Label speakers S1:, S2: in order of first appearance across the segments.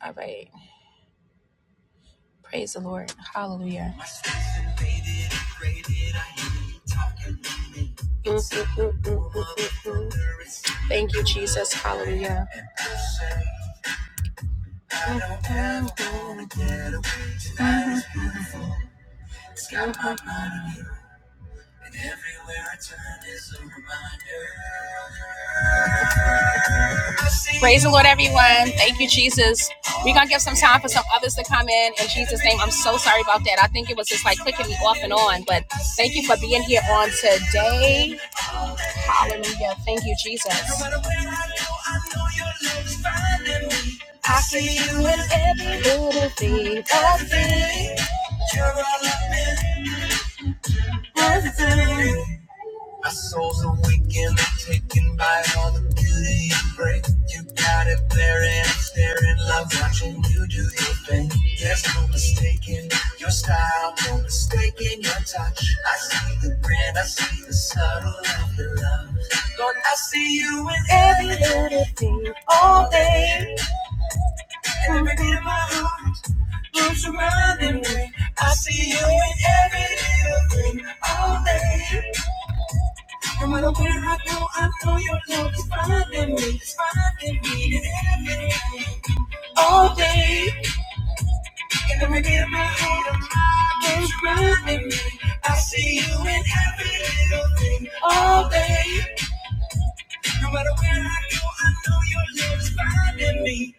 S1: All right. Praise the Lord. Hallelujah. Mm-hmm. Thank you, Jesus. Hallelujah. Mm-hmm. Praise the Lord, everyone. Thank you, Jesus. We're going to give some time for some others to come in. In Jesus' name, I'm so sorry about that. I think it was just like clicking me off and on, but thank you for being here on today. Hallelujah. Thank you, Jesus. I see you in every little thing. I see you're all up in my my soul's awakened, taken by all the beauty you bring. You got it there and I'm staring, love watching you do your thing. There's no mistaking your style, no mistaking your touch. I see the brand, I see the subtle of your love. Lord, I see you in every little thing, all day. Every beat of my heart keeps reminding me. I see you in every little thing, all day. And when I wear I go, I know your love is finding me, it's finding me every night. All day, in the of my heart, it's reminding me. I see you in every little thing. All day, no matter where I go, I know your love is finding me.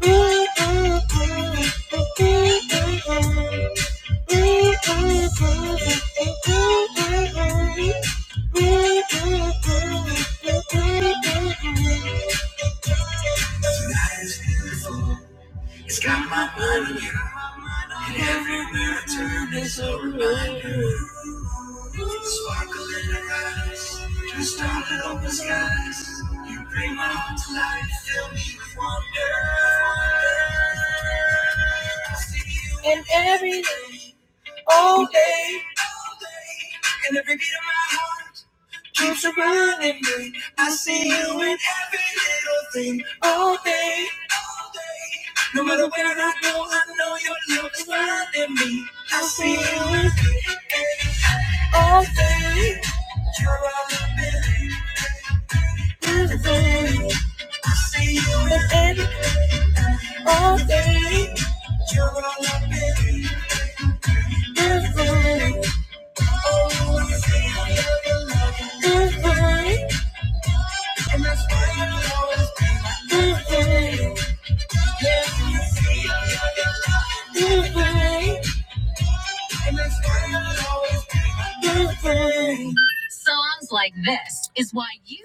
S1: Tonight is beautiful. It's got my mind on you. And everywhere I turn, is a reminder. Sparkle in your eyes, just all that open skies. You bring my heart to life, fill me with wonder. And everything all day. And every beat of my heart keeps reminding me I see you in every little thing all day. No matter where I go, I know your love is finding me. I see you in all day. You're all i believe. everything. I see you in every all day. You're all i believe. everything, everything. And that's why you always do things. Yes,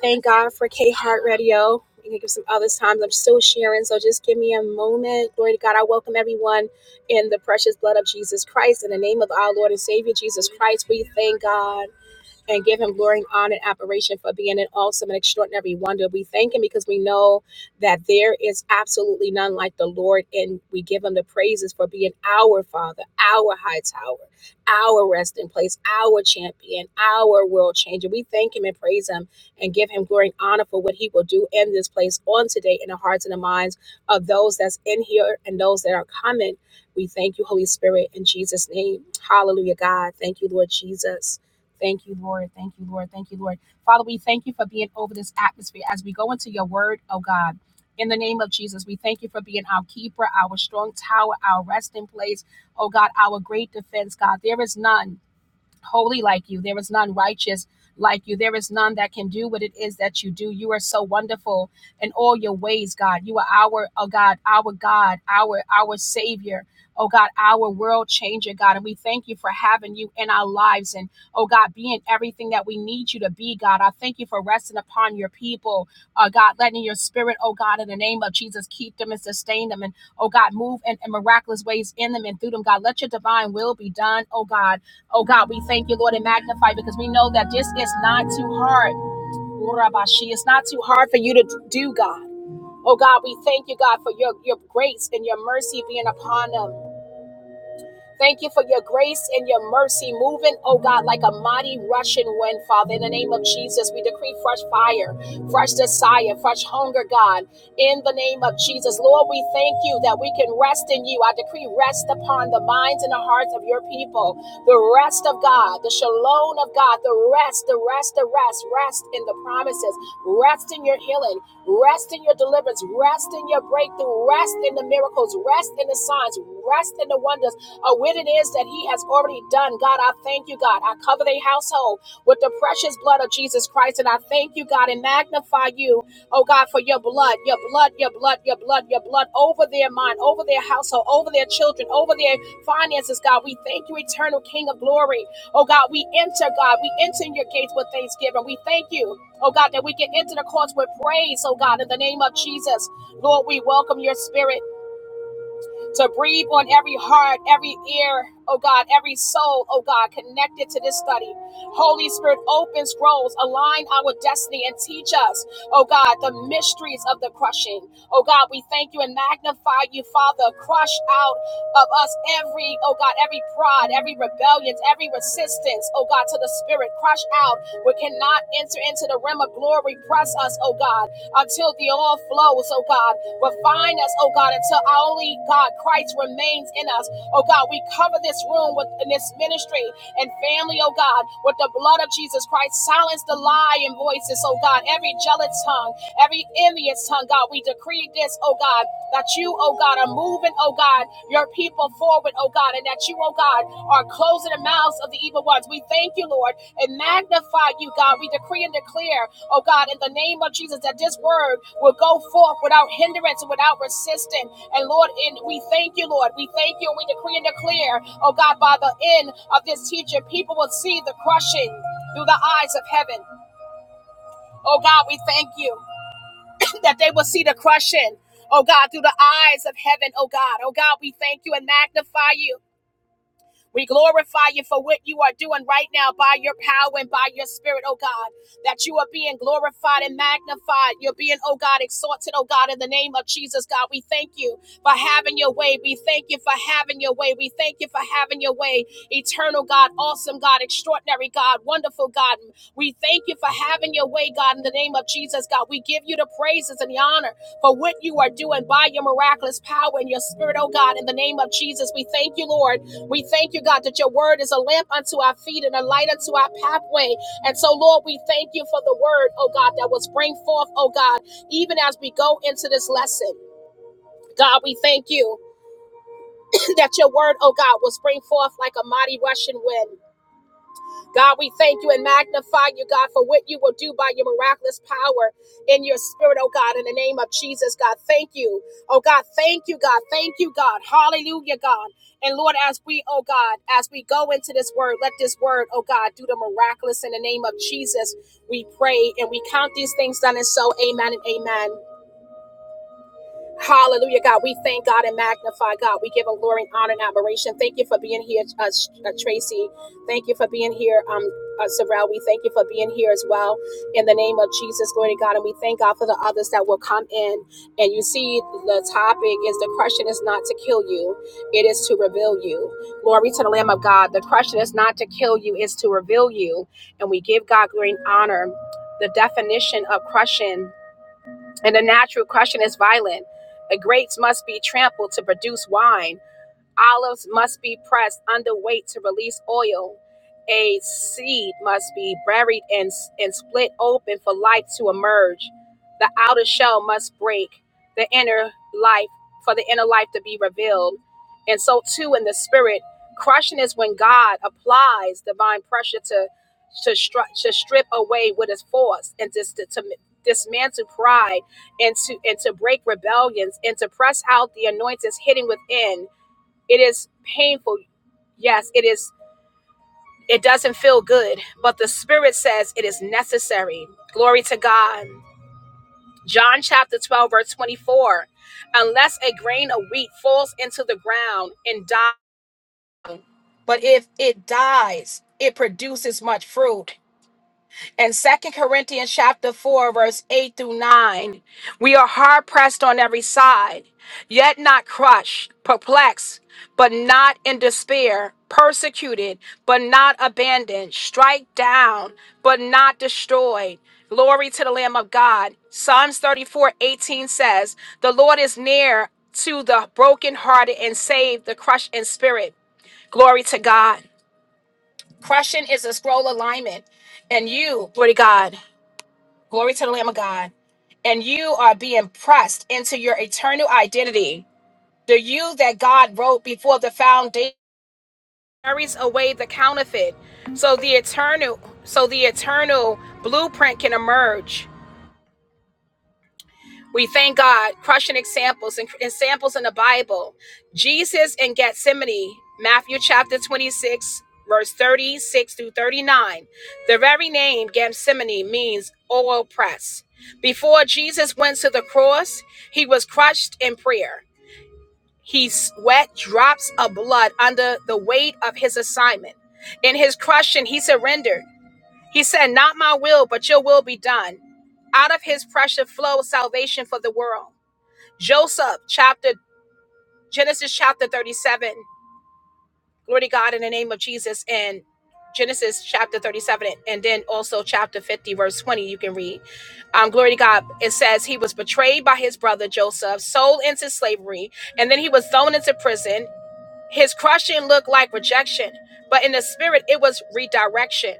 S1: Thank God for K Heart Radio. We can give some other times. I'm still sharing, so just give me a moment. Glory to God. I welcome everyone in the precious blood of Jesus Christ. In the name of our Lord and Savior Jesus Christ, we thank God. and give him glory and honor and admiration for being an awesome and extraordinary wonder. We thank him because we know that there is absolutely none like the Lord, and we give him the praises for being our Father, our high tower, our resting place, our champion, our world changer. We thank him and praise him and give him glory and honor for what he will do in this place on today in the hearts and the minds of those that's in here and those that are coming. We thank you, Holy Spirit, in Jesus' name. Hallelujah, God. Thank you, Lord Jesus. Thank you, Lord. Thank you, Lord. Thank you, Lord. Father, we thank you for being over this atmosphere as we go into your word, oh God. In the name of Jesus, we thank you for being our keeper, our strong tower, our resting place, oh God, our great defense, God. There is none holy like you. There is none righteous like you. There is none that can do what it is that you do. You are so wonderful in all your ways, God. You are our, oh God, our God, our, our Savior. Oh God, our world changer, God. And we thank you for having you in our lives and, oh God, being everything that we need you to be, God. I thank you for resting upon your people, uh, God, letting your spirit, oh God, in the name of Jesus, keep them and sustain them. And, oh God, move in, in miraculous ways in them and through them, God. Let your divine will be done, oh God Oh God, we thank you, Lord, and magnify because we know that this is not too hard. Urabashi, It's not too hard for you to do, God. Oh God, we thank you, God, for your, your grace and your mercy being upon them. Thank you for your grace and your mercy moving, oh God, like a mighty rushing wind, Father. In the name of Jesus, we decree fresh fire, fresh desire, fresh hunger, God. In the name of Jesus, Lord, we thank you that we can rest in you. I decree rest upon the minds and the hearts of your people. The rest of God, the shalom of God, the rest, the rest, the rest, rest in the promises, rest in your healing, rest in your deliverance, rest in your breakthrough, rest in the miracles, rest in the signs, rest in the wonders of what it is that He has already done. God, I thank you, God. I cover their household with the precious blood of Jesus Christ. And I thank you, God, and magnify you, oh God, for your blood, your blood, your blood, your blood, your blood over their mind, over their household, over their children, over their finances, God. We thank you, eternal King of glory. Oh God, we enter, God, we enter your gates with thanksgiving. We thank you. Oh God, that we can enter the courts with praise, oh God, in the name of Jesus. Lord, we welcome your spirit to breathe on every heart, every ear, oh God, every soul, oh God, connected to this study. Holy Spirit, open scrolls, align our destiny, and teach us, oh God, the mysteries of the crushing. Oh God, we thank you and magnify you, Father. Crush out of us every, oh God, every pride, every rebellion, every resistance, oh God, to the Spirit. Crush out. We cannot enter into the realm of glory. Press us, oh God, until the all flows, oh God. Refine us, oh God, until only God Christ remains in us. Oh God, we cover this room with in this ministry and family, oh God, with the blood of Jesus Christ. Silence the lying voices, oh God, every jealous tongue, every envious tongue, God. We decree this, oh God, that you, oh God, are moving, oh God, your people forward, oh God, and that you, oh God, are closing the mouths of the evil ones. We thank you, Lord, and magnify you, God. We decree and declare oh God, in the name of Jesus, that this word will go forth without hindrance, without resistance. And Lord, and we thank you, Lord. We thank you and we decree and declare, oh God, by the end of this teaching, people will see the crushing through the eyes of heaven. Oh God, we thank you that they will see the crushing. Oh God, through the eyes of heaven, oh God, oh God, we thank you and magnify you. We glorify you for what you are doing right now by your power and by your spirit, oh God, that you are being glorified and magnified. You're being, oh God, exalted, oh God, in the name of Jesus, God. We thank you for having your way. We thank you for having your way. We thank you for having your way. Eternal God, awesome God, extraordinary God, wonderful God. We thank you for having your way, God, in the name of Jesus, God. We give you the praises and the honor for what you are doing by your miraculous power and your spirit, oh God, in the name of Jesus. We thank you, Lord. We thank you, God, that your word is a lamp unto our feet and a light unto our pathway. And so, Lord, we thank you for the word, oh God, that will spring forth, oh God, even as we go into this lesson. God, we thank you that your word, oh God, will spring forth like a mighty rushing wind. God, we thank you and magnify you, God, for what you will do by your miraculous power in your spirit, oh God, in the name of Jesus, God. Thank you. Oh God, thank you, God. Thank you, God. Hallelujah, God. And Lord, as we, oh God, as we go into this word, let this word, oh God, do the miraculous in the name of Jesus. We pray and we count these things done and so. Amen and amen. Hallelujah, God. We thank God and magnify God. We give Him glory and honor and admiration. Thank you for being here, uh, uh, Tracy. Thank you for being here, um, uh, Sorrel. We thank you for being here as well. In the name of Jesus, glory to God. And we thank God for the others that will come in. And you see, the topic is the question is not to kill you, it is to reveal you. Glory to the Lamb of God. The question is not to kill you, it's to reveal you. And we give God glory and honor. The definition of crushing and a natural crushing is violent. The grapes must be trampled to produce wine. Olives must be pressed under weight to release oil. A seed must be buried and, and split open for life to emerge. The outer shell must break, the inner life for the inner life to be revealed. And so too in the spirit, crushing is when God applies divine pressure to to, str- to strip away what is forced and just to, to dismantle pride and to and to break rebellions and to press out the anointings hidden within it is painful. Yes, it is. It doesn't feel good, but the Spirit says it is necessary. Glory to God. John chapter 12, verse 24. Unless a grain of wheat falls into the ground and dies, but if it dies, it produces much fruit. in Second Corinthians chapter 4 verse 8 through 9 we are hard pressed on every side yet not crushed perplexed but not in despair persecuted but not abandoned strike down but not destroyed glory to the lamb of God Psalms 34 18 says the Lord is near to the brokenhearted and save the crushed in spirit glory to God crushing is a scroll alignment and you glory to God Glory to the Lamb of God. And you are being pressed into your eternal identity. The you that God wrote before the foundation carries away the counterfeit. So the eternal, so the eternal blueprint can emerge. We thank God, crushing examples and examples in the Bible. Jesus in Gethsemane, Matthew chapter 26, verse 36 through 39. The very name Gethsemane means oil press. Before Jesus went to the cross, he was crushed in prayer. He sweat drops of blood under the weight of his assignment. In his crushing, he surrendered. He said, Not my will, but your will be done. Out of his pressure flowed salvation for the world. Joseph, chapter Genesis chapter 37. Glory to God in the name of Jesus and Genesis chapter 37 and then also chapter 50 verse 20 you can read. Um glory to God. It says he was betrayed by his brother Joseph, sold into slavery, and then he was thrown into prison. His crushing looked like rejection, but in the spirit it was redirection.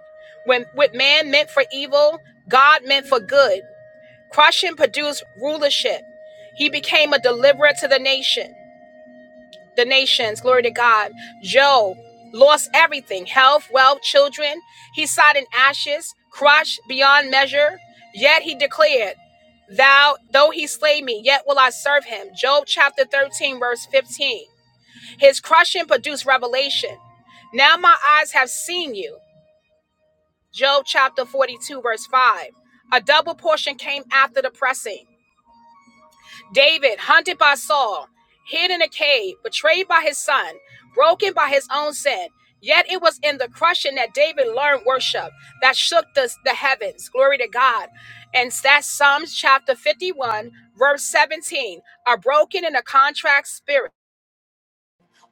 S1: When what man meant for evil, God meant for good. Crushing produced rulership. He became a deliverer to the nation. the nations, glory to God. Job lost everything health, wealth, children. He sat in ashes, crushed beyond measure. Yet he declared, Thou, though he slay me, yet will I serve him. Job chapter 13, verse 15. His crushing produced revelation. Now my eyes have seen you. Job chapter 42, verse 5. A double portion came after the pressing. David, hunted by Saul, hid in a cave, betrayed by his son, broken by his own sin. Yet it was in the crushing that David learned worship that shook the, the heavens. Glory to God. And that's Psalms chapter 51, verse 17. A broken and a contrite spirit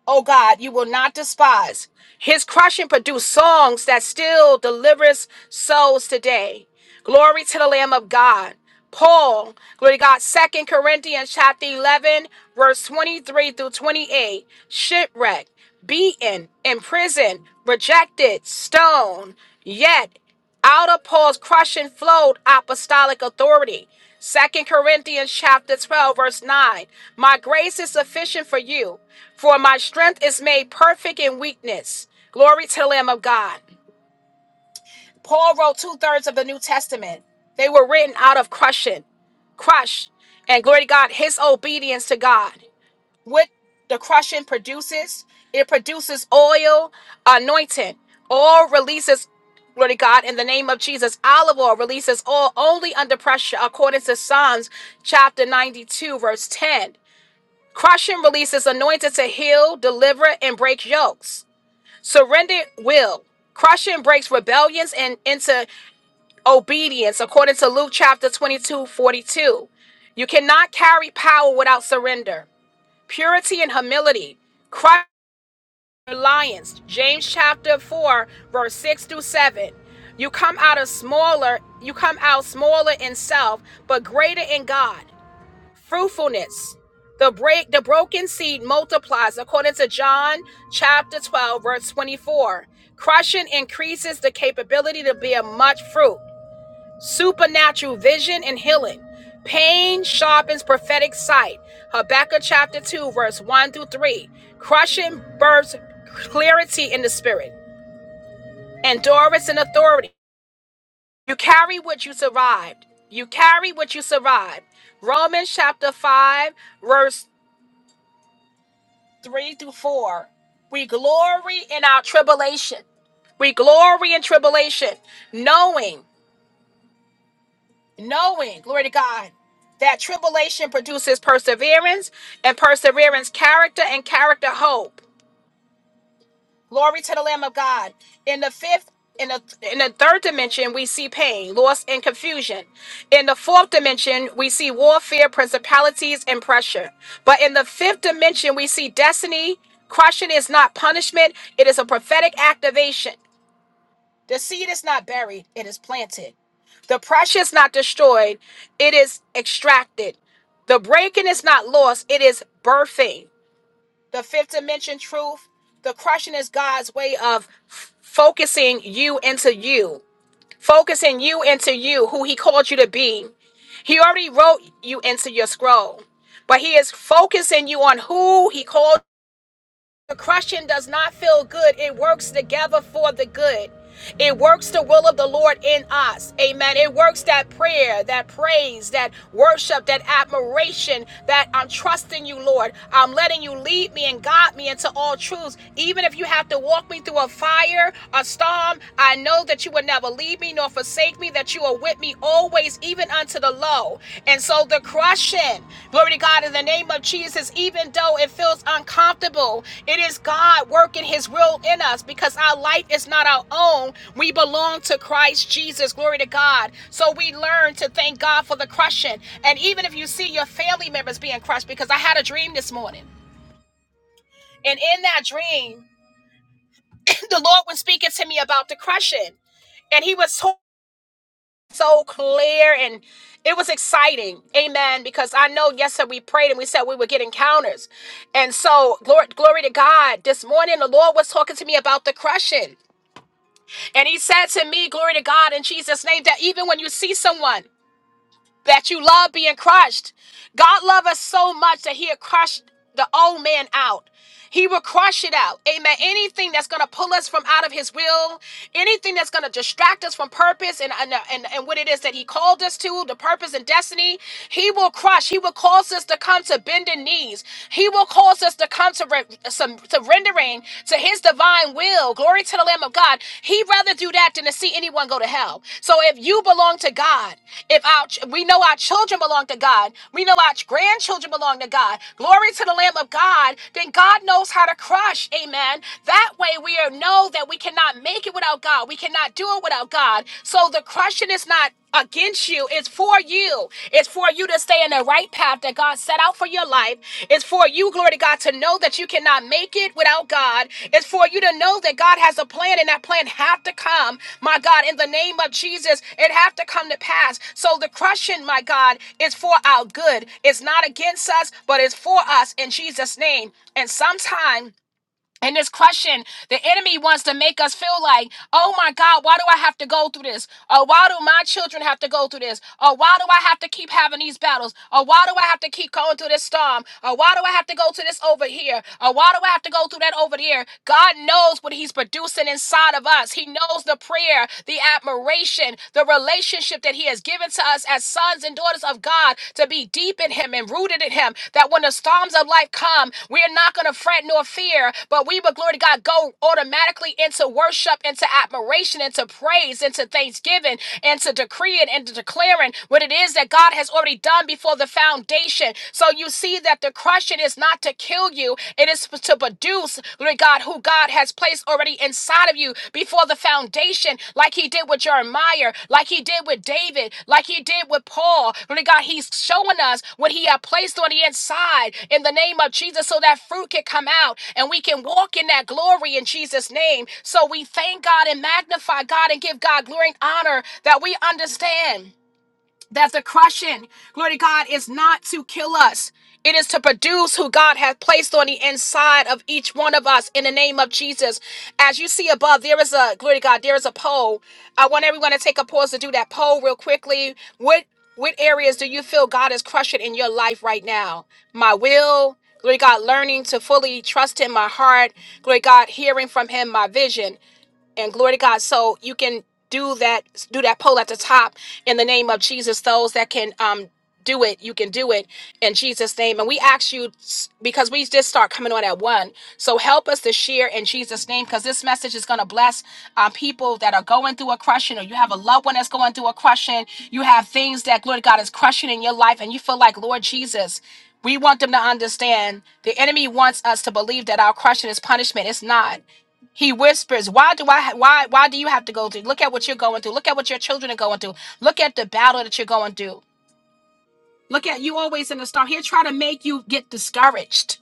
S1: oh God, you will not despise. His crushing produced songs that still delivers souls today. Glory to the Lamb of God. Paul, glory to God, Second Corinthians chapter 11, verse 23 through 28, shipwrecked, beaten, imprisoned, rejected, stoned, yet out of Paul's crushing flowed apostolic authority. Second Corinthians chapter 12, verse 9. My grace is sufficient for you. For my strength is made perfect in weakness. Glory to the Lamb of God. Paul wrote two thirds of the New Testament. They were written out of crushing, crush, and glory to God, his obedience to God. What the crushing produces, it produces oil, anointing. Oil releases, glory to God, in the name of Jesus. Olive oil releases oil only under pressure, according to Psalms chapter 92, verse 10. Crushing releases anointed to heal, deliver, and break yokes. Surrendered will. Crushing breaks rebellions and into obedience, according to Luke chapter 22, 42. You cannot carry power without surrender. Purity and humility. Crush reliance. James chapter 4, verse 6 through 7. You come out of smaller, you come out smaller in self, but greater in God fruitfulness. The break the broken seed multiplies according to John chapter 12 verse 24. Crushing increases the capability to bear much fruit. Supernatural vision and healing. Pain sharpens prophetic sight. Habakkuk chapter 2 verse 1 through 3. Crushing births clarity in the spirit. Endurance and authority. You carry what you survived. You carry what you survived. Romans chapter 5 verse 3 through 4. We glory in our tribulation. We glory in tribulation, knowing, knowing, glory to God, that tribulation produces perseverance, and perseverance, character, and character, hope. Glory to the Lamb of God. In the fifth, in the in the third dimension, we see pain, loss, and confusion. In the fourth dimension, we see warfare, principalities, and pressure. But in the fifth dimension, we see destiny. Crushing is not punishment, it is a prophetic activation. The seed is not buried, it is planted. The pressure is not destroyed, it is extracted. The breaking is not lost, it is birthing the fifth dimension truth the crushing is god's way of f- focusing you into you focusing you into you who he called you to be he already wrote you into your scroll but he is focusing you on who he called the crushing does not feel good. It works together for the good. It works the will of the Lord in us. Amen. It works that prayer, that praise, that worship, that admiration that I'm trusting you, Lord. I'm letting you lead me and guide me into all truths. Even if you have to walk me through a fire, a storm, I know that you will never leave me nor forsake me, that you are with me always, even unto the low. And so the crushing, glory to God, in the name of Jesus, even though it feels uncomfortable, it is God working his will in us because our life is not our own. We belong to Christ Jesus. Glory to God. So we learn to thank God for the crushing. And even if you see your family members being crushed, because I had a dream this morning. And in that dream, the Lord was speaking to me about the crushing. And he was so, so clear and it was exciting. Amen. Because I know yesterday we prayed and we said we would get encounters. And so, glory, glory to God. This morning, the Lord was talking to me about the crushing. And he said to me, glory to God in Jesus' name, that even when you see someone that you love being crushed, God loved us so much that he'll crush the old man out. He will crush it out. Amen. Anything that's going to pull us from out of his will, anything that's going to distract us from purpose and, and, and, and what it is that he called us to, the purpose and destiny, he will crush. He will cause us to come to bending knees. He will cause us to come to re- some surrendering to his divine will. Glory to the Lamb of God. He rather do that than to to see anyone go to hell. So if you belong to God, if our ch- we know our children belong to God, we know our grandchildren belong to God. Glory to the Lamb of God. Then God knows how to crush. Amen. That way we are- know that we cannot make it without God. We cannot do it without God. So the crushing is not against you it's for you it's for you to to stay in the right path that God set out for your life. It's for you, glory to God, to know that you cannot make it without God. It's for you to know that God has a plan and that plan have to come, my God, in the name of Jesus. It have to come to pass. So the crushing, my God, is for our good. It's not against us, but it's for us in Jesus' name. And sometimes and this question, the enemy wants to make us feel like, oh my God, why do I have to go through this? Or why do my children have to go through this? Or why do I have to keep having these battles? Or why do I have to keep going through this storm? Or why do I have to go to this over here? Or why do I have to go through that over there? God knows what He's producing inside of us. He knows the prayer, the admiration, the relationship that He has given to us to us as sons and daughters of God to be deep in Him and rooted in Him. That when the storms of life come, we are not going to fret nor fear, but we will, glory to God, go automatically into worship, into admiration, into praise, into thanksgiving, into decreeing and declaring what it is that God has already done before the foundation. So you see that the crushing is not to kill you, it is to produce use, glory God, who God has placed already inside of you before the foundation, like he did with Jeremiah, like he did with David, like he did with Paul. Glory God, he's showing us what he had placed on the inside in the name of Jesus so that fruit can come out and we can walk in that glory in Jesus' name. So we thank God and magnify God and give God glory and honor that we understand that the crushing, glory to God, is not to kill us. It is to produce who God has placed on the inside of each one of us in the name of Jesus. As you see above, there is a, glory to God, there is a poll. I want everyone to take a pause to do that poll real quickly. What what areas do you feel God is crushing in your life right now? My will, glory to God, learning to fully trust Him, my heart, glory to God, hearing from Him, my vision and glory to God. So you can do that, do that poll at the top in the name of Jesus. Those that can um do it, you can do it in Jesus' name. And we ask you s- because we just start coming on at one. So help us to share in Jesus' name because this message is going to bless um, people that are going through a crushing, or you have a loved one that's going through a crushing. You have things that glory to God is crushing in your life, and you feel like Lord Jesus. We want them to understand the enemy wants us to believe that our crushing is punishment. It's not. He whispers, "Why do I? Ha- why? Why do you have to go through? Look at what you're going through. Look at what your children are going through. Look at the battle that you're going through. Look at you always in the storm. He'll try to make you get discouraged.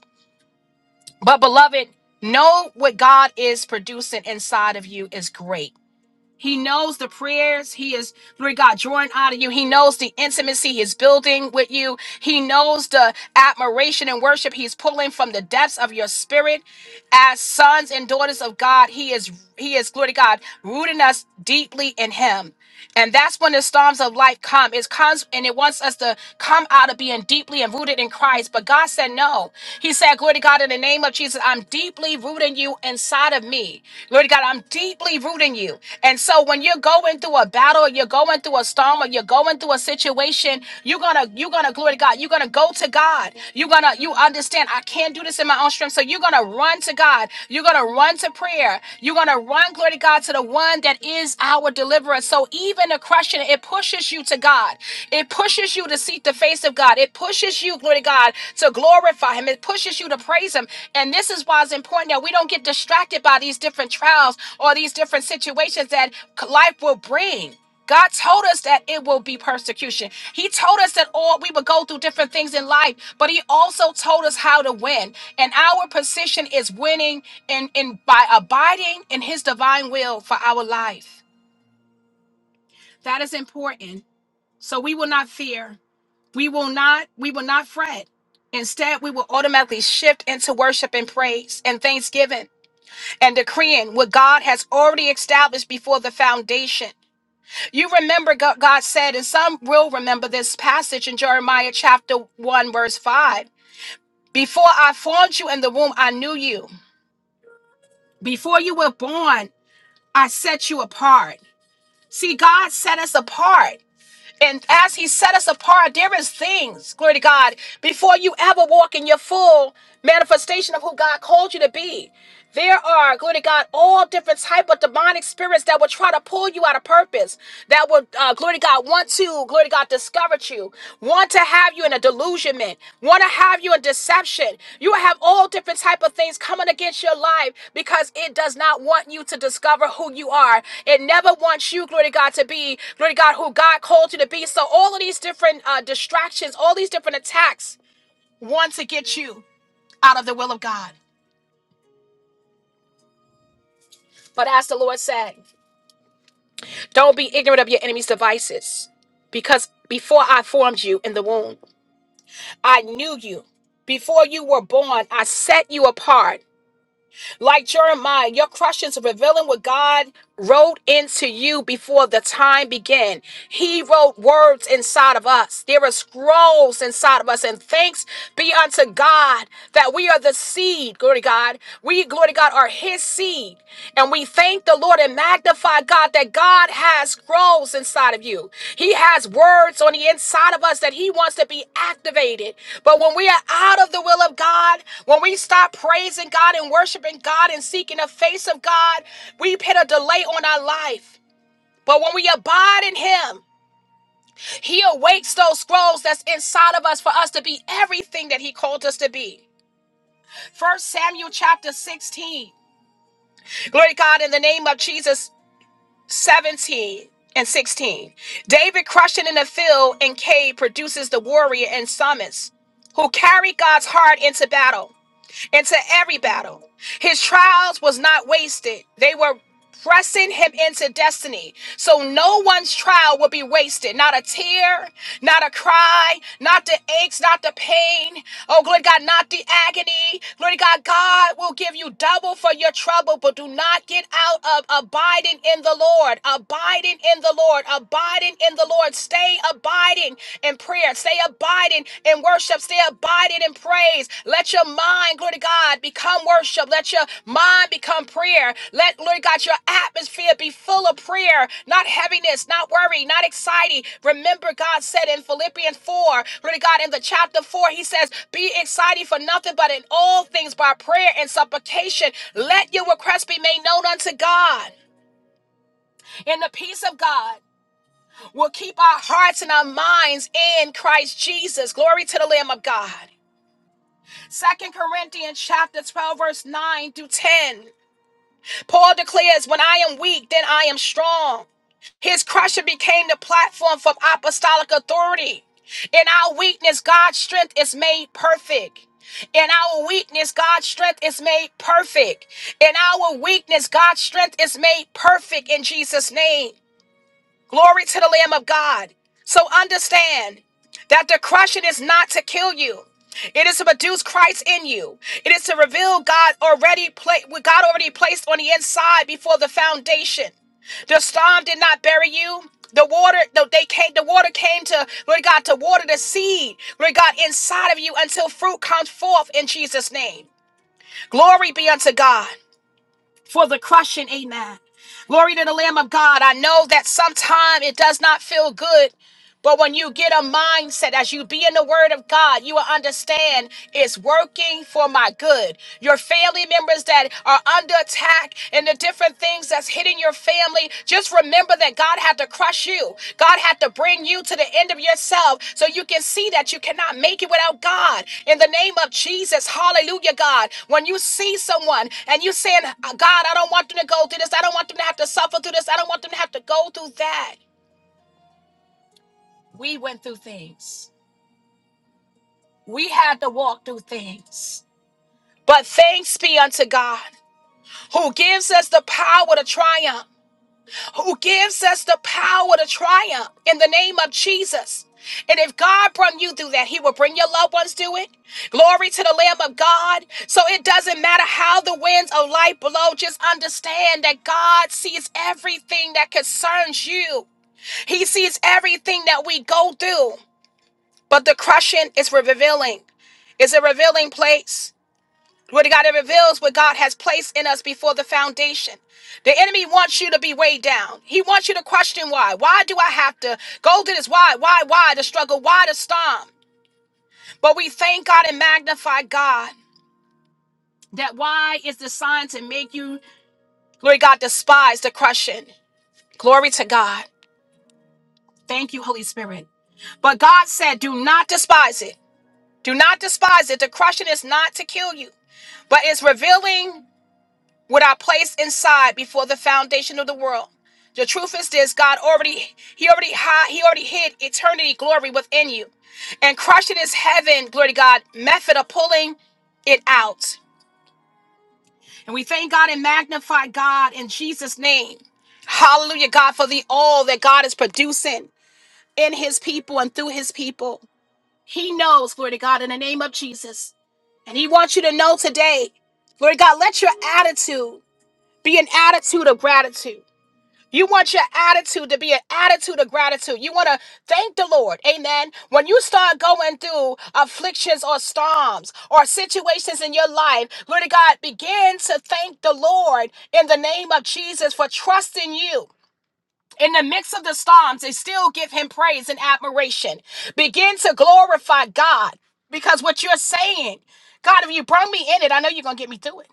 S1: But beloved, know what God is producing inside of you is great. He knows the prayers he is, Lord God, drawing out of you. He knows the intimacy he's building with you. He knows the admiration and worship he's pulling from the depths of your spirit. As sons and daughters of God, he is, he is, glory to God, rooting us deeply in him. And that's when the storms of life come. It comes and it wants us to come out of being deeply and rooted in Christ. But God said no. He said, Glory to God, in the name of Jesus, I'm deeply rooting you inside of me. Lord God, I'm deeply rooting you. And so when you're going through a battle, or you're going through a storm, or you're going through a situation, you're gonna, you're gonna, glory to God, you're gonna go to God. You're gonna, you understand, I can't do this in my own strength. So you're gonna run to God. You're gonna run to prayer. You're gonna run, glory to God, to the one one that is our deliverer. So even oppression, it pushes you to God. It pushes you to seek the face of God. It pushes you, glory to God, to glorify Him. It pushes you to praise Him. And this is why it's important that we don't get distracted by these different trials or these different situations that life will bring. God told us that it will be persecution. He told us that all we would go through different things in life, but he also told us how to win. And our position is winning and and by abiding in his divine will for our life that is important so we will not fear we will not we will not fret instead we will automatically shift into worship and praise and thanksgiving and decreeing what god has already established before the foundation you remember god, god said and some will remember this passage in jeremiah chapter 1 verse 5 before i formed you in the womb i knew you before you were born i set you apart See, God set us apart. And as He set us apart, there is things, glory to God, before you ever walk in your full manifestation of who God called you to be. There are, glory to God, all different type of demonic spirits that will try to pull you out of purpose, that will, uh, glory to God, want to, glory to God, discourage you, want to have you in a delusionment, want to have you in deception. You have all different type of things coming against your life because it does not want you to discover who you are. It never wants you, glory to God, to be, glory to God, who God called you to be. So all of these different uh, distractions, all these different attacks want to get you out of the will of God. But as the Lord said, don't be ignorant of your enemy's devices because before I formed you in the womb, I knew you. Before you were born, I set you apart. Like Jeremiah, your crushes are revealing what God wrote into you before the time began. He wrote words inside of us. There are scrolls inside of us. And thanks be unto God that we are the seed. Glory to God. We, glory to God, are his seed. And we thank the Lord and magnify God that God has growths inside of you. He has words on the inside of us that He wants to be activated. But when we are out of the will of God, when we stop praising God and worshiping God and seeking the face of God, we put a delay on our life. But when we abide in Him, He awakes those scrolls that's inside of us for us to be everything that He called us to be. First Samuel chapter 16. Glory to God in the name of Jesus. 17 and 16. David crushed it in the field and cave produces the warrior and summons who carry God's heart into battle into every battle. His trials was not wasted. They were pressing him into destiny. So no one's trial will be wasted. Not a tear, not a cry, not the aches, not the pain. Oh, glory to God, not the agony. Glory to God, God will give you double for your trouble, but do not get out of abiding in the Lord. Abiding in the Lord. Abiding in the Lord. Stay abiding in prayer. Stay abiding in worship. Stay abiding in praise. Let your mind, glory to God, become worship. Let your mind become prayer. Let, glory to God, your atmosphere be full of prayer, not heaviness, not worry, not anxiety. Remember, God said in Philippians 4, glory to God, in the chapter 4, he says, Be excited for nothing but in all things by prayer and supplication. Let your requests be made known unto God in the peace of God will keep our hearts and our minds in Christ Jesus. Glory to the Lamb of God. Second Corinthians chapter 12, verse 9 through 10. Paul declares, When I am weak, then I am strong. His crushing became the platform for apostolic authority. In our weakness, God's strength is made perfect. In our weakness, God's strength is made perfect. In our weakness, God's strength is made perfect in Jesus' name. Glory to the Lamb of God. So understand that the crushing is not to kill you. It is to produce Christ in you. It is to reveal God already pla- what God already placed on the inside before the foundation. The storm did not bury you. The water, the, they came, the water came to, Lord God, to water the seed, Lord God, inside of you until fruit comes forth in Jesus' name. Glory be unto God for the crushing. Amen. Glory to the Lamb of God. I know that sometimes it does not feel good but when you get a mindset, as you be in the Word of God, you will understand it's working for my good. Your family members that are under attack and the different things that's hitting your family, just remember that God had to crush you. God had to bring you to the end of yourself so you can see that you cannot make it without God. In the name of Jesus, hallelujah, God. When you see someone and you saying, God, I don't want them to go through this, I don't want them to have to suffer through this, I don't want them to have to go through that. We went through things. We had to walk through things. But thanks be unto God who gives us the power to triumph, who gives us the power to triumph in the name of Jesus. And if God brought you through that, He will bring your loved ones through it. Glory to the Lamb of God. So it doesn't matter how the winds of life blow, just understand that God sees everything that concerns you, He sees everything that we go through. But the crushing is revealing, it's a revealing place. What God it reveals what God has placed in us before the foundation. The enemy wants you to be weighed down. He wants you to question why. Why do I have to go to this? Why? Why? Why the struggle? Why the storm? But we thank God and magnify God. That why is designed to make you, glory God, despise the crushing. Glory to God. Thank you, Holy Spirit. But God said, do not despise it. Do not despise it. The crushing is not to kill you, but it's revealing. what I placed inside before the foundation of the world. The truth is this: God already, He already hid, He already hid eternity glory within you, and crushing is heaven glory to God method of pulling it out. And we thank God and magnify God in Jesus' name. Hallelujah, God, for the all that God is producing in His people and through His people. He knows, glory to God, in the name of Jesus. And He wants you to know today, glory to God, let your attitude be an attitude of gratitude. You want your attitude to be an attitude of gratitude. You want to thank the Lord. Amen. When you start going through afflictions or storms or situations in your life, glory to God, begin to thank the Lord in the name of Jesus for trusting you. In the midst of the storms, they still give him praise and admiration. Begin to glorify God because what you're saying, God, if you bring me in it, I know you're going to get me through it.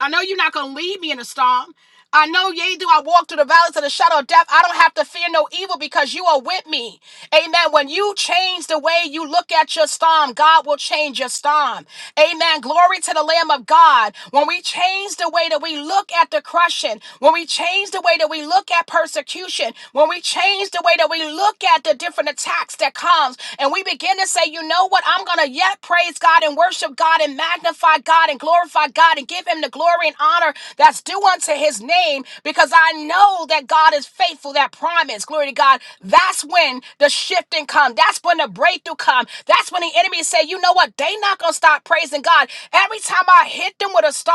S1: I know you're not going to leave me in a storm. I know, yea, do I walk through the valleys of the shadow of death. I don't have to fear no evil because you are with me. Amen. When you change the way you look at your storm, God will change your storm. Amen. Glory to the Lamb of God. When we change the way that we look at the crushing, when we change the way that we look at persecution, when we change the way that we look at the different attacks that comes, and we begin to say, you know what? I'm going to yet praise God and worship God and magnify God and glorify God and give him the glory and honor that's due unto his name because I know that God is faithful, that promise. Glory to God. That's when the shifting come. That's when the breakthrough come. That's when the enemy say, you know what? They not going to stop praising God. Every time I hit them with a storm,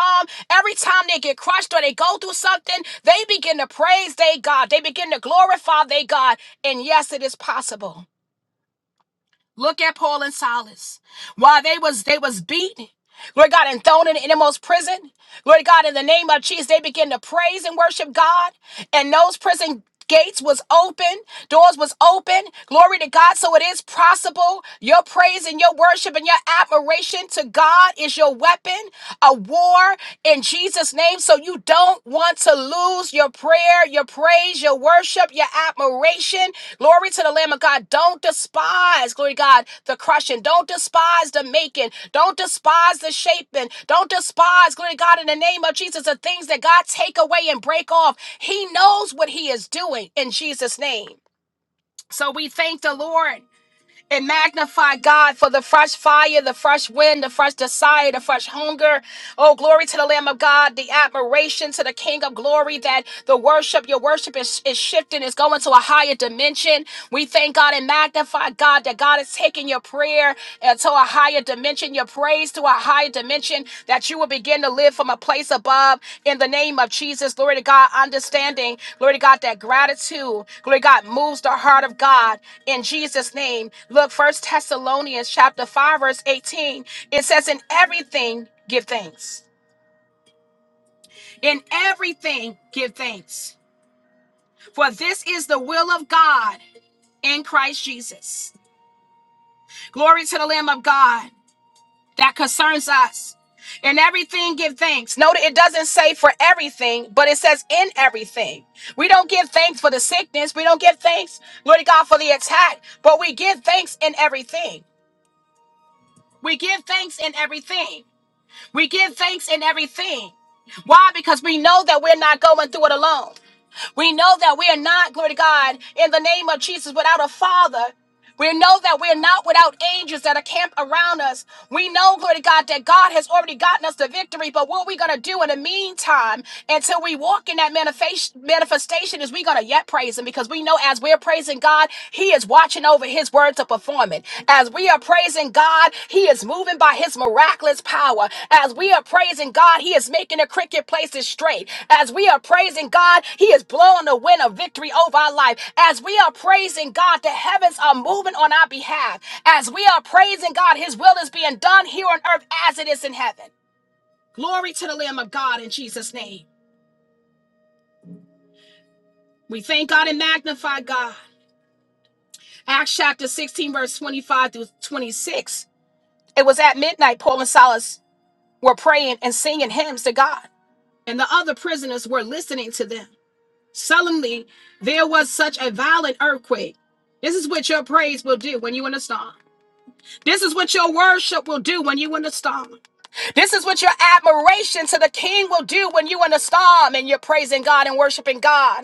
S1: every time they get crushed or they go through something, they begin to praise their God. They begin to glorify their God. And yes, it is possible. Look at Paul and Silas. While they was they was beaten, Lord God, and thrown in the innermost prison. Lord God, in the name of Jesus, they began to praise and worship God. And those prison gates was open, doors was open. Glory to God. So it is possible. Your praise and your worship and your admiration to God is your weapon, a war in Jesus' name. So you don't want to lose your prayer, your praise, your worship, your admiration. Glory to the Lamb of God. Don't despise, glory to God, the crushing. Don't despise the making. Don't despise the shaping. Don't despise, glory to God, in the name of Jesus, the things that God take away and break off. He knows what he is doing in Jesus' name. So we thank the Lord and magnify God for the fresh fire, the fresh wind, the fresh desire, the fresh hunger. Oh, glory to the Lamb of God, the admiration to the King of glory that the worship, your worship is, is shifting, is going to a higher dimension. We thank God and magnify God that God is taking your prayer uh, to a higher dimension, your praise to a higher dimension, that you will begin to live from a place above in the name of Jesus. Glory to God, understanding. Glory to God, that gratitude, glory to God, moves the heart of God in Jesus' name. Look, First Thessalonians chapter 5, verse 18. It says, In everything, give thanks. In everything, give thanks. For this is the will of God in Christ Jesus. Glory to the Lamb of God that concerns us. In everything, give thanks. Note it doesn't say for everything, but it says in everything. We don't give thanks for the sickness. We don't give thanks, Lord God, for the attack, but we give thanks in everything. We give thanks in everything. We give thanks in everything. Why? Because we know that we're not going through it alone. We know that we are not, glory to God, in the name of Jesus, without a father. We know that we're not without angels that are camped around us. We know, glory to God, that God has already gotten us the victory. But what are we going to do in the meantime until we walk in that manifest- manifestation is we going to yet praise Him because we know as we're praising God, He is watching over His word to perform it. As we are praising God, he is moving by his miraculous power. As we are praising God, he is making the cricket places straight. As we are praising God, he is blowing the wind of victory over our life. As we are praising God, the heavens are moving on our behalf. As we are praising God, his will is being done here on earth as it is in heaven. Glory to the Lamb of God in Jesus' name. We thank God and magnify God. Acts chapter 16, verse 25 through 26. It was at midnight, Paul and Silas were praying and singing hymns to God. and the other prisoners were listening to them. Suddenly, there was such a violent earthquake. This is what your praise will do when you in a storm. This is what your worship will do when you in a storm. This is what your admiration to the King will do when you in a storm and you're praising God and worshiping God.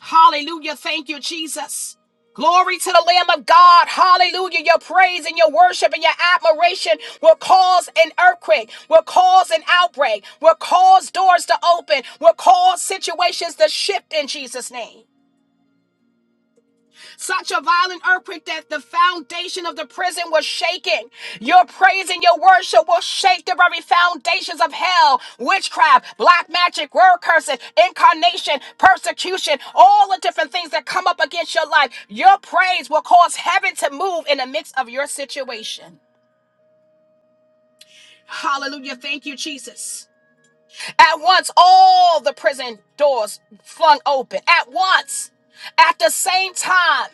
S1: Hallelujah. Thank you, Jesus. Glory to the Lamb of God. Hallelujah. Your praise and your worship and your admiration will cause an earthquake, will cause an outbreak, will cause doors to open, will cause situations to shift in Jesus' name. Such a violent earthquake that the foundation of the prison was shaking. Your praise and your worship will shake the very foundations of hell, witchcraft, black magic, word curses, incarnation, persecution, all the different things that come up against your life. Your praise will cause heaven to move in the midst of your situation. Hallelujah. Thank you, Jesus. At once, all the prison doors flung open. At once. At the same time.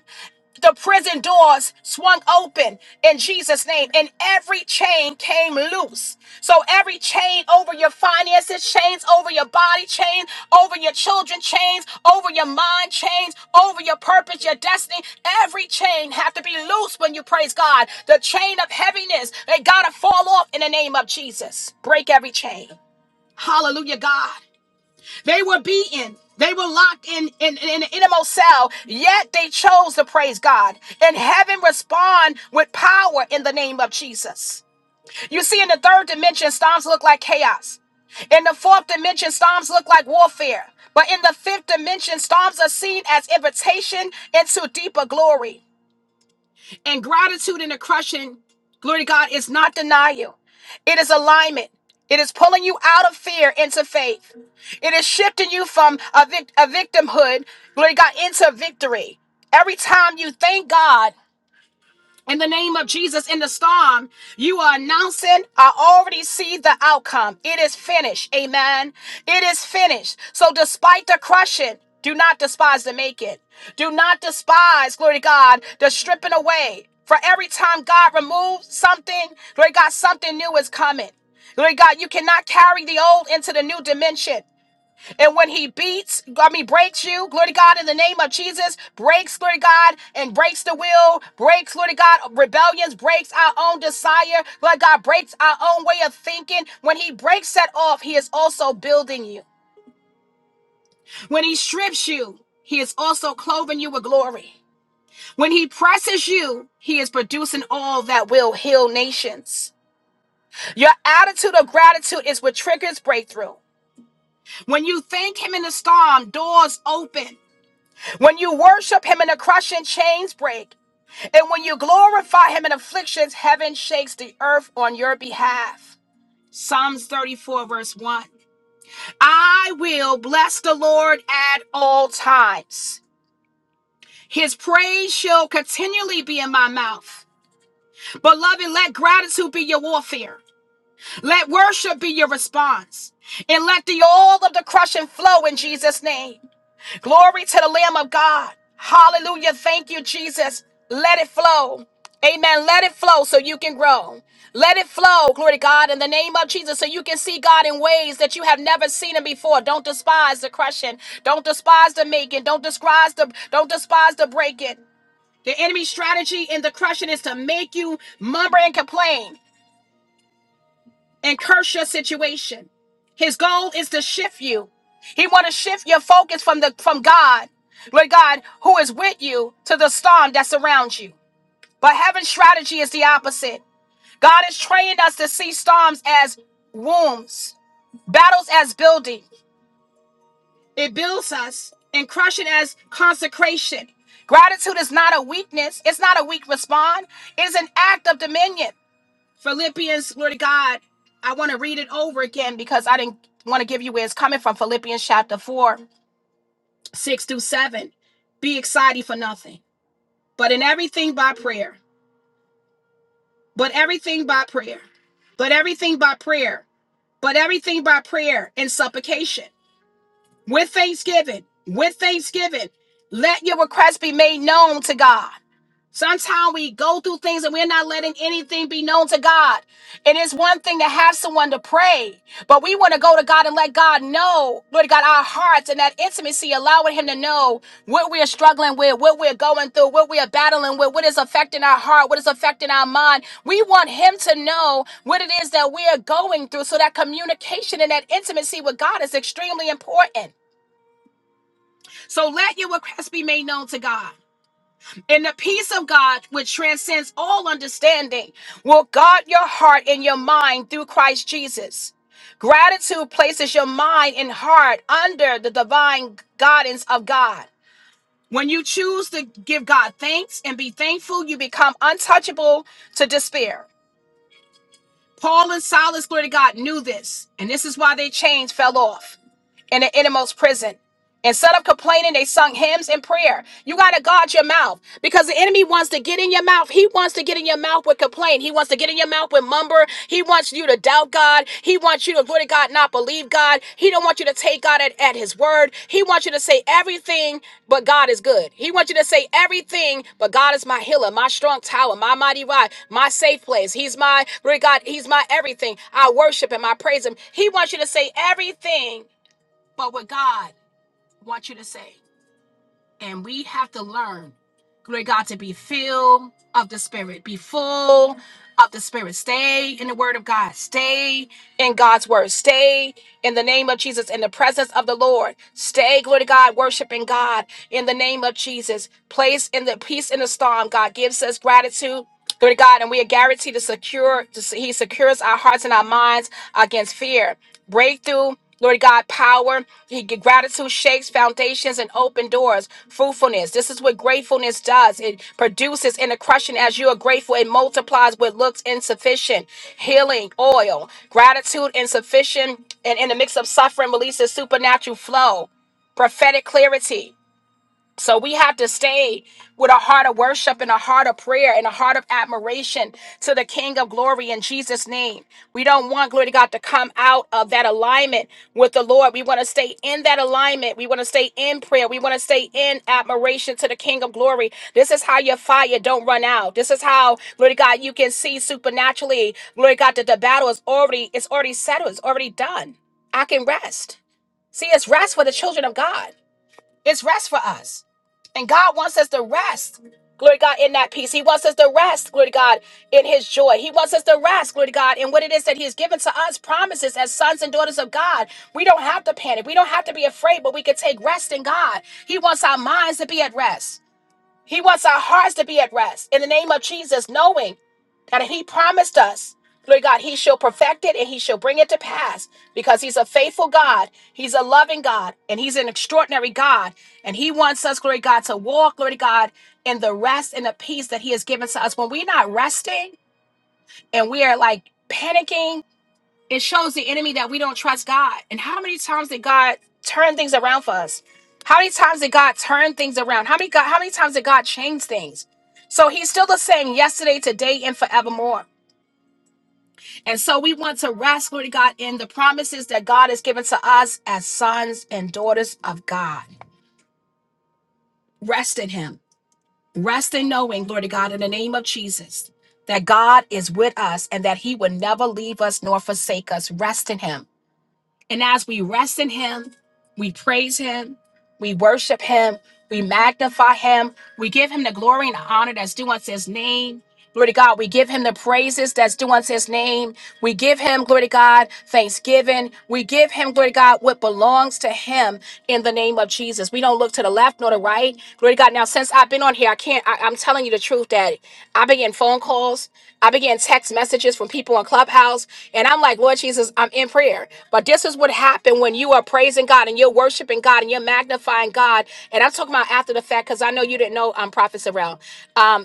S1: The prison doors swung open in Jesus' name, and every chain came loose. So every chain over your finances, chains over your body, chain over your children, chains over your mind, chains over your purpose, your destiny. Every chain have to be loose when you praise God. The chain of heaviness, they gotta fall off in the name of Jesus. Break every chain. Hallelujah, God. They were beaten. They were locked in, in, in an innermost cell, yet they chose to praise God. And heaven respond with power in the name of Jesus. You see, in the third dimension, storms look like chaos. In the fourth dimension, storms look like warfare. But in the fifth dimension, storms are seen as invitation into deeper glory. And gratitude in the crushing, glory to God, is not denial, it is alignment. It is pulling you out of fear into faith. It is shifting you from a, vic- a victimhood, glory to God, into victory. Every time you thank God in the name of Jesus in the storm. You are announcing, I already see the outcome. It is finished. Amen. It is finished. So despite the crushing, do not despise the making. Do not despise, glory to God, the stripping away. For every time God removes something, glory to God, something new is coming. Glory to God, you cannot carry the old into the new dimension. And when he beats, I mean, breaks you, glory to God, in the name of Jesus, breaks, glory to God, and breaks the will, breaks, glory to God, rebellions, breaks our own desire, glory to God, breaks our own way of thinking. When he breaks that off, he is also building you. When he strips you, he is also clothing you with glory. When he presses you, he is producing all that will heal nations. Your attitude of gratitude is what triggers breakthrough. When you thank him in the storm, doors open. When you worship him in crushing, chains break. And when you glorify him in afflictions, heaven shakes the earth on your behalf. Psalms 34, verse 1. I will bless the Lord at all times. His praise shall continually be in my mouth. Beloved, let gratitude be your warfare. Let worship be your response. And let the all of the crushing flow in Jesus' name. Glory to the Lamb of God. Hallelujah. Thank you, Jesus. Let it flow. Amen. Let it flow so you can grow. Let it flow, glory to God, in the name of Jesus, so you can see God in ways that you have never seen Him before. Don't despise the crushing. Don't despise the making. Don't despise the don't despise the breaking. The enemy's strategy in the crushing is to make you murmur and complain and curse your situation. His goal is to shift you. He want to shift your focus from the from God, Lord God, who is with you, to the storm that surrounds you. But heaven's strategy is the opposite. God is training us to see storms as wombs, battles as building. It builds us, and crushing as consecration. Gratitude is not a weakness. It's not a weak response. It is an act of dominion. Philippians, glory to God. I want to read it over again because I didn't want to give you where it's coming from. Philippians chapter 4, 6 through 7. Be excited for nothing, but in everything by prayer. But everything by prayer. But everything by prayer. But everything by prayer and supplication. With thanksgiving. With thanksgiving. Let your requests be made known to God. Sometimes we go through things and we're not letting anything be known to God. It is one thing to have someone to pray, but we want to go to God and let God know, Lord God, our hearts and that intimacy, allowing Him to know what we are struggling with, what we're going through, what we are battling with, what is affecting our heart, what is affecting our mind. We want Him to know what it is that we are going through so that communication and that intimacy with God is extremely important. So let your request be made known to God. And the peace of God, which transcends all understanding, will guard your heart and your mind through Christ Jesus. Gratitude places your mind and heart under the divine guidance of God. When you choose to give God thanks and be thankful, you become untouchable to despair. Paul and Silas, glory to God, knew this, and this is why their chains fell off in the innermost prison. Instead of complaining, they sung hymns and prayer. You got to guard your mouth because the enemy wants to get in your mouth. He wants to get in your mouth with complaint. He wants to get in your mouth with mumber. He wants you to doubt God. He wants you to go to God, not believe God. He don't want you to take God at, at his word. He wants you to say everything, but God is good. He wants you to say everything, but God is my healer, my strong tower, my mighty rod, my safe place. He's my, Lord God, he's my everything. I worship him. I praise him. He wants you to say everything but what God wants you to say. And we have to learn, glory to God, to be filled of the Spirit, be full of the Spirit. Stay in the Word of God, stay in God's Word, stay in the name of Jesus, in the presence of the Lord. Stay, glory to God, worshiping God in the name of Jesus. Place in the peace in the storm. God gives us gratitude. Glory to God, and we are guaranteed to secure, to, He secures our hearts and our minds against fear breakthrough. Lord God, power, He gratitude shakes foundations and open doors. Fruitfulness. This is what gratefulness does. It produces in a crushing as you are grateful. It multiplies what looks insufficient. Healing oil, gratitude insufficient, and in the mix of suffering releases supernatural flow prophetic clarity. So we have to stay with a heart of worship and a heart of prayer and a heart of admiration to the King of glory in Jesus' name. We don't want glory to God to come out of that alignment with the Lord. We want to stay in that alignment. We want to stay in prayer. We want to stay in admiration to the King of glory. This is how your fire don't run out. This is how, glory to God, you can see supernaturally, glory to God, that the battle is already, it's already settled, it's already done. I can rest. See, it's rest for the children of God. It's rest for us. And God wants us to rest. Glory to God in that peace. He wants us to rest, glory to God, in his joy. He wants us to rest, glory to God, in what it is that he has given to us, promises as sons and daughters of God. We don't have to panic. We don't have to be afraid, but we can take rest in God. He wants our minds to be at rest. He wants our hearts to be at rest. In the name of Jesus, knowing and he promised us, Lord God, he shall perfect it and he shall bring it to pass because he's a faithful God. He's a loving God and he's an extraordinary God. And he wants us, glory to God, to walk, glory to God, in the rest and the peace that he has given to us. When we're not resting and we are like panicking, it shows the enemy that we don't trust God. And how many times did God turn things around for us? How many times did God turn things around? How many God, how many times did God change things? So he's still the same yesterday, today, and forevermore. And so we want to rest, glory to God, in the promises that God has given to us as sons and daughters of God. Rest in Him. Rest in knowing, glory to God, in the name of Jesus, that God is with us and that He will never leave us nor forsake us. Rest in Him. And as we rest in Him, we praise Him, we worship Him, we magnify Him, we give Him the glory and the honor that's due unto His name. Glory to God. We give him the praises that's due unto his name. We give him, glory to God, thanksgiving. We give him, glory to God, what belongs to him in the name of Jesus. We don't look to the left nor the right. Glory to God. Now, since I've been on here, I can't, I, I'm telling you the truth that I began phone calls, I began text messages from people on Clubhouse, and I'm like, Lord Jesus, I'm in prayer. But this is what happened when you are praising God and you're worshiping God and you're magnifying God. And I'm talking about after the fact because I know you didn't know um, Prophet Sorrell. Um,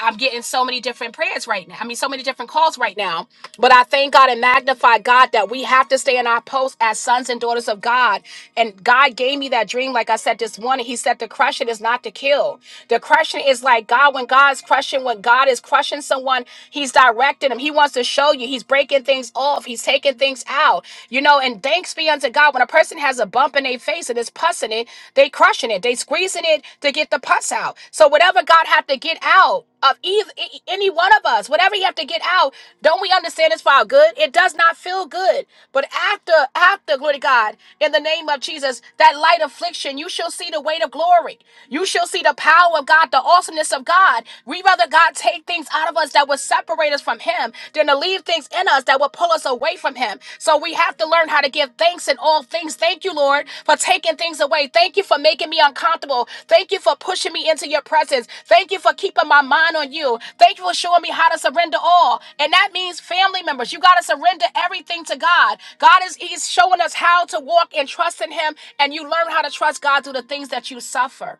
S1: I'm getting so many different prayers right now. I mean, so many different calls right now. But I thank God and magnify God that we have to stay in our post as sons and daughters of God. And God gave me that dream, like I said this morning. He said the crushing is not to kill. The crushing is like God, when God's crushing, when God is crushing someone, He's directing them. He wants to show you. He's breaking things off. He's taking things out. You know, and thanks be unto God. When a person has a bump in their face and it's pussing it, they crushing it. They squeezing it to get the pus out. So whatever God had to get out of either e, e, any one of us, whatever you have to get out, don't we understand it's for our good? It does not feel good. But after, after, glory to God, in the name of Jesus, that light affliction, you shall see the weight of glory. You shall see the power of God, the awesomeness of God. We rather God take things out of us that would separate us from Him than to leave things in us that would pull us away from Him. So we have to learn how to give thanks in all things. Thank you, Lord, for taking things away. Thank you for making me uncomfortable. Thank you for pushing me into your presence. Thank you for keeping my mind on you. Thank you for showing me how to surrender all. And that means family members. You got to surrender everything to God. God is He's showing us how to walk and trust in Him. And you learn how to trust God through the things that you suffer.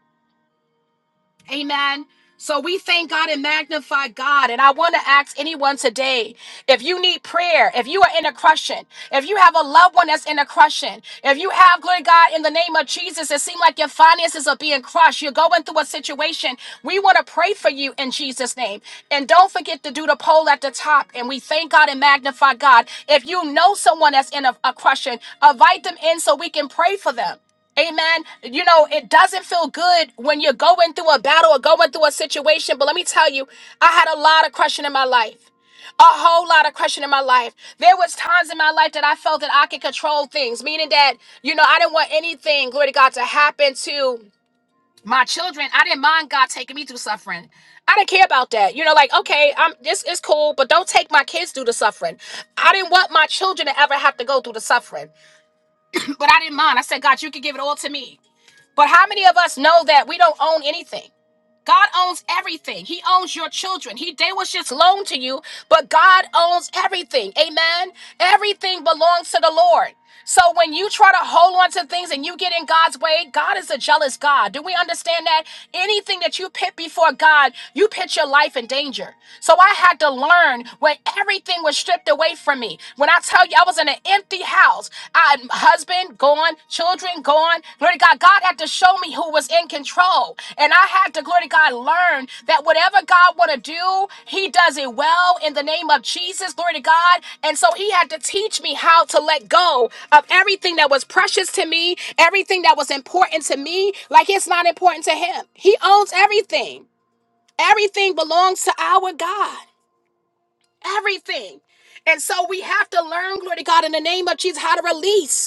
S1: Amen. So we thank God and magnify God. And I want to ask anyone today if you need prayer, if you are in a crushing, if you have a loved one that's in a crushing, if you have, glory to God, in the name of Jesus, it seems like your finances are being crushed, you're going through a situation, we want to pray for you in Jesus' name. And don't forget to do the poll at the top. And we thank God and magnify God. If you know someone that's in a, a crushing, invite them in so we can pray for them. Amen. You know, it doesn't feel good when you're going through a battle or going through a situation. But let me tell you, I had a lot of crushing in my life. A whole lot of crushing in my life. There was times in my life that I felt that I could control things, meaning that, you know, I didn't want anything, glory to God, to happen to my children. I didn't mind God taking me through suffering. I didn't care about that. You know, like, okay, I'm this is cool, but don't take my kids through the suffering. I didn't want my children to ever have to go through the suffering. But I didn't mind. I said, God, you can give it all to me. But how many of us know that we don't own anything? God owns everything. He owns your children. He they was just loaned to you, but God owns everything. Amen. Everything belongs to the Lord. So when you try to hold on to things and you get in God's way, God is a jealous God. Do we understand that? Anything that you pit before God, you put your life in danger. So I had to learn when everything was stripped away from me. When I tell you I was in an empty house. I husband gone, children gone. Glory to God. God had to show me who was in control. And I had to, glory to God, learn that whatever God want to do, he does it well in the name of Jesus. Glory to God. And so he had to teach me how to let go of everything that was precious to me, everything that was important to me, like it's not important to him. He owns everything. Everything belongs to our God. Everything. And so we have to learn, glory to God, in the name of Jesus, how to release.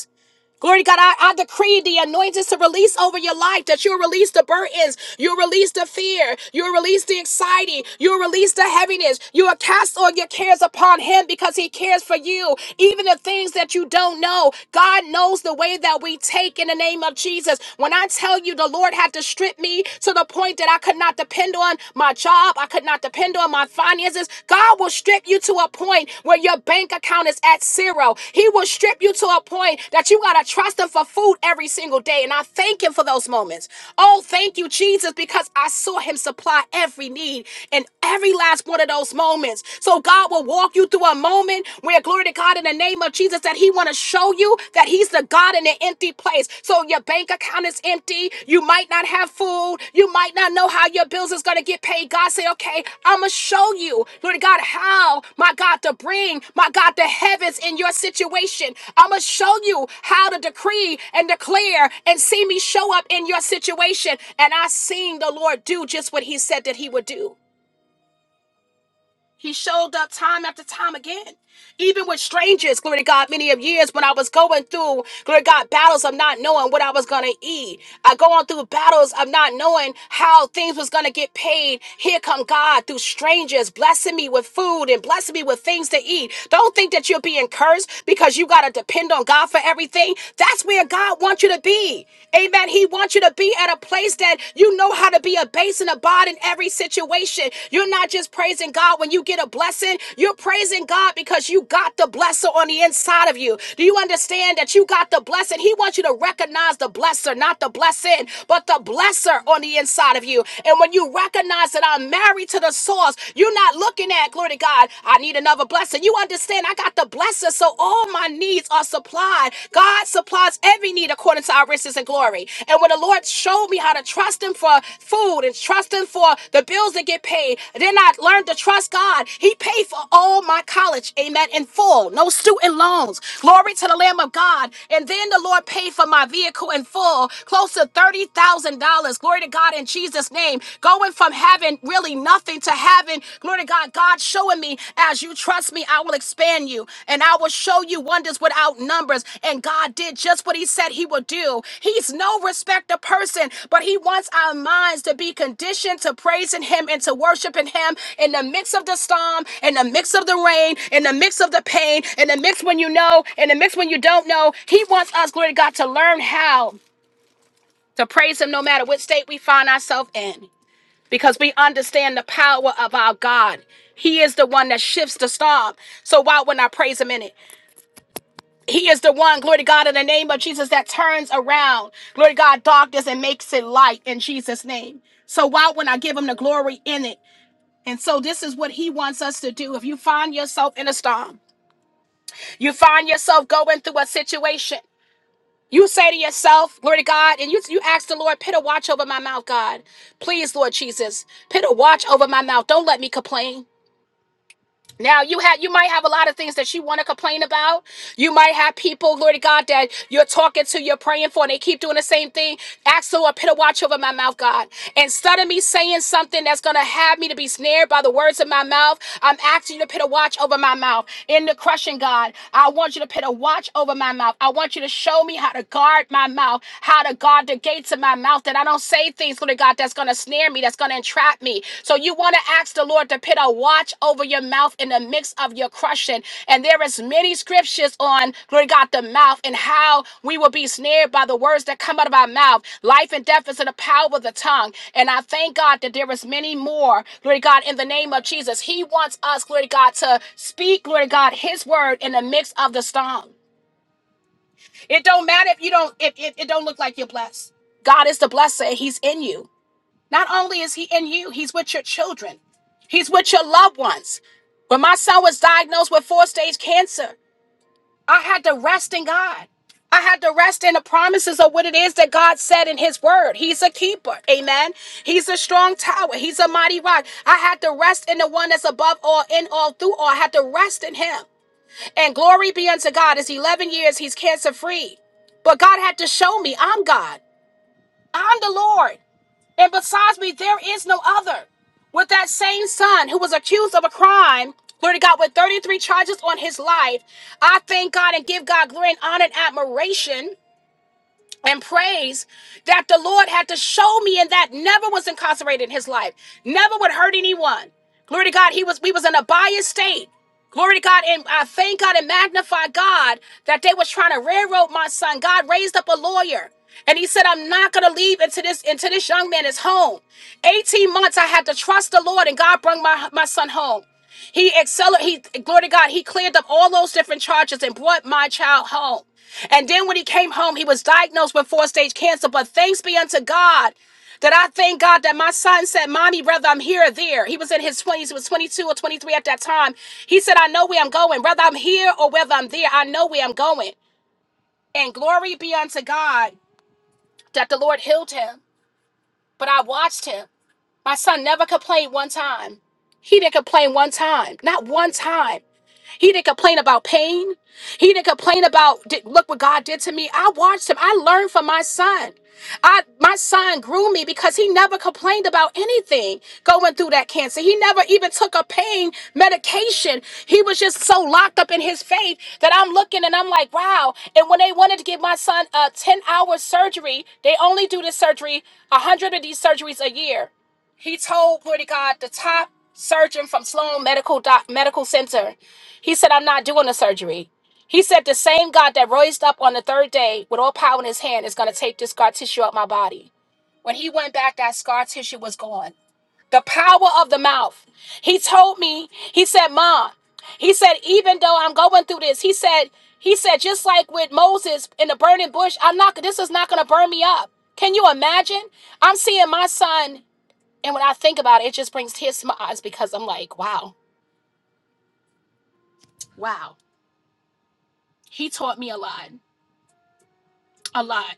S1: Glory to God, I, I decree the anointings to release over your life that you'll release the burdens, you'll release the fear, you'll release the anxiety, you'll release the heaviness. You will cast all your cares upon Him because He cares for you, even the things that you don't know. God knows the way that we take in the name of Jesus. When I tell you the Lord had to strip me to the point that I could not depend on my job, I could not could not depend on my finances. God will strip you to a point where your bank account is at zero. He will strip you to a point that you got to trust Him for food every single day. And I thank Him for those moments. Oh, thank you, Jesus, because I saw Him supply every need in every last one of those moments. So God will walk you through a moment where, glory to God, in the name of Jesus, that He want to show you that He's the God in an empty place. So your bank account is empty. You might not have food. You might not know how your bills is going to get paid. God said, okay, I'm going to show you, Lord God, how, my God, to bring, my God, the heavens in your situation. I'm going to show you how to decree and declare and see me show up in your situation. And I seen the Lord do just what he said that he would do. He showed up time after time again. Even with strangers, glory to God, many of years when I was going through, glory to God, battles of not knowing what I was going to eat. I go on through battles of not knowing how things was going to get paid. Here come God through strangers, blessing me with food and blessing me with things to eat. Don't think that you're being cursed because you got to depend on God for everything. That's where God wants you to be. Amen. He wants you to be at at a place that you know how to be a base and a bod in every situation. You're not just praising God when you get a blessing, you're praising God because you got the blesser on the inside of you. Do you understand that you got the blessing? He wants you to recognize the blesser, not the blessing, but the blesser on the inside of you. And when you recognize that I'm married to the source, you're not looking at, glory to God, I need another blessing. You understand, I got the blesser, so all all my needs are supplied. God supplies every need according to our riches and glory. And when the Lord showed me how to trust Him for food and trust Him for the bills that get paid, then I learned to trust God. He paid for all my college, amen, in full, no student loans. Glory to the Lamb of God. And then the Lord paid for my vehicle in full, close to $30,000. Glory to God in Jesus' name. Going from having really nothing into heaven. Glory to God. God showing me as you trust me, I will expand you and I will show you wonders without numbers. And God did just what he said he would do. He's no respecter person, but he wants our minds to be conditioned to praising him and to worshiping him in the midst of the storm, in the midst of the rain, in the midst of the pain, in the midst when you know, in the midst when you don't know. He wants us, glory to God, to learn how to praise him no matter what state we find ourselves in because we understand the power of our God. He is the one that shifts the storm. So why wouldn't I praise him in it? He is the one, glory to God, in the name of Jesus, that turns around, glory to God, darkness and makes it light in Jesus' name. So why wouldn't I give him the glory in it? And so this is what he wants us to do. If you find yourself in a storm, you find yourself going through a situation, you say to yourself, glory to God, and you, you ask the Lord, put a watch over my mouth, God. Please, Lord Jesus, put a watch over my mouth. Don't let me complain. Now you have you might have a lot of things that you want to complain about. You might have people, Lord God, that you're talking to, you're praying for, and they keep doing the same thing. Ask the Lord, put a watch over my mouth, God. Instead of me saying something that's gonna have me to be snared by the words of my mouth, I'm asking you to put a watch over my mouth. In the crushing, God, I want you to put a watch over my mouth. I want you to show me how to guard my mouth, how to guard the gates of my mouth, that I don't say things things, Lord God, that's going to snare me, that's going to entrap me. So you want to ask the Lord to put a watch over your mouth in the midst of your crushing. And there is many scriptures on, Lord God, the mouth and how we will be snared by the words that come out of our mouth. Life and death is in the power of the tongue. And I thank God that there is many more, Lord God, in the name of Jesus. He wants us, Lord God, to speak, Lord God, his word in the midst of the storm. It don't matter if you don't, if, if it don't look like you're blessed. God is the blesser. He's in you. Not only is he in you, he's with your children, he's with your loved ones. When my son was diagnosed with four stage cancer, I had to rest in God. I had to rest in the promises of what it is that God said in His Word. He's a keeper. Amen. He's a strong tower. He's a mighty rock. I had to rest in the one that's above all, in all, through all. I had to rest in Him. And glory be unto God. It's 11 years. He's cancer free. But God had to show me I'm God. I'm the Lord. And besides me, there is no other. With that same son who was accused of a crime, glory to God, with 33 charges on his life, I thank God and give God glory and honor and admiration and praise that the Lord had to show me and that never was incarcerated in his life, never would hurt anyone. Glory to God, he was we was in a biased state. Glory to God, and I thank God and magnify God that they was trying to railroad my son. God raised up a lawyer. And he said, I'm not gonna leave into this into this young man is home. 18 months I had to trust the Lord, and God brought my, my son home. He accelerated, he, glory to God, he cleared up all those different charges and brought my child home. And then when he came home, he was diagnosed with four stage cancer. But thanks be unto God that I thank God that my son said, Mommy, brother, I'm here or there. He was in his 20s, he was 22 or 23 at that time. He said, I know where I'm going, whether I'm here or whether I'm there, I know where I'm going. And glory be unto God that the Lord healed him. But I watched him. My son never complained one time. He didn't complain one time, not one time. He didn't complain about pain. He didn't complain about "Did- look what God did to me. I watched him. I learned from my son. I my son grew me because he never complained about anything going through that cancer. He never even took a pain medication. He was just so locked up in his faith that I'm looking and I'm like, wow. And when they wanted to give my son a 10-hour surgery, they only do this surgery, a hundred of these surgeries a year. He told, glory to God, the top surgeon from Sloan Medical Doc, Medical Center. He said, I'm not doing the surgery. He said, The same God that raised up on the third day with all power in his hand is going to take this scar tissue out my body. When he went back, that scar tissue was gone. The power of the mouth. He told me, He said, Mom, he said, even though I'm going through this, he said, he said, just like with Moses in the burning bush, I'm not this is not gonna burn me up. Can you imagine? I'm seeing my son, and when I think about it, it just brings tears to my eyes because I'm like, wow, wow. He taught me a lot. A lot.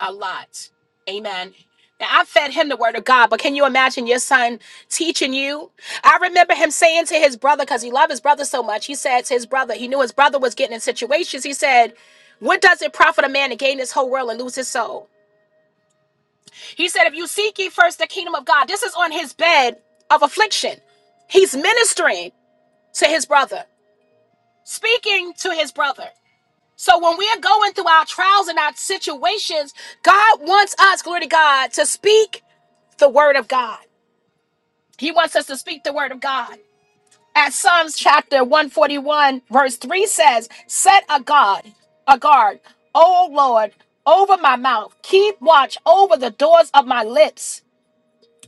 S1: a lot. Amen. Now, I fed him the word of God, but can you imagine your son teaching you? I remember him saying to his brother, because he loved his brother so much, he said to his brother, he knew his brother was getting in situations. He said, What does it profit a man to gain this whole world and lose his soul? He said, If you seek ye first the kingdom of God, this is on his bed of affliction. He's ministering to his brother, speaking to his brother. So when we are going through our trials and our situations, God wants us, glory to God, to speak the word of God. He wants us to speak the word of God. As Psalms chapter 141, verse 3 says, Set a guard, a guard, O Lord, over my mouth. Keep watch over the doors of my lips.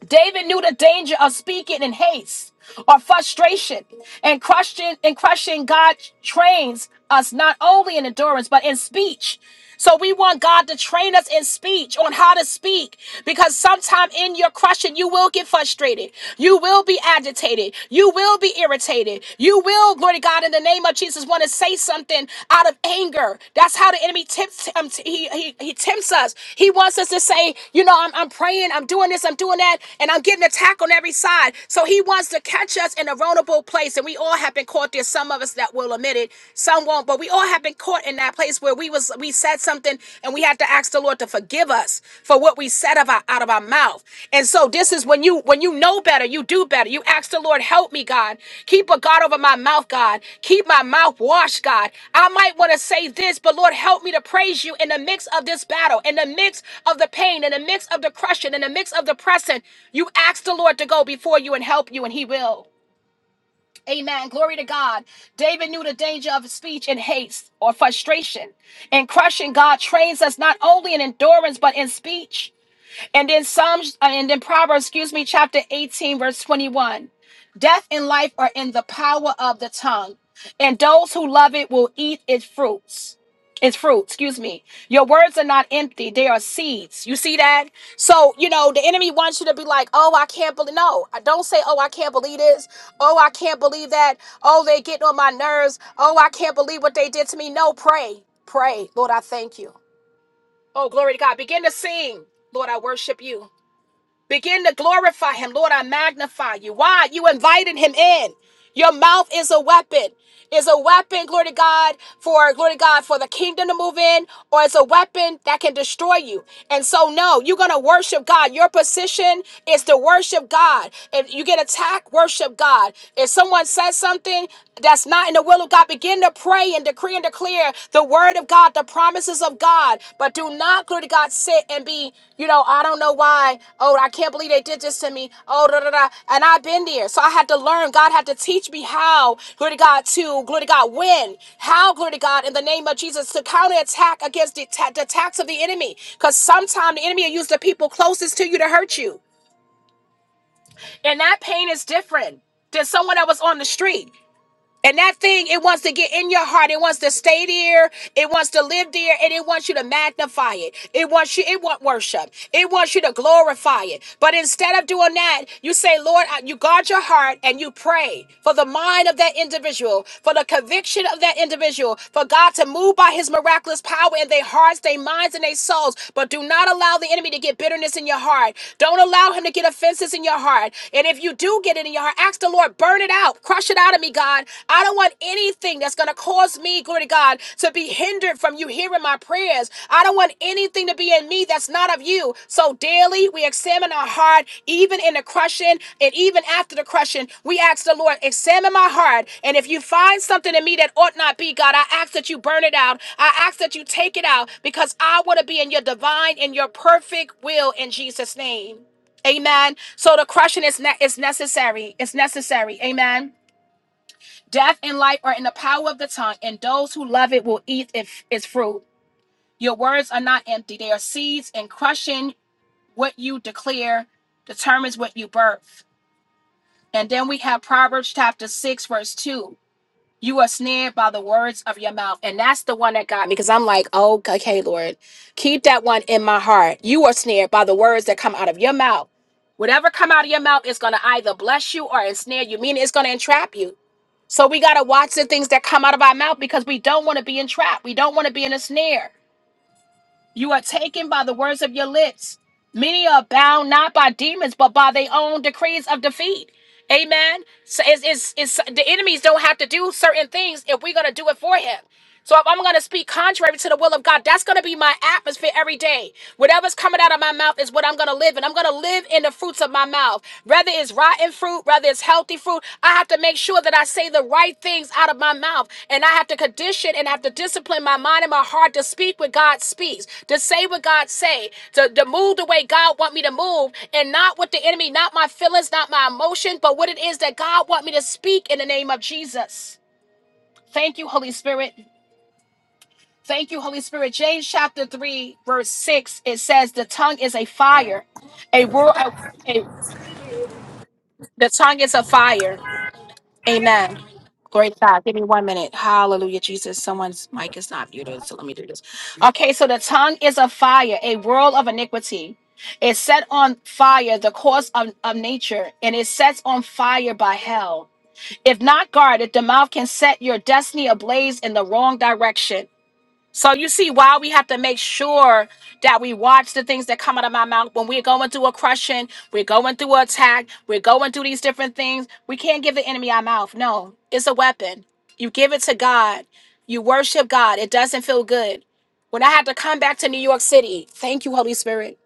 S1: David knew the danger of speaking in haste or frustration, and crushing and crushing God trains us not only in endurance but in speech. So we want God to train us in speech on how to speak because sometime in your crushing you will get frustrated. You will be agitated. You will be irritated. You will, glory to God, in the name of of Jesus, want to say something out of anger. That's how the enemy tempts um, t- he, he he tempts us. He wants us to say, you know, I'm, I'm praying, I'm doing this, I'm doing that, and I'm getting attacked on every side. So he wants to catch us in a vulnerable place, and we all have been caught there. Some of us that will admit it, some won't, but we all have been caught in that place where we was we said something and we had to ask the Lord to forgive us us for what we said of our, out of our mouth. And so this is when you when you know better, you do better. You ask the Lord, help me, God. Keep a guard over my mouth, God. Keep my mouth washed, God. I might want to say this, but Lord, help me to praise you in the midst of this battle, in the midst of the pain, in the midst of the crushing, in the midst of the pressing. You ask the Lord to go before you and help you, and He will. Amen. Glory to God. David knew the danger of speech in haste or frustration. And crushing God trains us not only in endurance, but in speech. And then Psalms, uh, and then Proverbs, excuse me, chapter 18, verse 21. Death and life are in the power of the tongue, and those who love it will eat its fruits. Its fruit, excuse me. Your words are not empty, they are seeds. You see that? So, you know, the enemy wants you to be like, oh, I can't believe. No, I don't say, oh, I can't believe this. Oh, I can't believe that. Oh, they getting on my nerves. Oh, I can't believe what they did to me. No, pray. Pray. Lord, I thank you. Oh, glory to God. Begin to sing. Lord, I worship you. Begin to glorify him. Lord, I magnify you. Why? You invited him in. Your mouth is a weapon. Is a weapon, glory to God, for glory to God, for the kingdom to move in, or it's a weapon that can destroy you. And so, no, you're gonna worship God. Your position is to worship God. If you get attacked, worship God. If someone says something that's not in the will of God, begin to pray and decree and declare the word of God, the promises of God, but do not, glory to God, sit and be, you know, I don't know why. Oh, I can't believe they did this to me. Oh, da da da. And I've been there. So I had to learn. God had to teach me how, glory to God, to, glory to God, win. How, glory to God, in the name of Jesus, to counterattack against the, ta- the attacks of the enemy. Because sometimes the enemy will use the people closest to you to hurt you. And that pain is different than someone that was on the street. And that thing, it wants to get in your heart. It wants to stay there. It wants to live there. And it wants you to magnify it. It wants you, it want worship. It wants you to glorify it. But instead of doing that, you say, Lord, I- you guard your heart and you pray for the mind of that individual, for the conviction of that individual, for God to move by his miraculous power in their hearts, their minds, and their souls. But do not allow the enemy to get bitterness in your heart. Don't allow him to get offenses in your heart. And if you do get it, it in your heart. Ask the Lord, burn it out, crush it out of me, God. I don't want anything that's going to cause me, glory to God, to be hindered from you hearing my prayers. I don't want anything to be in me that's not of you. So daily we examine our heart, even in the crushing and even after the crushing. We ask the Lord, examine my heart. And if you find something in me that ought not be, God, I ask that you burn it out. I ask that you take it out because I want to be in your divine and your perfect will in Jesus' name. Amen. So the crushing is ne- is necessary. It's necessary. Amen. Death and life are in the power of the tongue, and those who love it will eat if, its fruit. Your words are not empty; they are seeds, and crushing what you declare determines what you birth. And then we have Proverbs chapter six, verse two. You are snared by the words of your mouth. And that's the one that got me because I'm like, oh, okay, Lord, keep that one in my heart. You are snared by the words that come out of your mouth. Whatever come out of your mouth is going to either bless you or ensnare you, meaning it's going to entrap you. So we got to watch the things that come out of our mouth because we don't want to be entrapped. We don't want to be in a snare. You are taken by the words of your lips. Many are bound not by demons, but by their own decrees of defeat. Amen. So it's, it's, it's, the enemies don't have to do certain things if we're going to do it for him. So if I'm going to speak contrary to the will of God, that's going to be my atmosphere every day. Whatever's coming out of my mouth is what I'm going to live in. I'm going to live in the fruits of my mouth. Whether it's rotten fruit, whether it's healthy fruit, I have to make sure that I say the right things out of my mouth. And I have to condition and have to discipline my mind and my heart to speak what God speaks, to say what God say, to, to move the way God want me to move and not what the enemy, not my feelings, not my emotion, but what it is that God want me to speak in the name of Jesus. Thank you, Holy Spirit. Thank you, Holy Spirit. James chapter 3, verse 6, it says, The tongue is a fire. A roar, a, a- the tongue is a fire. Amen. Glory to God. Give me one minute. Hallelujah, Jesus. Someone's mic is not muted, so let me do this. Okay, so the tongue is a fire, a world of iniquity. It set on fire the course of, of nature, and it sets on fire by hell. If not guarded, the mouth can set your destiny ablaze in the wrong direction. So you see why we have to make sure that we watch the things that come out of my mouth when we're going through a crushing, we're going through an attack, we're going through these different things. We can't give the enemy our mouth. No, it's a weapon. You give it to God. You worship God. It doesn't feel good. When I had to come back to New York City, thank you, Holy Spirit.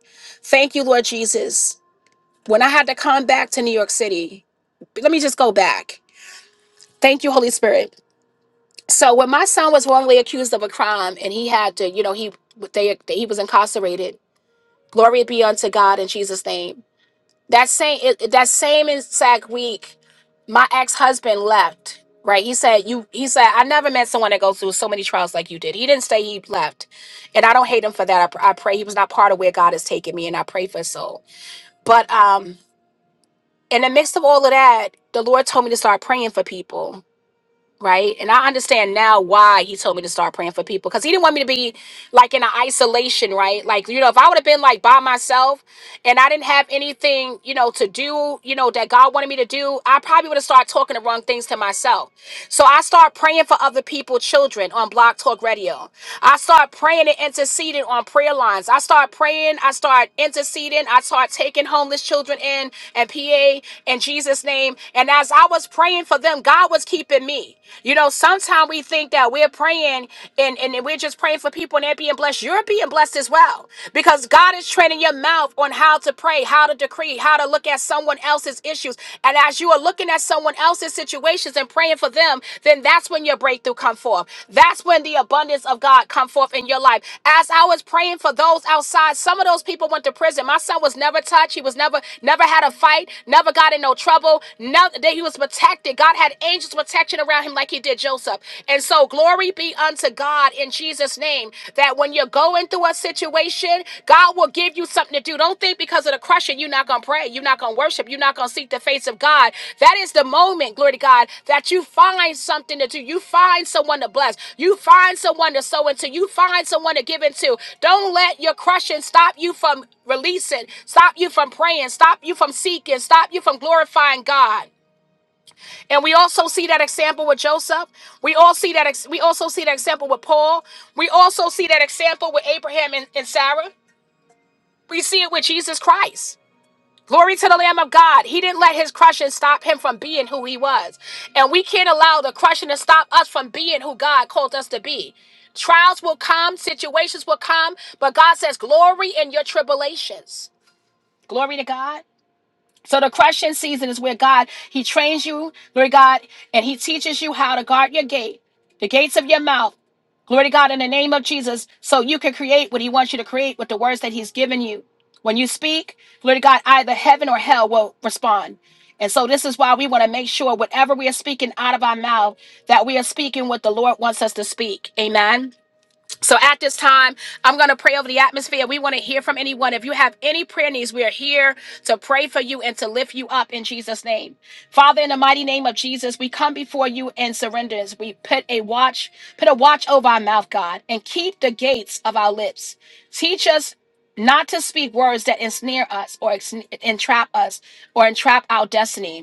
S1: Thank you, Lord Jesus. When I had to come back to New York City, let me just go back. Thank you, Holy Spirit so when my son was wrongly accused of a crime and he had to you know he they he was incarcerated glory be unto god in jesus name that same it, that same exact week my ex-husband left right he said you he said i never met someone that goes through so many trials like you did he didn't say he left and i don't hate him for that i, pr- I pray he was not part of where god has taken me and i pray for his soul but um in the midst of all of that the lord told me to start praying for people right? And I understand now why he told me to start praying for people because he didn't want me to be like in an isolation, right? Like, you know, if I would have been like by myself and I didn't have anything, you know, to do, you know, that God wanted me to do, I probably would have started talking the wrong things to myself. So I start praying for other people, children on Block Talk Radio. I start praying and interceding on prayer lines. I start praying, I start interceding, I start taking homeless children in and PA in Jesus' name. And as I was praying for them, God was keeping me. You know, sometimes we think that we're praying and, and we're just praying for people and they're being blessed. You're being blessed as well because God is training your mouth on how to pray, how to decree, how to look at someone else's issues. And as you are looking at someone else's situations and praying for them, then that's when your breakthrough come forth. That's when the abundance of God come forth in your life. As I was praying for those outside, some of those people went to prison. My son was never touched. He was never never had a fight, never got in no trouble. No, that he was protected. God had angels protection around him like he did Joseph. And so glory glory be unto God in Jesus' name that when you're going through a situation, God will give you something to do. Don't think because of the crushing, you're not going to pray, you're not going to worship, you're not going to seek the face of God. That is the moment, glory to God, that you find something to do. You find someone to bless, you find someone to sow into, you find someone to give into. Don't let your crushing stop you from releasing, stop you from praying, stop you from seeking, stop you from glorifying God. And we also see that example with Joseph. We all see that. Ex- we also see that example with Paul. We also see that example with Abraham and, and Sarah. We see it with Jesus Christ. Glory to the Lamb of God. He didn't let his crushing stop him from being who he was. And we can't allow the crushing to stop us from being who God called us to be. Trials will come, situations will come, but God says, glory in your tribulations. Glory to God. So the crushing season is where God He trains you, glory to God, and He teaches you how to guard your gate, the gates of your mouth, glory to God, in the name of Jesus, so you can create what He wants you to create with the words that He's given you. When you speak, glory to God, either heaven or hell will respond. And so this is why we want to make sure whatever we are speaking out of our mouth, that we are speaking what the Lord wants us to speak. Amen. So at this time, I'm going to pray over the atmosphere. We want to hear from anyone. If you have any prayer needs, we are here to pray for you and to lift you up in Jesus' name. Father, in the mighty name of Jesus, we come before you in surrenders. We put a watch, put a watch over our mouth, God, and keep the gates of our lips. Teach us not to speak words that ensnare us or ex- entrap us or entrap our destiny.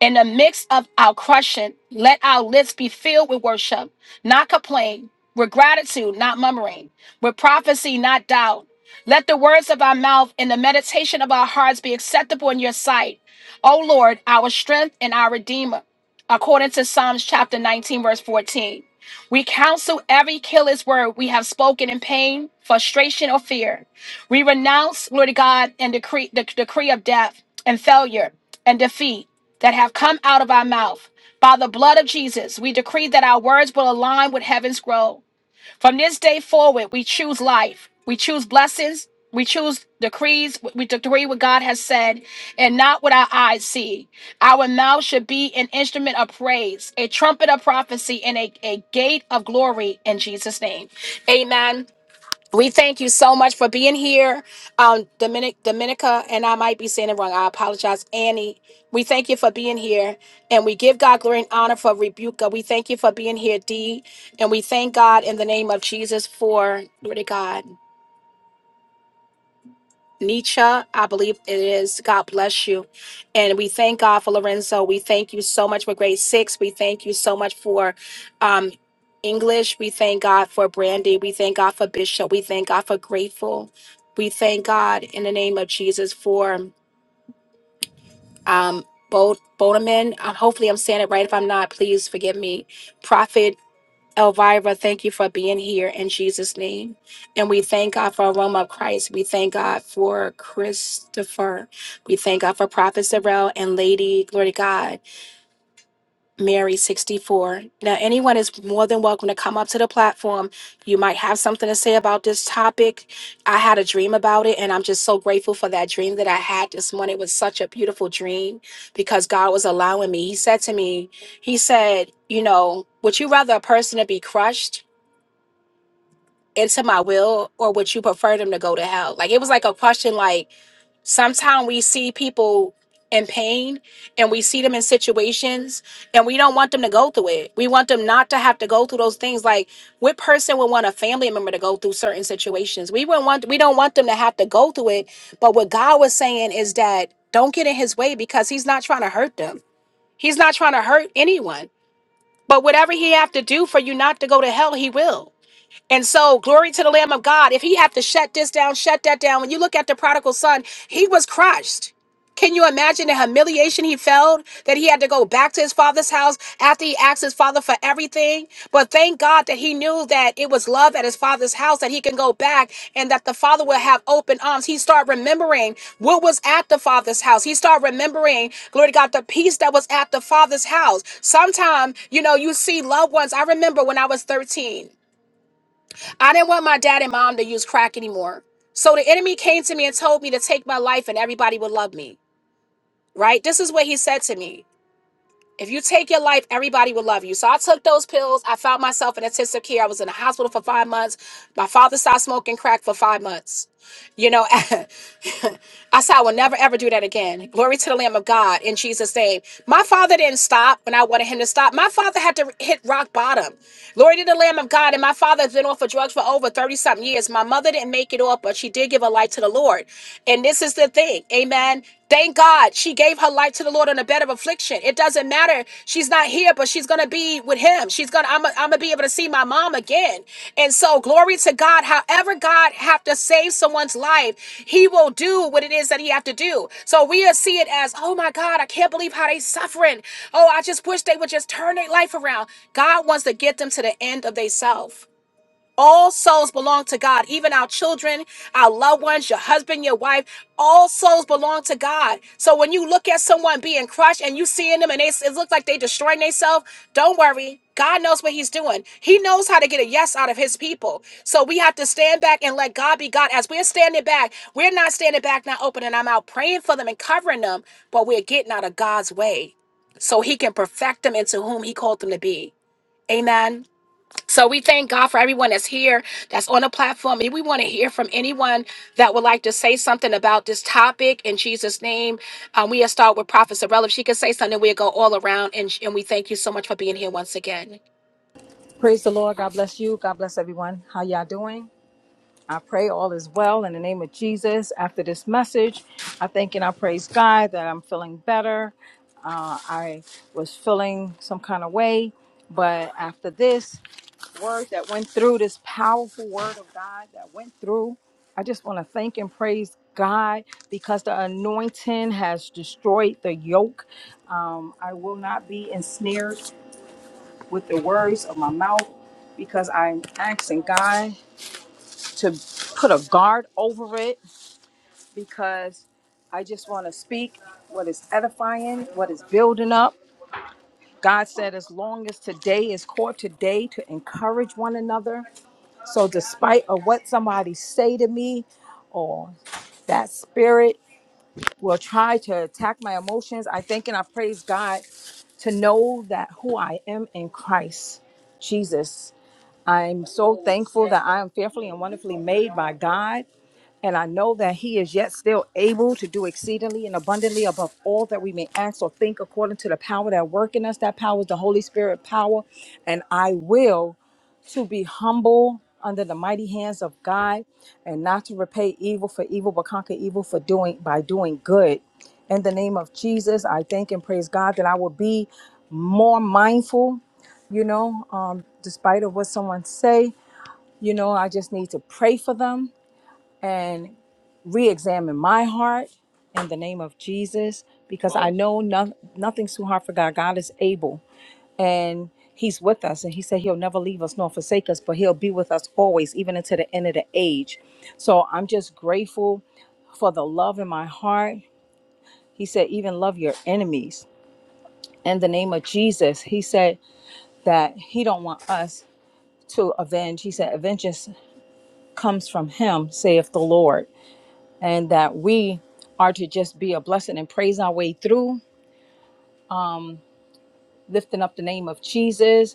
S1: In the midst of our crushing, let our lips be filled with worship, not complaint, with gratitude, not murmuring, with prophecy, not doubt. Let the words of our mouth and the meditation of our hearts be acceptable in your sight. O Lord, our strength and our redeemer. According to Psalms chapter 19, verse 14. We counsel every careless word we have spoken in pain, frustration, or fear. We renounce, glory to God, and decree the decree of death and failure and defeat that have come out of our mouth. By the blood of Jesus, we decree that our words will align with heaven's growth. From this day forward, we choose life, we choose blessings, we choose decrees, we decree what God has said, and not what our eyes see. Our mouth should be an instrument of praise, a trumpet of prophecy, and a, a gate of glory in Jesus' name. Amen. We thank you so much for being here. Um, Dominic, Dominica, and I might be saying it wrong. I apologize, Annie. We thank you for being here. And we give God glory and honor for Rebuka. We thank you for being here, Dee. And we thank God in the name of Jesus for, glory to God. Nietzsche, I believe it is. God bless you. And we thank God for Lorenzo. We thank you so much for grade six. We thank you so much for um, English. We thank God for Brandy. We thank God for Bishop. We thank God for Grateful. We thank God in the name of Jesus for um, Bo- Bodeman. Uh, hopefully, I'm saying it right. If I'm not, please forgive me. Prophet Elvira, thank you for being here in Jesus' name. And we thank God for, we thank God for. We thank God for Prophet Sorrell Glory to God. Mary 64. Now, anyone is more than welcome to come up to the platform. You might have something to say about this topic. I had a dream about it, and I'm just so grateful for that dream that I had this morning. It was such a beautiful dream because God was allowing me. He said to me, He said, You know, would you rather a person to be crushed? into my will or would you prefer them to go to hell like it was like a question like sometimes we see people in pain and we see them in situations and we don't want them to go through it. We want them not to have to go through those things. Like what person would want a family member to go through certain situations? We wouldn't want we don't want them to have to go through it. But what God was saying is that don't get in his way because he's not trying to hurt them. He's not trying to hurt anyone. But whatever he have to do for you not to go to hell, he will. And so, glory to the Lamb of God. If he had to shut this down, shut that down. When you look at the prodigal son, he was crushed. Can you imagine the humiliation he felt that he had to go back to his father's house after he asked his father for everything? But thank God that he knew that it was love at his father's house that he can go back and that the father will have open arms. He started remembering what was at the father's house. He started remembering, glory to God, the peace that was at the father's house. Sometimes, you know, you see loved ones. I remember when I was 13. I didn't want my dad and mom to use crack anymore. So the enemy came to me and told me to take my life and everybody would love me, right? This is what he said to me. If you take your life, everybody will love you. So I took those pills. I found myself in intensive care. I was in the hospital for five months. My father stopped smoking crack for five months. You know, I said, I will never ever do that again. Glory to the Lamb of God in Jesus' name. My father didn't stop when I wanted him to stop. My father had to hit rock bottom. Glory to the Lamb of God. And my father has been off of drugs for over 30 something years. My mother didn't make it off, but she did give her life to the Lord. And this is the thing. Amen. Thank God she gave her life to the Lord on a bed of affliction. It doesn't matter. She's not here, but she's gonna be with him. She's gonna I'm gonna be able to see my mom again. And so, glory to God. However, God have to save someone's life, He will do what it is that He have to do. So we see it as, oh my God, I can't believe how they suffering. Oh, I just wish they would just turn their life around. God wants to get them to the end of themselves. All souls belong to God, even our children, our loved ones, your husband, your wife. All souls belong to God. So when you look at someone being crushed and you seeing them and they, it looks like they destroying themselves, don't worry. God knows what he's doing. He knows how to get a yes out of his people. So we have to stand back and let God be God. As we're standing back, we're not standing back, not opening our mouth, praying for them and covering them, but we're getting out of God's way so he can perfect them into whom he called them to be. Amen. So we thank God for everyone that's here, that's on the platform. And we want to hear from anyone that would like to say something about this topic in Jesus' name. Um, we'll start with Prophet Sorella. If she can say something, we'll go all around. And, and we thank you so much for being here.
S2: Praise the Lord. God bless you. God bless everyone. How y'all doing? I pray all is well in the name of Jesus. After this message, I thank and I praise God that I'm feeling better. Uh, I was feeling some kind of way, but after this word that went through, this powerful word of God that went through, I just want to thank and praise God because the anointing has destroyed the yoke. Um, I will not be ensnared with the words of my mouth because I'm asking God to put a guard over it because I just want to speak what is edifying, what is building up. God said, as long as today is called today to encourage one another. So, despite of what somebody say to me, or that spirit will try to attack my emotions, I thank and I praise God to know that who I am in Christ Jesus I'm so thankful that I am fearfully and wonderfully made by God. And I know that He is yet still able to do exceedingly and abundantly above all that we may ask or think according to the power that work in us. That power is the Holy Spirit power. And I will to be humble under the mighty hands of God and not to repay evil for evil, but conquer evil for doing by doing good. In the name of Jesus, I thank and praise God that I will be more mindful, you know, um, despite of what someone say you know, I just need to pray for them and re examine my heart in the name of Jesus because I know no- nothing's too hard for God. God is able and He's with us. And He said He'll never leave us nor forsake us, but He'll be with us always, even until the end of the age. So I'm just grateful for the love in my heart. He said, even love your enemies. In the name of Jesus, He said that He don't want us to avenge. He said, vengeance comes from Him, saith the Lord. and that we are to just be a blessing and praise our way through, lifting up the name of Jesus,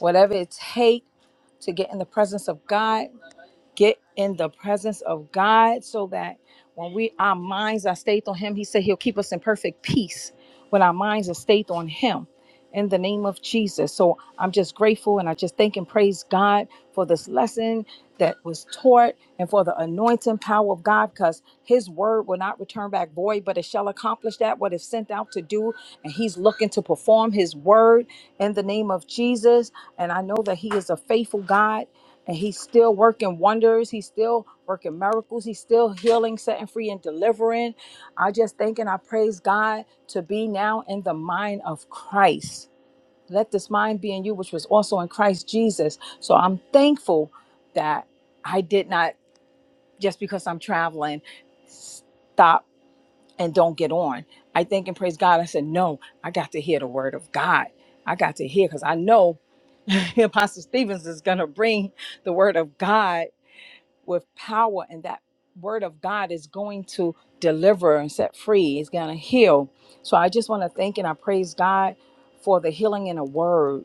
S2: whatever it takes to get in the presence of God, get in the presence of God so that when we our minds are stayed on him, he said he'll keep us in perfect peace when our minds are stayed on him. in the name of Jesus. So I'm just grateful and I just thank and praise God for this lesson that was taught and for the anointing power of God because his word will not return back void, but it shall accomplish that what it's sent out to do. And he's looking to perform his word in the name of Jesus. And I know that he is a faithful God and he's still working wonders. He's still working miracles. He's still healing, setting free, and delivering. I just thank and I praise God to be now in the mind of Christ. Let this mind be in you, which was also in Christ Jesus. So I'm thankful that I did not, just because I'm traveling, stop and don't get on. I thank and praise God. I said, No, I got to hear the word of God. I got to hear because I know Apostle Stevens is going to bring the word of God with power and that word of God is going to deliver and set free. It's going to heal. So I just want to thank and I praise God for the healing in a word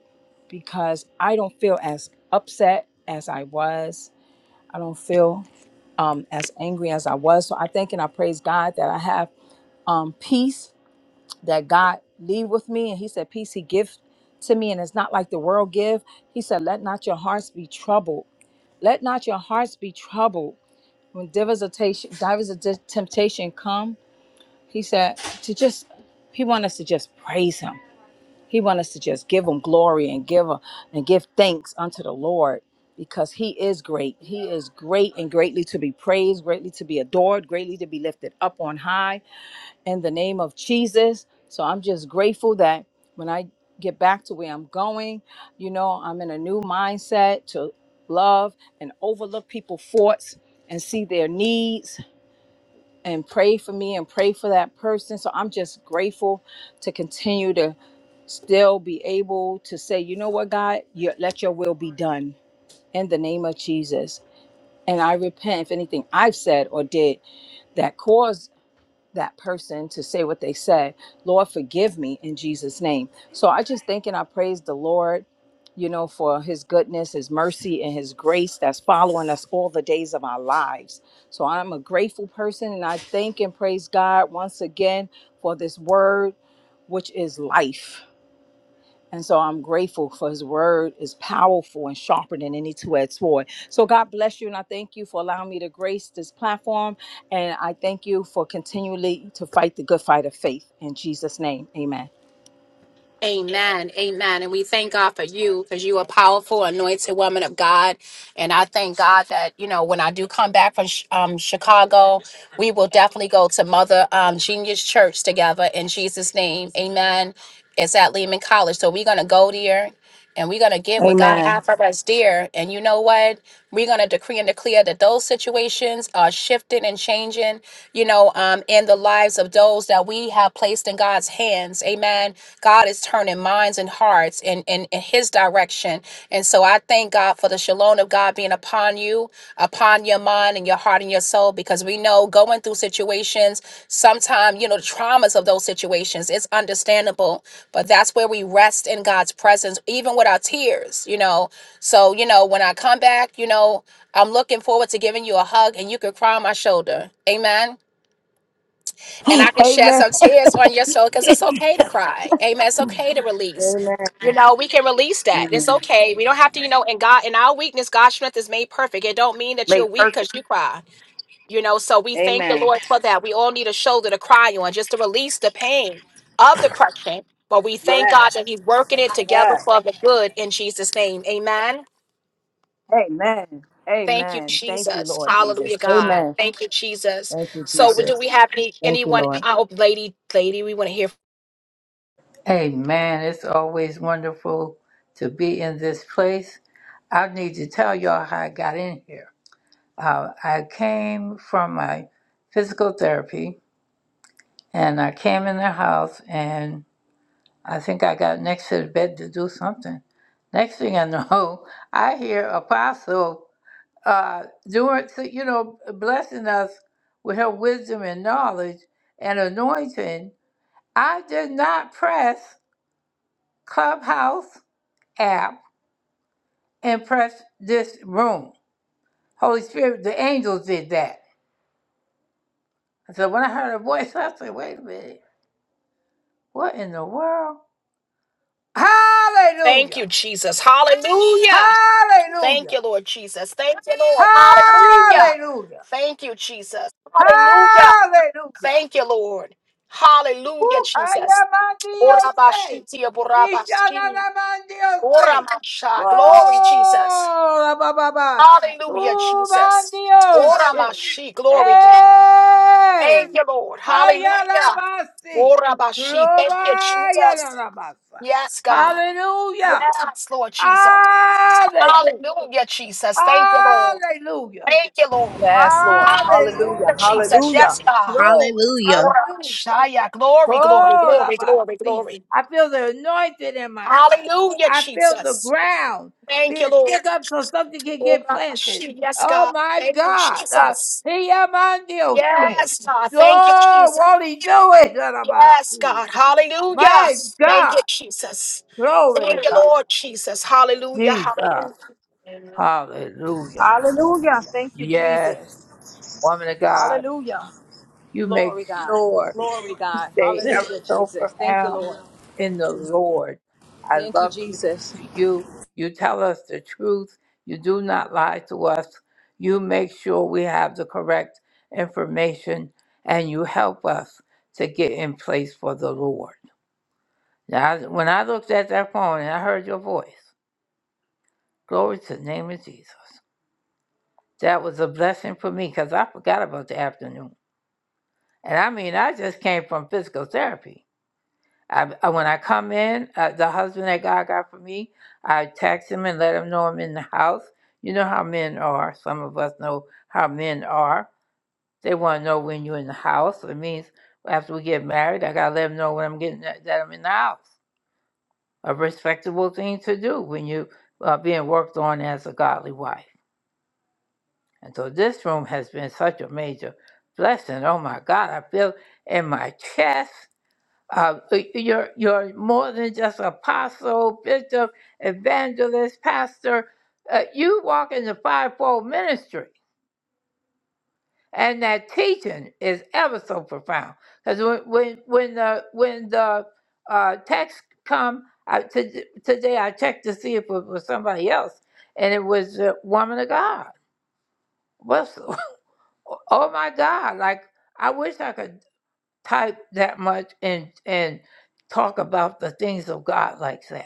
S2: because I don't feel as upset as I was. I don't feel um, as angry as I was. So I thank and I praise God that I have um, peace that God leave with me. And he said, peace he gives to me. And it's not like the world give. He said, let not your hearts be troubled. Let not your hearts be troubled when divers of temptation, divers of dis- temptation come, he said to just he want us to just praise him. He want us to just give him glory and give him and give thanks unto the Lord because he is great. He is great and greatly to be praised, greatly to be adored, greatly to be lifted up on high in the name of Jesus. So I'm just grateful that when I get back to where I'm going, you know, I'm in a new mindset to love and overlook people's faults and see their needs and pray for me and pray for that person. So I'm just grateful to continue to still be able to say, you know what, God, you, let your will be done in the name of Jesus. And I repent if anything I've said or did that caused that person to say what they said. Lord, forgive me in Jesus' name. So I just think and I praise the Lord, you know, for his goodness, his mercy, and his grace that's following us all the days of our lives. So I'm a grateful person and I thank and praise God once again for this word, which is life. And so I'm grateful for his word is powerful and sharper than any two-edged sword. So God bless you and I thank you for allowing me to grace this platform and I thank you for continually to fight the good fight of faith in Jesus name. Amen.
S1: Amen. Amen. And we thank God for you because you are powerful, anointed woman of God. And I thank God that, you know, when I do come back from Ch- um, Chicago, we will definitely go to Mother um, Genius Church together in Jesus' name. Amen. It's at Lehman College. So we're going to go there and we're going to get what God
S2: Amen.
S1: has for us there. And you know what? We're going to decree and declare that those situations are shifting and changing, you know, um, in the lives of those that we have placed in God's hands. Amen God is turning minds and hearts in, in, in his direction. And so I thank God for the shalom of God being upon you, upon your mind and your heart and your soul, because we know going through situations, sometimes, you know, the traumas of those situations, it's understandable, but that's where we rest in God's presence, even with our tears, you know. So, you know, when I come back, you know, I'm looking forward to giving you a hug and you can cry on my shoulder. Amen and I can shed
S2: Amen.
S1: some tears on your soul because it's okay to cry. Amen. It's okay to release.
S2: Amen.
S1: You know, we can release that. It's okay. We don't have to, you know, in God, in our weakness, God's strength is made perfect. It don't mean that
S2: Made
S1: you're weak because
S2: perfect.
S1: you cry. You know, so we thank the
S2: Amen.
S1: Lord for that. We all need a shoulder to cry on, just to release the pain of the crushing. But we thank
S2: Yes.
S1: God that He's working it together
S2: Yes.
S1: for the good in Jesus' name. Amen.
S2: Amen.
S1: Thank you,
S2: Amen. Thank you,
S1: Jesus.
S2: Lord Jesus.
S1: Hallelujah, God.
S2: Amen.
S1: Thank you, this.
S2: Thank you,
S1: So, with
S2: Jesus. Thank you, Lord.
S1: our lady, lady, we want to hear.
S3: Amen. It's always wonderful to be in this place. I need to tell y'all how I got in here. Uh, I came from my physical therapy and I came in the house and I think I got next to the bed to do something. Next thing I know, I hear Apostle uh, doing, so, you know, blessing us with her wisdom and knowledge and anointing. I did not press Clubhouse app and press this room. Holy Spirit, the angels did that. So when I heard her voice, I said, wait a minute, what in the world?
S1: Thank
S3: Hallelujah!
S1: you, Jesus. Hallelujah. Thank
S3: Hallelujah!
S1: you, Lord Jesus. Thank you, Lord. Hallelujah.
S3: Hallelujah!
S1: Thank you, Jesus. Hallelujah.
S3: Hallelujah!
S1: Thank you, Lord. Hallelujah, Jesus.
S3: Ayamandiose.
S1: Orabashitia borabashi.
S3: Rishananamandiose.
S1: Oramasha. Glory, Jesus.
S3: Oh, la ba ba ba.
S1: Hallelujah,
S3: Oh,
S1: Jesus.
S3: mandiose.
S1: Oramashi. Glory, God. Thank
S3: Hey.
S1: you, Lord. Hallelujah.
S3: Ayalabasi.
S1: Orabashi. Thank you, Jesus.
S3: Globayalalabasa.
S1: Yes, God.
S3: Hallelujah.
S1: Yes, Lord Jesus.
S3: Hallelujah.
S1: Hallelujah, Jesus. Thank you, Lord.
S3: Hallelujah.
S1: Thank you, Lord.
S2: Yes, Lord. Hallelujah.
S1: Hallelujah,
S3: Hallelujah.
S1: Jesus.
S2: Hallelujah.
S1: Yes, God.
S3: Glory.
S4: Hallelujah.
S3: Hallelujah.
S1: Shaya. Glory, glory,
S3: Oh, la,
S1: glory,
S3: ba,
S1: glory,
S3: see.
S1: glory.
S3: I feel the anointing in my feet.
S1: Hallelujah,
S3: I feel the
S1: Jesus.
S3: ground
S1: Thank you,
S3: being
S1: Lord.
S3: shook up so something can get
S1: Ora
S3: planted.
S1: shi- Yes,
S3: Oh
S1: God.
S3: my
S1: Thank you,
S3: God. Uh,
S1: Jesus.
S3: he am on the ocean.
S1: Yes, God. Thank you,
S3: Oh,
S1: Jesus.
S3: won't he do it? La, la, ba,
S1: Yes,
S3: si.
S1: God. Hallelujah.
S3: My
S1: Thank
S3: God.
S1: you, Jesus.
S3: Glory to
S1: Thank you,
S3: God.
S1: Lord Jesus. Hallelujah.
S3: Jesus.
S1: Hallelujah.
S3: Hallelujah.
S2: Hallelujah. Thank you,
S3: Yes.
S2: Jesus.
S3: Woman of God.
S2: Hallelujah.
S3: You make
S2: Glory, God.
S3: sure
S2: Glory,
S3: you
S2: God.
S3: stay ever
S2: Hallelujah,
S3: so
S2: Jesus. Thank you,
S3: profound
S2: Lord.
S3: in the Lord. I
S2: Thank you,
S3: love listening
S2: Jesus.
S3: to you. You tell us the truth. You do not lie to us. You make sure we have the correct information and you help us to get in place for the Lord. Now, when I looked at that phone and I heard your voice, glory to the name of Jesus. That was a blessing for me because I forgot about the afternoon. And I mean, I just came from physical therapy. I, I when I come in, uh, the husband that God got for me, I text him and let him know I'm in the house. You know how men are. Some of us know how men are. They want to know when you're in the house. It means after we get married, I gotta let them know when I'm getting that, that I'm in the house. A respectable thing to do when you are being worked on as a godly wife. And so this room has been such a major blessing. Oh my God, I feel in my chest. Uh, you're you're more than just apostle, bishop, evangelist, pastor. Uh, you walk in the fivefold ministry, and that teaching is ever so profound. Because when when when the when the uh, text come I, to, today, I checked to see if it was somebody else, and it was a woman of God. What's oh my God! Like I wish I could type that much and and talk about the things of God like that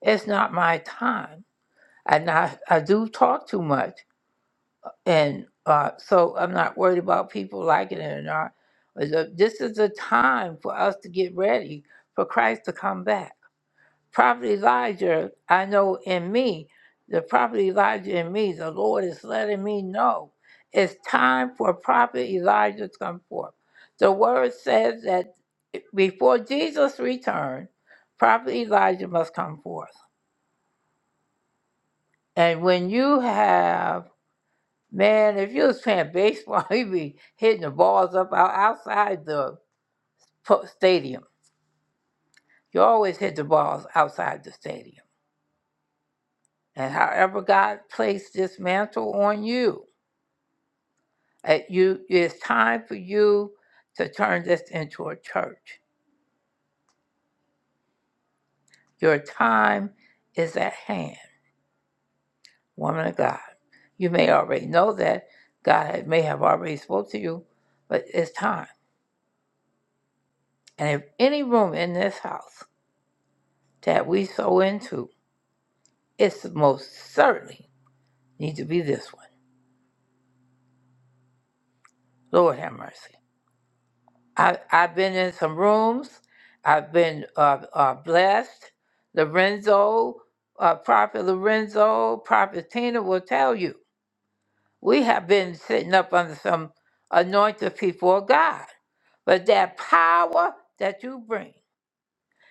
S3: It's not my time. And I, I do talk too much. And uh, so I'm not worried about people liking it or not. But the- This is the time for us to get ready for Christ to come back. Prophet Elijah, I know in me, the prophet Elijah in me, the Lord is letting me know it's time for prophet Elijah to come forth. The word says that before Jesus returned, prophet Elijah must come forth. And when you have, man, if you was playing baseball, you'd be hitting the balls up out, outside the po- stadium. You always hit the balls outside the stadium. And however God placed this mantle on you, uh, you it's time for you to turn this into a church. Your time is at hand, woman of God. You may already know that God may have already spoke to you, but it's time. And if any room in this house that we sow into, it's most certainly need to be this one. Lord have mercy. I, I've been in some rooms. I've been uh, uh, blessed. Lorenzo, uh, Prophet Lorenzo, Prophet Tina will tell you. We have been sitting up under some anointed people of God. But that power that you bring,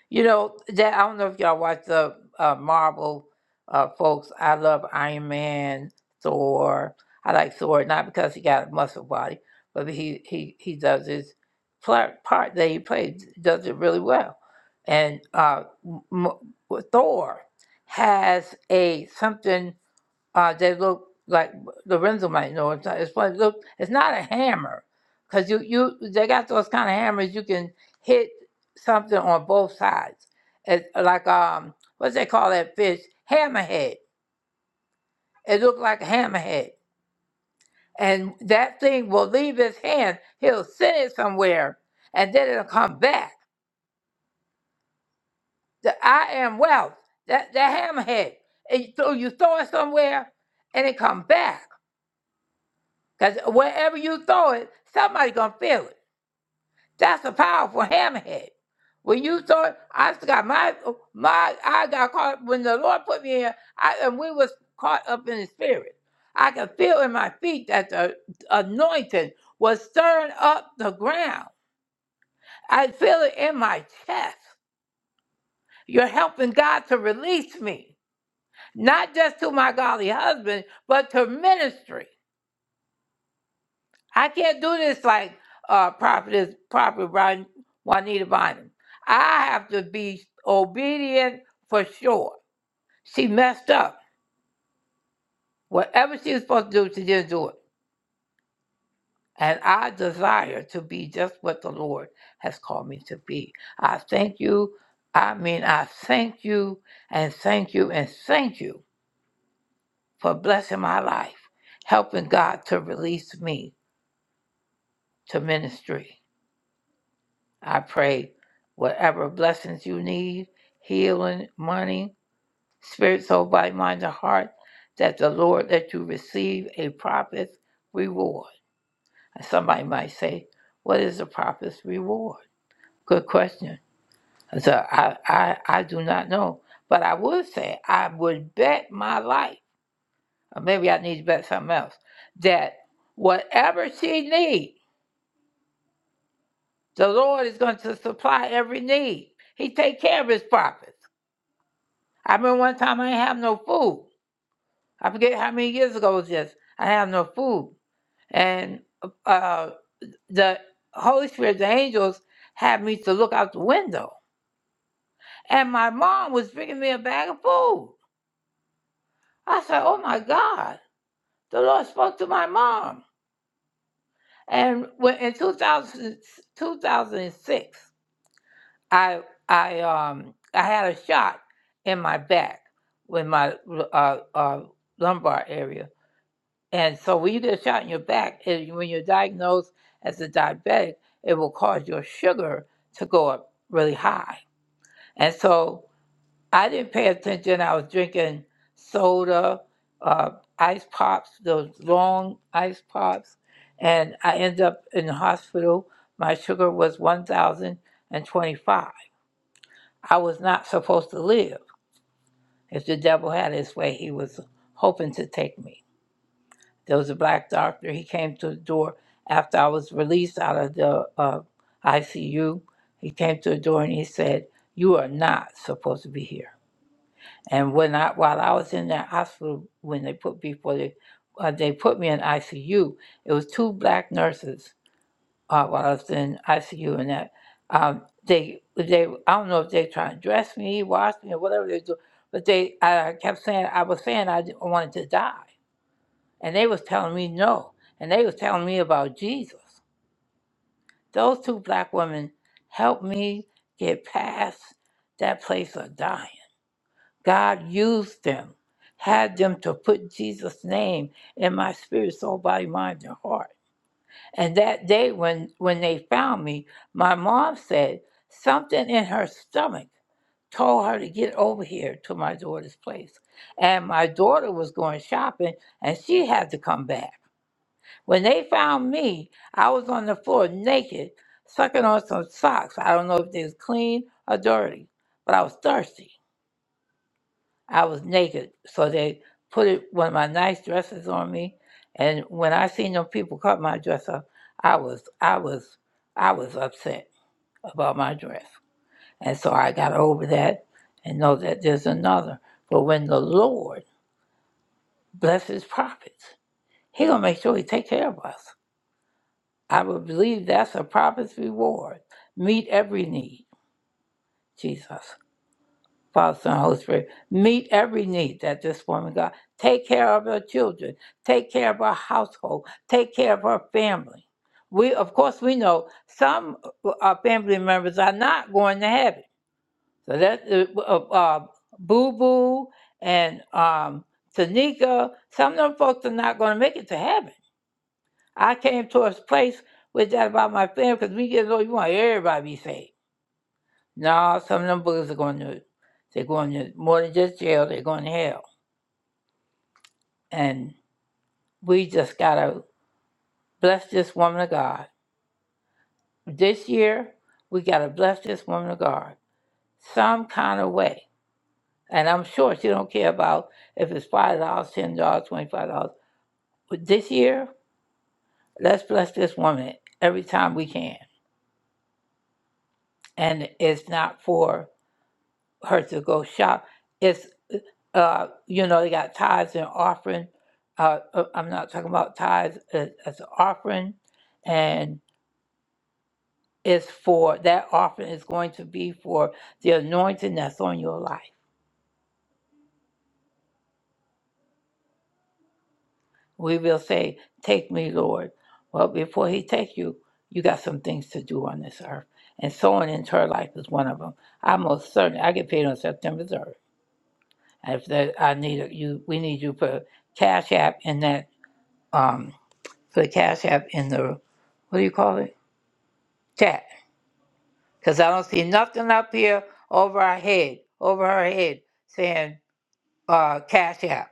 S3: You know, that, I don't know if y'all watch the uh, Marvel uh, folks. I love Iron Man, Thor. I like Thor not because he got a muscle body, but he he he does his pla- part that he plays does it really well. And uh, m- m- Thor has a something uh, they look like Lorenzo might know. It's, not, it's probably look. It's not a hammer, cause you you they got those kind of hammers you can hit something on both sides. It's like um, what they call that fish? Hammerhead. It looked like a hammerhead, and that thing will leave his hand. He'll send it somewhere, and then it'll come back. The I am wealth. That that hammerhead. And you throw you throw it somewhere, and it come back Because wherever you throw it, somebody gonna feel it. That's a powerful hammerhead. When you throw it, I just got my my I got caught when the Lord put me here, I and we was caught up in the spirit. I could feel in my feet that the anointing was stirring up the ground. I feel it in my chest. You're helping God to release me, not just to my godly husband, but to ministry. I can't do this like uh, prophetess, prophet Ron- Juanita Bynum. I have to be obedient for sure. She messed up. Whatever she was supposed to do, she didn't do it. And I desire to be just what the Lord has called me to be. I thank you. I mean, I thank you and thank you and thank you for blessing my life, helping God to release me to ministry. I pray whatever blessings you need, healing, money, spirit, soul, body, mind, and heart, that the Lord let you receive a prophet's reward. And somebody might say, What is a prophet's reward? Good question. So I, I, I do not know. But I would say, I would bet my life, or maybe I need to bet something else, that whatever she needs, the Lord is going to supply every need. He take care of his prophets. I remember one time I didn't have no food. I forget how many years ago it was this. I didn't have no food. And uh, the Holy Spirit, the angels, had me to look out the window. And my mom was bringing me a bag of food. I said, Oh my God, the Lord spoke to my mom. And when, in 2000 2006, I, I, um, I had a shot in my back with my uh, uh, lumbar area And so when you get a shot in your back, and when you're diagnosed as a diabetic, it will cause your sugar to go up really high. And so I didn't pay attention. I was drinking soda, uh, ice pops, those long ice pops, and I ended up in the hospital. My sugar was 1,025. I was not supposed to live. If the devil had his way, he was hoping to take me. There was a black doctor. He came to the door after I was released out of the uh, ICU. He came to the door and he said, "You are not supposed to be here." And when I while I was in that hospital, when they put before they uh, they put me in ICU, it was two black nurses uh, while I was in ICU, and that um, they they I don't know if they trying to dress me, wash me, or whatever they do, but they I kept saying I was saying I didn't- wanted to die and they was telling me no and they was telling me about jesus those two black women helped me get past that place of dying god used them had them to put jesus name in my spirit soul body mind and heart and that day when when they found me my mom said something in her stomach told her to get over here to my daughter's place and my daughter was going shopping and she had to come back When they found me, I was on the floor naked, sucking on some socks. I don't know if they was clean or dirty, but I was thirsty. I was naked, so they put it, one of my nice dresses on me. And when I seen them people cut my dress up, I was, I was, I was upset about my dress. And so I got over that and know that there's another. But when the Lord blesses prophets, He gonna make sure He take care of us. I would believe that's a prophet's reward. Meet every need, Jesus, Father, Son, Holy Spirit. Meet every need that this woman got. Take care of her children. Take care of her household. Take care of her family. We, of course, we know some uh, uh, family members are not going to heaven. So that uh, uh, uh, Boo Boo and um, Tanika, some of them folks are not going to make it to heaven I came to a place with that about my family because we get old, you want everybody to be safe. No, some of them boogers are going to, they're going to more than just jail, they're going to hell. And we just got to bless this woman of God. This year, we got to bless this woman of God some kind of way. And I'm sure she don't care about if it's $5, dollars, $10, dollars, $25. But this year, let's bless this woman every time we can. And it's not for her to go shop. It's uh, uh, you know, they got tithes and offering. Uh, uh, I'm not talking about tithes as, as an offering, and it's for that offering is going to be for the anointing that's on your life. We will say, "Take me, Lord." Well, before He take you, you got some things to do on this earth, and sowing into her life is one of them. I most certainly I get paid on September 3rd. And If there, I need you, we need you for Cash App in that. Um, for the Cash App in the, what do you call it? Chat. Because I don't see nothing up here over our head, over her head saying uh, Cash App.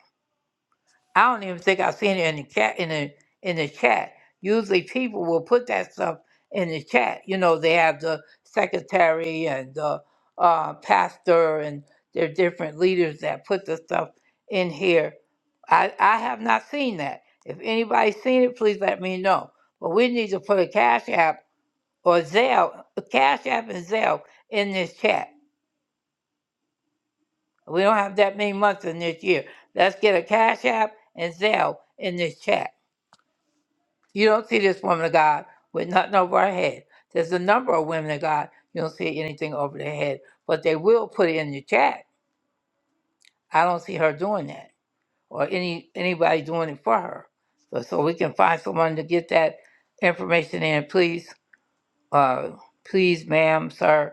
S3: I don't even think I've seen it in the cat in the in the chat. Usually people will put that stuff in the chat. You know, they have the secretary and the uh, pastor and their different leaders that put the stuff in here. I, I have not seen that. If anybody's seen it, please let me know. But we need to put a cash app or Zelle, Cash App and Zelle in this chat. We don't have that many months in this year. Let's get a Cash App and Zelle in this chat. You don't see this woman of God with nothing over her head. There's a number of women of God, you don't see anything over their head, but they will put it in the chat. I don't see her doing that or any anybody doing it for her. So, so we can find someone to get that information in, please. Uh, please, ma'am, sir.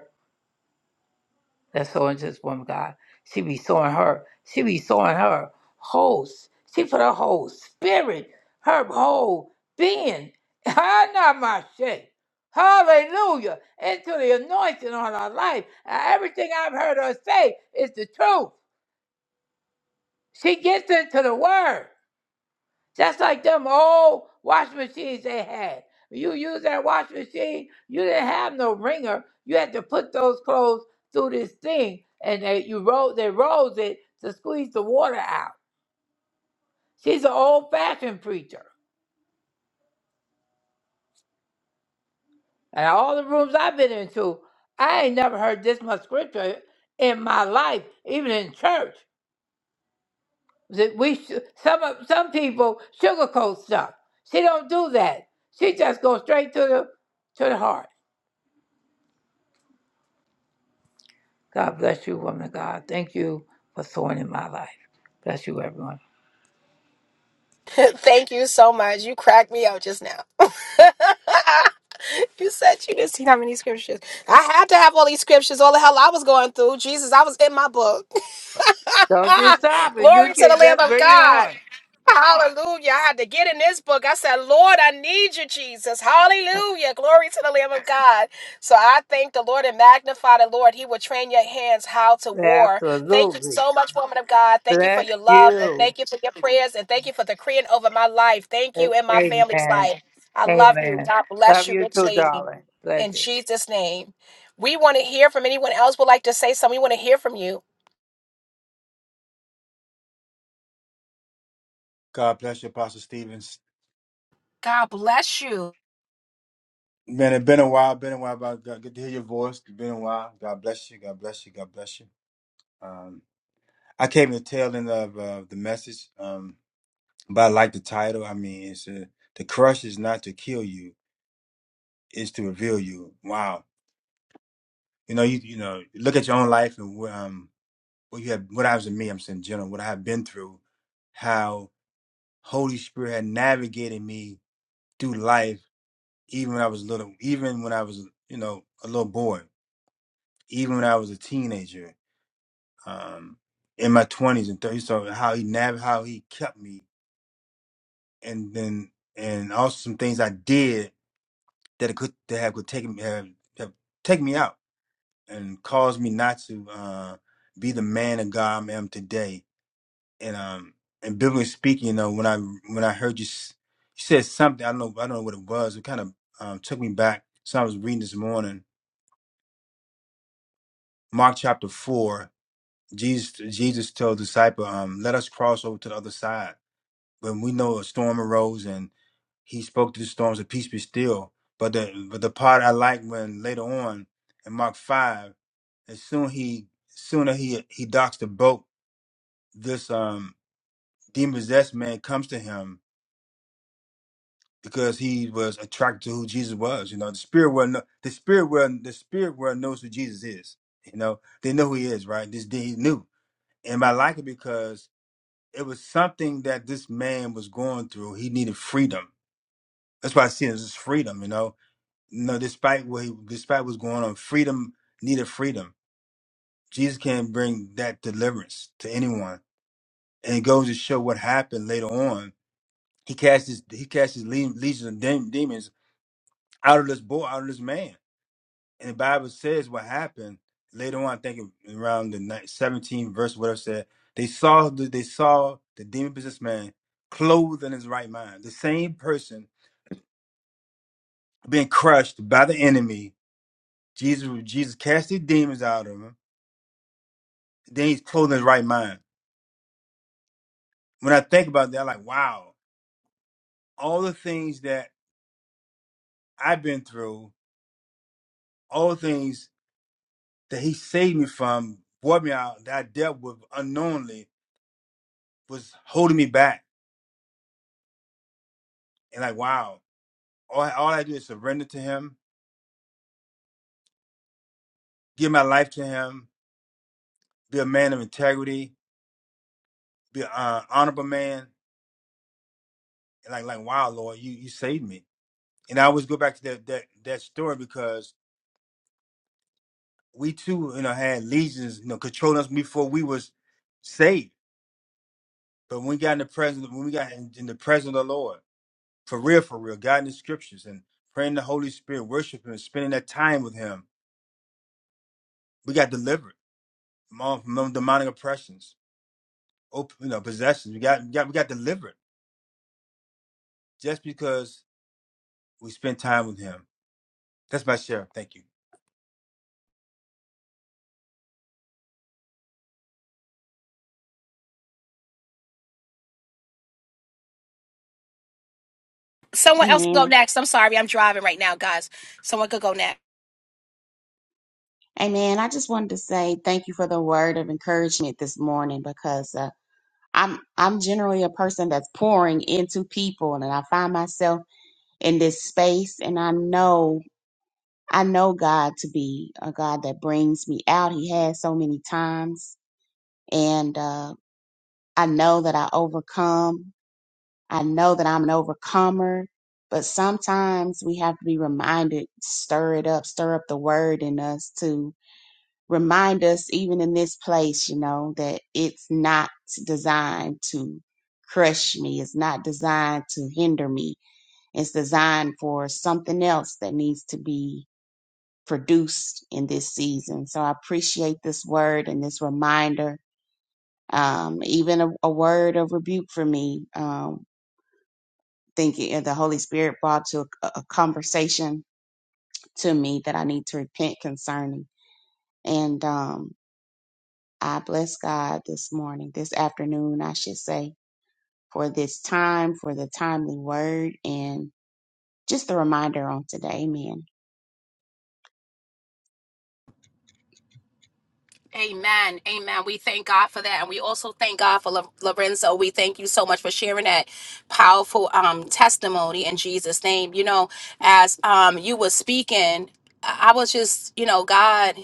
S3: that's sowing to this woman, God. She be sowing her. She be sowing her whole. s- She put her whole spirit, her whole being. not my shit. Hallelujah. Into the anointing on her life. And Everything I've heard her say is the truth. She gets into the word. Just like them old washing machines they had. You use that washing machine, you didn't have no wringer. You had to put those clothes through this thing and they you roll they rolls it to squeeze the water out. She's an old fashioned preacher. And all the rooms I've been into, I ain't never heard this much scripture in my life, even in church. That we sh- some of some people sugarcoat stuff. She don't do that. She just goes straight to the to the heart. God bless you, woman of God. Thank you for sowing in my life. Bless you, everyone.
S1: Thank you so much. You cracked me out just now. You said you didn't see how many scriptures. I had to have all these scriptures, all the hell I was going through. Jesus, I was in my book.
S3: Don't you stop. it, you
S1: Glory to
S3: can
S1: the Lamb
S3: just
S1: of
S3: bring it
S1: God.
S3: on.
S1: Hallelujah. I had to get in this book. I said, Lord, I need you, Jesus. Hallelujah. Glory to the Lamb of God. So I thank the Lord and magnify the Lord. He will train your hands how to war. Thank you
S3: Absolutely.
S1: so much, woman of God. Thank you for
S3: Bless
S1: your love and
S3: you.
S1: thank you for your prayers and thank you for decreeing over my life. Thank
S3: A-
S1: you and my family's
S3: Amen.
S1: life. I love you.
S3: Amen.
S1: God bless
S3: Love
S1: you
S3: you too,
S1: richly.
S3: darling. Bless
S1: In
S3: you.
S1: Jesus' name. We want to hear from anyone else would like to say something. We want to hear from you.
S5: God bless you, Apostle Stevens.
S1: God.
S5: Man, it's been a while. Been a while. But God- good to hear your voice. It's been a while. God bless you. God bless you. God bless you. Um, I came to the tail end of uh, the message, um, but I like the title. I mean, it's uh the crush is not to kill you; it's to reveal you. Wow. You know, you you know, look at your own life and what, um, what you have, what I was in me. I'm saying, in general, what I have been through, how Holy Spirit had navigated me through life, even when I was little, even when I was, you know, a little boy even when I was a teenager, um, in my twenties and thirties. So how he nav, how he kept me, and then and also some things I did that it could that have could take me have, have take me out and caused me not to uh, be the man of God I am today. And um, and biblically speaking, you know, when I when I heard you, s- you said something, I don't know I don't know what it was. It kind of um, took me back. So I was reading this morning, Mark chapter four. Jesus Jesus told the disciple, um, let us cross over to the other side. When we know a storm arose and he spoke to the storms of peace be still. But the but the part I like when later on in Mark five, as soon he sooner he he docks the boat, this um demon possessed man comes to him because he was attracted to who Jesus was. You know, the spirit world kno- the spirit world the spirit world knows who Jesus is. You know, they know who he is, right? This day he knew. And I like it because it was something that this man was going through. He needed freedom. That's why I see it as freedom, you know. You know, despite what he despite what's going on, freedom needed freedom. Jesus can not bring that deliverance to anyone. And it goes to show what happened later on. He cast his he cast his le- legions of dem- demons out of this boy, out of this man. and the Bible says what happened later on. I think around the ni- 17 verse, whatever said they saw the, they saw the demon businessman clothed in his right mind, the same person being crushed by the enemy. Jesus Jesus cast these demons out of him. Then he's clothed in his right mind. When I think about that, I'm like, wow, all the things that I've been through, all the things that he saved me from, brought me out, that I dealt with unknowingly, was holding me back. And like, wow. all I, all I do is surrender to Him, give my life to Him, be a man of integrity, be an uh, honorable man. And like, like, wow, Lord, you you saved me. And I always go back to that that that story because we too, you know, had legions, you know, controlling us before we was saved. But when we got in the presence, when we got in, in the presence of the Lord, for real, for real, God in the Scriptures and praying the Holy Spirit, worshiping, spending that time with Him, we got delivered from all from them demonic oppressions, op- you know, possessions. We got, we got we got delivered just because we spent time with him. That's my share. Thank you.
S1: Someone else can go
S4: Amen.
S1: next. I'm sorry, I'm driving right now, guys. Someone could go next.
S4: Amen. I just wanted to say thank you for the word of encouragement this morning because uh, I'm I'm generally a person that's pouring into people and I find myself in this space and I know I know God to be a God that brings me out. He has so many times and uh, I know that I overcome. I know that I'm an overcomer. But sometimes we have to be reminded, stir it up, stir up the word in us to. remind us even in this place, you know, that it's not designed to crush me. It's not designed to hinder me. It's designed for something else that needs to be produced in this season. So I appreciate this word and this reminder, um, even a, a word of rebuke for me. Um, thinking and the Holy Spirit brought to a, a conversation to me that I need to repent concerning. And, um, I bless God this morning, this afternoon, I should say, for this time, for the timely word, and just the reminder on today. Amen.
S1: Amen. Amen. We thank God for that. And we also thank God for Lo- Lorenzo. We thank you so much for sharing that powerful um, testimony in Jesus' name. You know, as um, you were speaking, I I was just, you know, God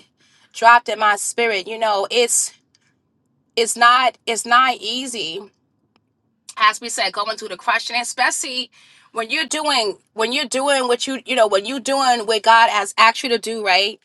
S1: dropped in my spirit. You know, it's it's not it's not easy. As we said, going through the crushing, especially when you're doing when you're doing what you you know when you're doing what God has asked you to do, right?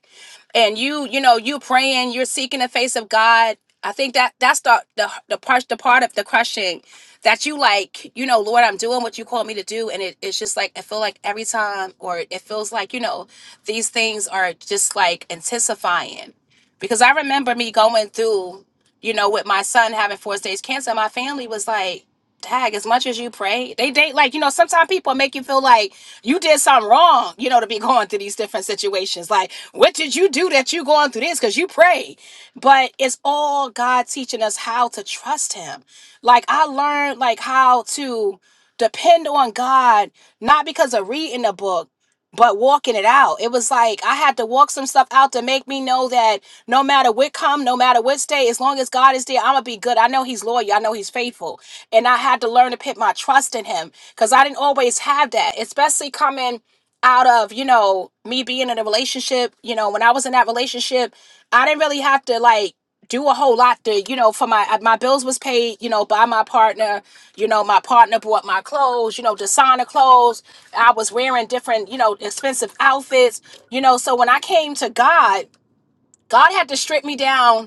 S1: and you you know you praying you're seeking the face of god i think that that's the the, the part the part of the crushing that you like you know lord i'm doing what you called me to do and it, it's just like i feel like every time or it feels like you know these things are just like intensifying because i remember me going through you know with my son having four stage cancer my family was like tag as much as you pray they date like you know sometimes people make you feel like you did something wrong you know to be going through these different situations like what did you do that you going through this because you pray but it's all god teaching us how to trust him like i learned like how to depend on god not because of reading a book but walking it out it was like i had to walk some stuff out to make me know that no matter what come no matter what stay as long as god is there i'm gonna be good i know he's loyal i know he's faithful and I had to learn to put my trust in him because I didn't always have that, especially coming out of you know me being in a relationship. You know, when I was in that relationship, I didn't really have to like do a whole lot to you know for my uh, my bills was paid you know by my partner you know my partner bought my clothes you know designer clothes i was wearing different you know expensive outfits you know so when i came to god god had to strip me down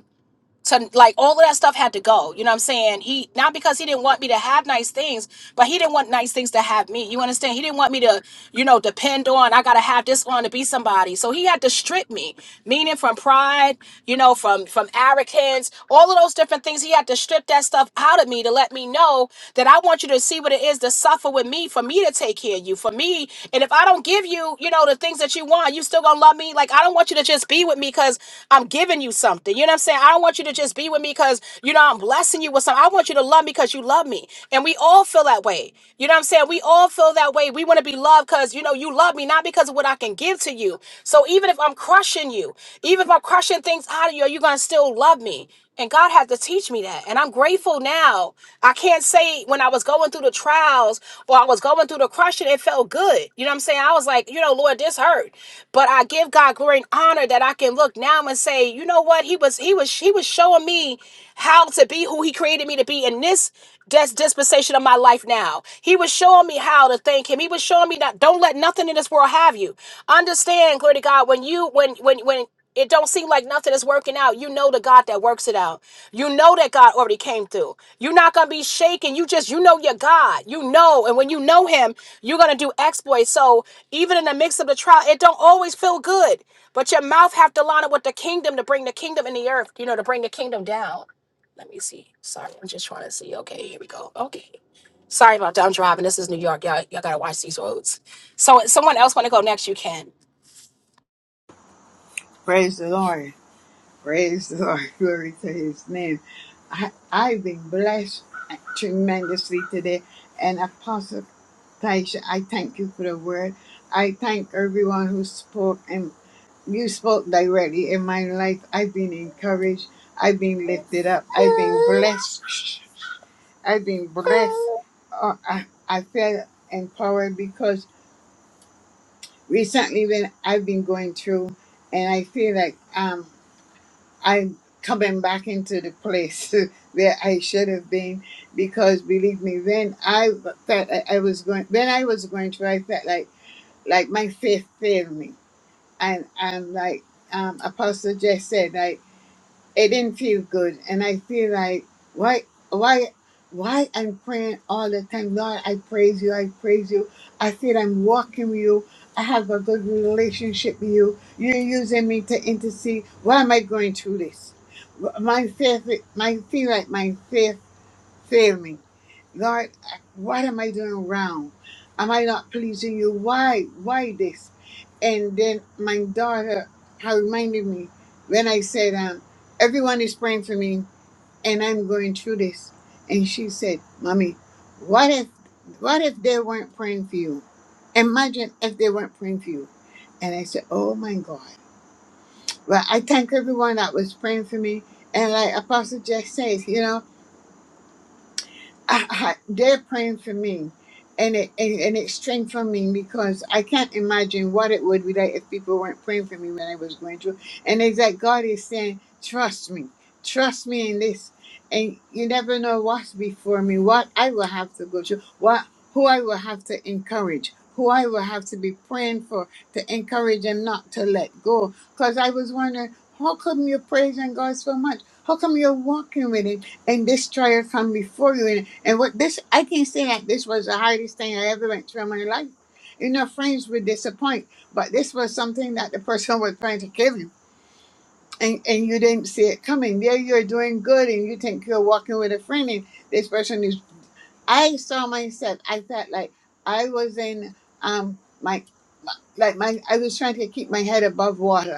S1: to like all of that stuff had to go. You know what I'm saying? He not because he didn't want me to have nice things, but he didn't want nice things to have me. You understand? He didn't want me to, you know, depend on I gotta have this on to be somebody. So he had to strip me, meaning from pride, you know, from from arrogance, all of those different things. He had to strip that stuff out of me to let me know that I want you to see what it is to suffer with me for me to take care of you, for me. And if I don't give you, you know, the things that you want, you still gonna love me. Like I don't want you to just be with me because I'm giving you something something. You know what I'm saying? I don't want you to just be with me because, you know, I'm blessing you with something. I want you to love me because you love me. And we all feel that way. You know what I'm saying? We all feel that way. We want to be loved because, you know, you love me, not because of what I can give to you. So even if I'm crushing you, even if I'm crushing things out of you, are you going to still love me? And God had to teach me that. And I'm grateful now. I can't say when I was going through the trials or I was going through the crushing, it felt good. You know what I'm saying? I was like, you know, Lord, this hurt. But I give God glory and honor that I can look now and say, you know what? He was, he was, he was showing me how to be who he created me to be in this dis- dispensation of my life now. He was showing me how to thank him. He was showing me that don't let nothing in this world have you. Understand, glory to God, when you, when, when, when, it don't seem like nothing is working out, you know the God that works it out. You know that God already came through. You're not gonna be shaken. You just you know your God. You know, and when you know Him, you're gonna do exploits. So even in the mix of the trial, it don't always feel good. But your mouth have to line up with the kingdom to bring the kingdom in the earth. You know, to bring the kingdom down. Let me see. Sorry, I'm just trying to see. Okay, here we go. Okay, sorry about that. I'm driving. This is New York. Y'all, y'all gotta watch these roads. So, if someone else want to go next? You can.
S6: Praise the Lord. Praise the Lord. Glory to his name. I, I've been blessed tremendously today. And Apostle Taisha, I thank you for the word. I thank everyone who spoke and you spoke directly in my life. I've been encouraged. I've been lifted up. I've been blessed. I've been blessed. Oh, I, I feel empowered because recently when I've been going through and I feel like um. I'm coming back into the place where I should have been because believe me, when I felt like I was going, when I was going through, I felt like like my faith failed me, and and like um, Apostle just said, like it didn't feel good and i feel like why why why i'm praying all the time lord i praise you i praise you i feel i'm walking with you i have a good relationship with you you're using me to intercede why am i going through this my faith my feel like my faith failed me Lord, what am I doing wrong? Am I not pleasing you? Why? Why this? And then my daughter had reminded me when I said, um, everyone is praying for me and I'm going through this. And she said, Mommy, what if what if they weren't praying for you? Imagine if they weren't praying for you. And I said, Oh my God. Well, I thank everyone that was praying for me. And like Apostle Jeff says, you know. I, I, they're praying for me, and it and, and it's strengthening me because I can't imagine what it would be like if people weren't praying for me when I was going through. And it's like God is saying, "Trust me, trust me in this." And you never know what's before me, what I will have to go through, what who I will have to encourage, who I will have to be praying for to encourage them not to let go. Because I was wondering, how come you're praising God so much? How come you're walking with Him? and this trial come before you. And, and what this, I can say that this was the hardest thing I ever went through in my life. You know, friends would disappoint, but this was something that the person was trying to give you. And, and you didn't see it coming. There you're doing good and you think you're walking with a friend and this person is I saw myself, I felt like I was in um my like my I was trying to keep my head above water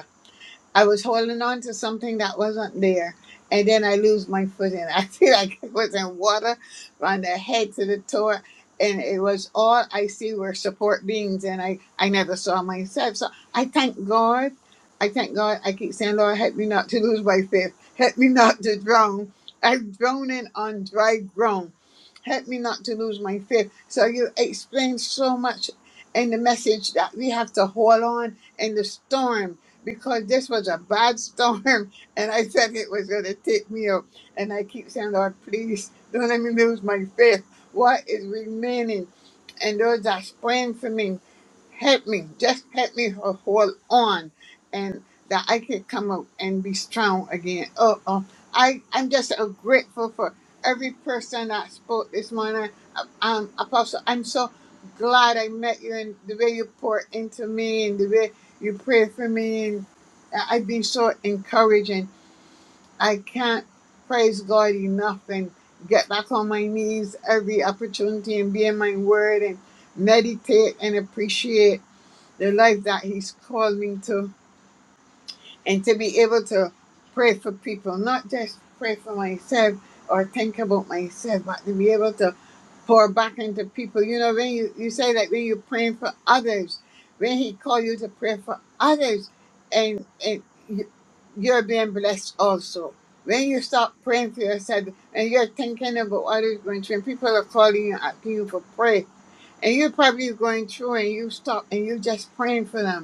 S6: I was holding on to something that wasn't there, and then I lose my footing. I feel like I was in water from the head to the toe, and it was all I see were support beams, and I I never saw myself. So I thank God. I thank God. I keep saying, Lord, help me not to lose my faith. Help me not to drown. I'm drowning on dry ground. Help me not to lose my faith. So you explained so much in the message that we have to hold on in the storm because this was a bad storm and I said it was going to take me out. And I keep saying, Lord, please don't let me lose my faith. What is remaining? And those that's praying for me, help me. Just help me to hold on and that I can come out and be strong again. Oh, oh. I, I'm just so grateful for every person that spoke this morning. Um, um, Apostle, I'm so glad I met you and the way you poured into me and the way you pray for me and I've been so encouraged and I can't praise God enough and get back on my knees every opportunity and be in my word and meditate and appreciate the life that he's called me to and to be able to pray for people, not just pray for myself or think about myself, but to be able to pour back into people. You know, when you, you say that when you're praying for others, when he called you to pray for others, and, and you- you're being blessed also. When you stop praying for yourself and you're thinking about others going through, and people are calling you, asking you for prayer, and you're probably going through and you stop and you're just praying for them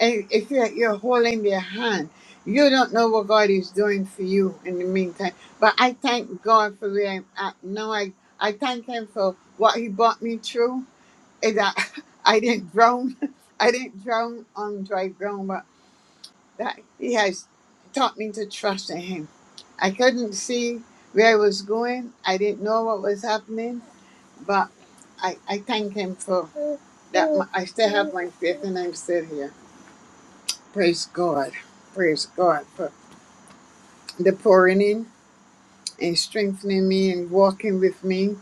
S6: and it's like you're holding their hand. You don't know what God is doing for you in the meantime. But I thank God for where I'm at now. I, I thank Him for what He brought me through. And that I didn't drown. I didn't drown on dry ground, but that He has taught me to trust in Him. I couldn't see where I was going. I didn't know what was happening. But I, I thank Him for that. my- I still have my faith and I'm still here. Praise God. Praise God for the pouring in and strengthening me and walking with me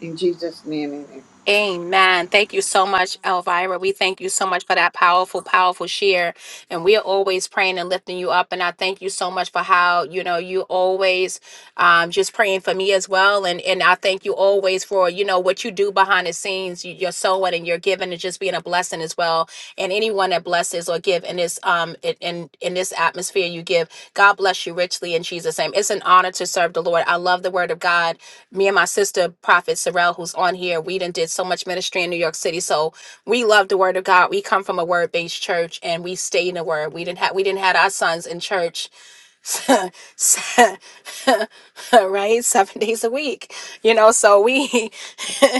S6: in Jesus' name. Amen.
S1: Amen. Thank you so much, Elvira. We thank you so much for that powerful, powerful share. And we are always praying and lifting you up. And I thank you so much for how, you know, you always um, just praying for me as well. And and I thank you always for, you know, what you do behind the scenes, you, your sowing and your giving and just being a blessing as well. And anyone that blesses or give in this um in, in in this atmosphere you give, God bless you richly in Jesus' name. It's an honor to serve the Lord. I love the word of God me and my sister prophet sorrel who's on here we done did so much ministry in new york city so we love the word of god we come from a word-based church and we stay in the word we didn't have we didn't had our sons in church right seven days a week you know so we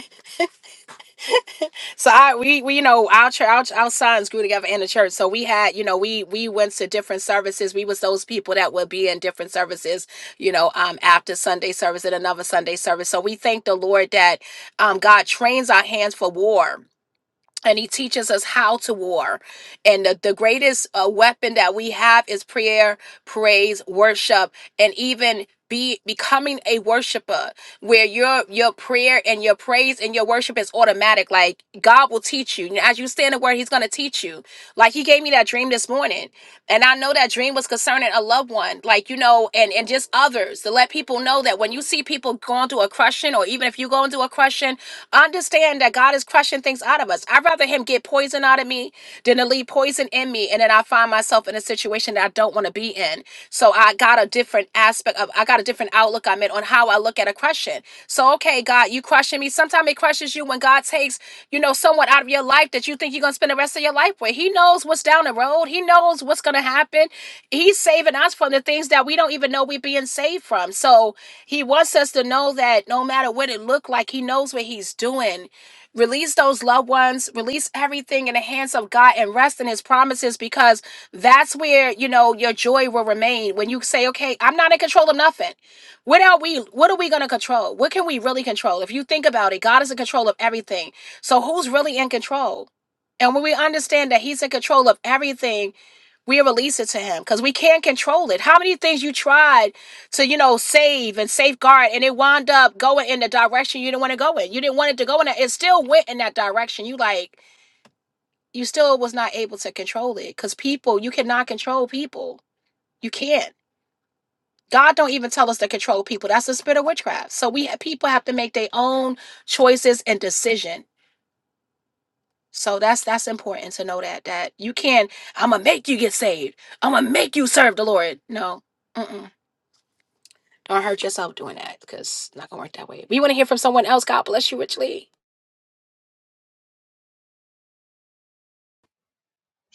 S1: So I we, we you know our church our, our sons grew together in the church. So we had you know we we went to different services. We was those people that would be in different services. You know, um, after Sunday service and another Sunday service. So we thank the Lord that um God trains our hands for war and he teaches us how to war and the, the greatest uh, weapon that we have is prayer praise worship and even be becoming a worshiper where your your prayer and your praise and your worship is automatic like god will teach you And as you stand in the word he's going to teach you like he gave me that dream this morning and i know that dream was concerning a loved one like you know and and just others to let people know that when you see people going through a crushing or even if you go into a crushing Understand that God is crushing things out of us. I'd rather Him get poison out of me than to leave poison in me, and then I find myself in a situation that I don't want to be in. So I got a different aspect of, I got a different outlook I'm on how I look at a crushing. So okay, God, you crushing me. Sometimes it crushes you when God takes, you know, someone out of your life that you think you're gonna spend the rest of your life with. He knows what's down the road. He knows what's gonna happen. He's saving us from the things that we don't even know we're being saved from. So he wants us to know that no matter what it looked like, He knows what He's doing. Release those loved ones, release everything in the hands of God and rest in His promises because that's where, you know, your joy will remain. When you say, okay, I'm not in control of nothing. What are we, what are we going to control? What can we really control? If you think about it, God is in control of everything. So who's really in control? And when we understand that He's in control of everything, we release it to him because we can't control it. How many things you tried? to you know save and safeguard and it wound up going in the direction you didn't want to go in you didn't want it to go in that it still went in that direction you like you still was not able to control it because people you cannot control people you can't god don't even tell us to control people that's the spirit of witchcraft so we people have to make their own choices and decision so that's that's important to know that that you can't i'm gonna make you get saved i'm gonna make you serve the lord no Mm-mm. Don't hurt yourself doing that because it's not going to work that way. We want to hear from someone else. God bless you richly.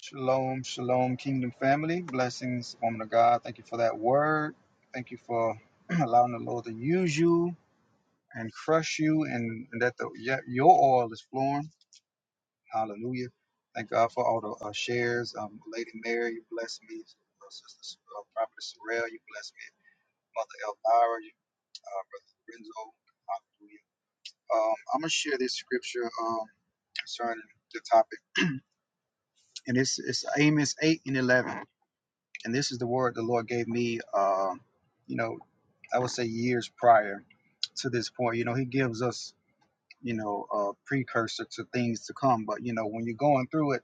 S7: Shalom, shalom, kingdom family. Blessings, woman of God. Thank you for that word. Thank you for allowing the Lord to use you and crush you and, and that the, yeah, your oil is flowing. Hallelujah. Thank God for all the uh, shares. Um, Lady Mary, you bless me. Uh, Sister uh, Prophet Sorrell, you bless me. Mother Elvira, you, uh, Brother Renzo. Hallelujah. Um, I'm going to share this scripture um, concerning the topic. And it's, it's Amos 8 and 11. And this is the word the Lord gave me, uh, you know, I would say years prior to this point. You know, He gives us, you know, a precursor to things to come. But, you know, when you're going through it,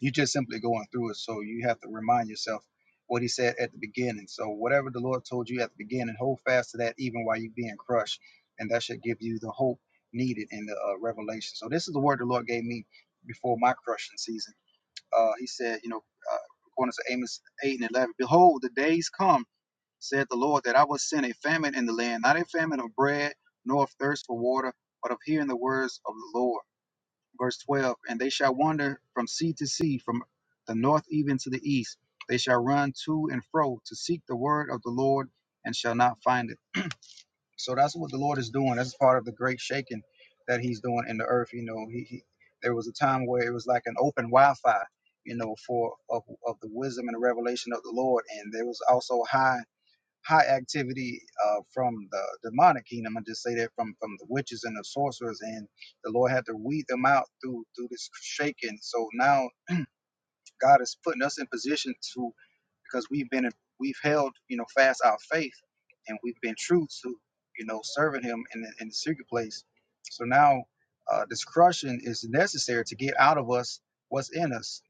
S7: you're just simply going through it. So you have to remind yourself what He said at the beginning. So whatever the Lord told you at the beginning, hold fast to that even while you're being crushed. And that should give you the hope needed in the uh, revelation. So this is the word the Lord gave me before my crushing season. Uh, he said, you know, uh, according to Amos 8 and 11, Behold, the days come, said the Lord, that I will send a famine in the land, not a famine of bread, nor of thirst for water, but of hearing the words of the Lord. Verse 12, And they shall wander from sea to sea, from the north even to the east. They shall run to and fro to seek the word of the Lord, and shall not find it so that's what the Lord is doing. That's part of the great shaking that He's doing in the earth. You know, He, he there was a time where it was like an open Wi-Fi, you know, for of, of the wisdom and the revelation of the Lord, and there was also high high activity uh, from the demonic kingdom. I just say that from from the witches and the sorcerers, and the Lord had to weed them out through through this shaking. So now God is putting us in position to because we've been we've held you know fast our faith and we've been true to you know serving him in the, in the secret place so now uh, this crushing is necessary to get out of us what's in us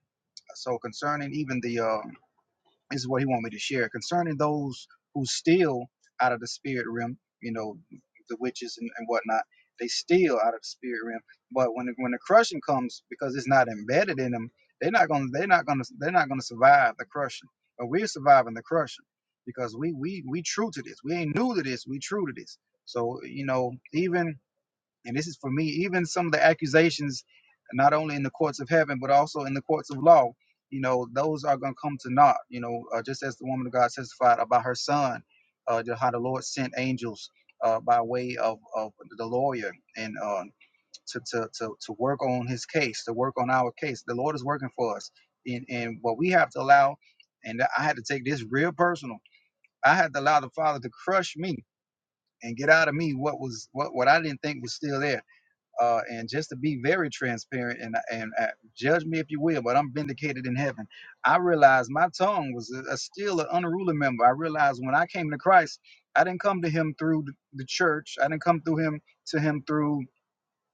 S7: so concerning even the uh, this is what he want me to share concerning those who steal out of the spirit realm. You know, the witches and, and whatnot. They steal out of the spirit realm, but when when the crushing comes, because it's not embedded in them, they're not gonna they're not gonna they're not gonna survive the crushing. But we're surviving the crushing because we we we true to this. We ain't new to this. We true to this. So you know, even and this is for me, even some of the accusations, not only in the courts of heaven, but also in the courts of law, you know, those are going to come to naught, you know, uh, just as the woman of God testified about her son, uh, to how the Lord sent angels uh, by way of, of the lawyer and uh, to, to, to, to work on his case, to work on our case. The Lord is working for us. And, and what we have to allow, and I had to take this real personal, I had to allow the Father to crush me and get out of me what was what, what I didn't think was still there uh, and just to be very transparent and and uh, judge me if you will, but I'm vindicated in heaven. I realized my tongue was a, a still an unruly member. I realized when I came to Christ, I didn't come to Him through the the church. I didn't come through Him to Him through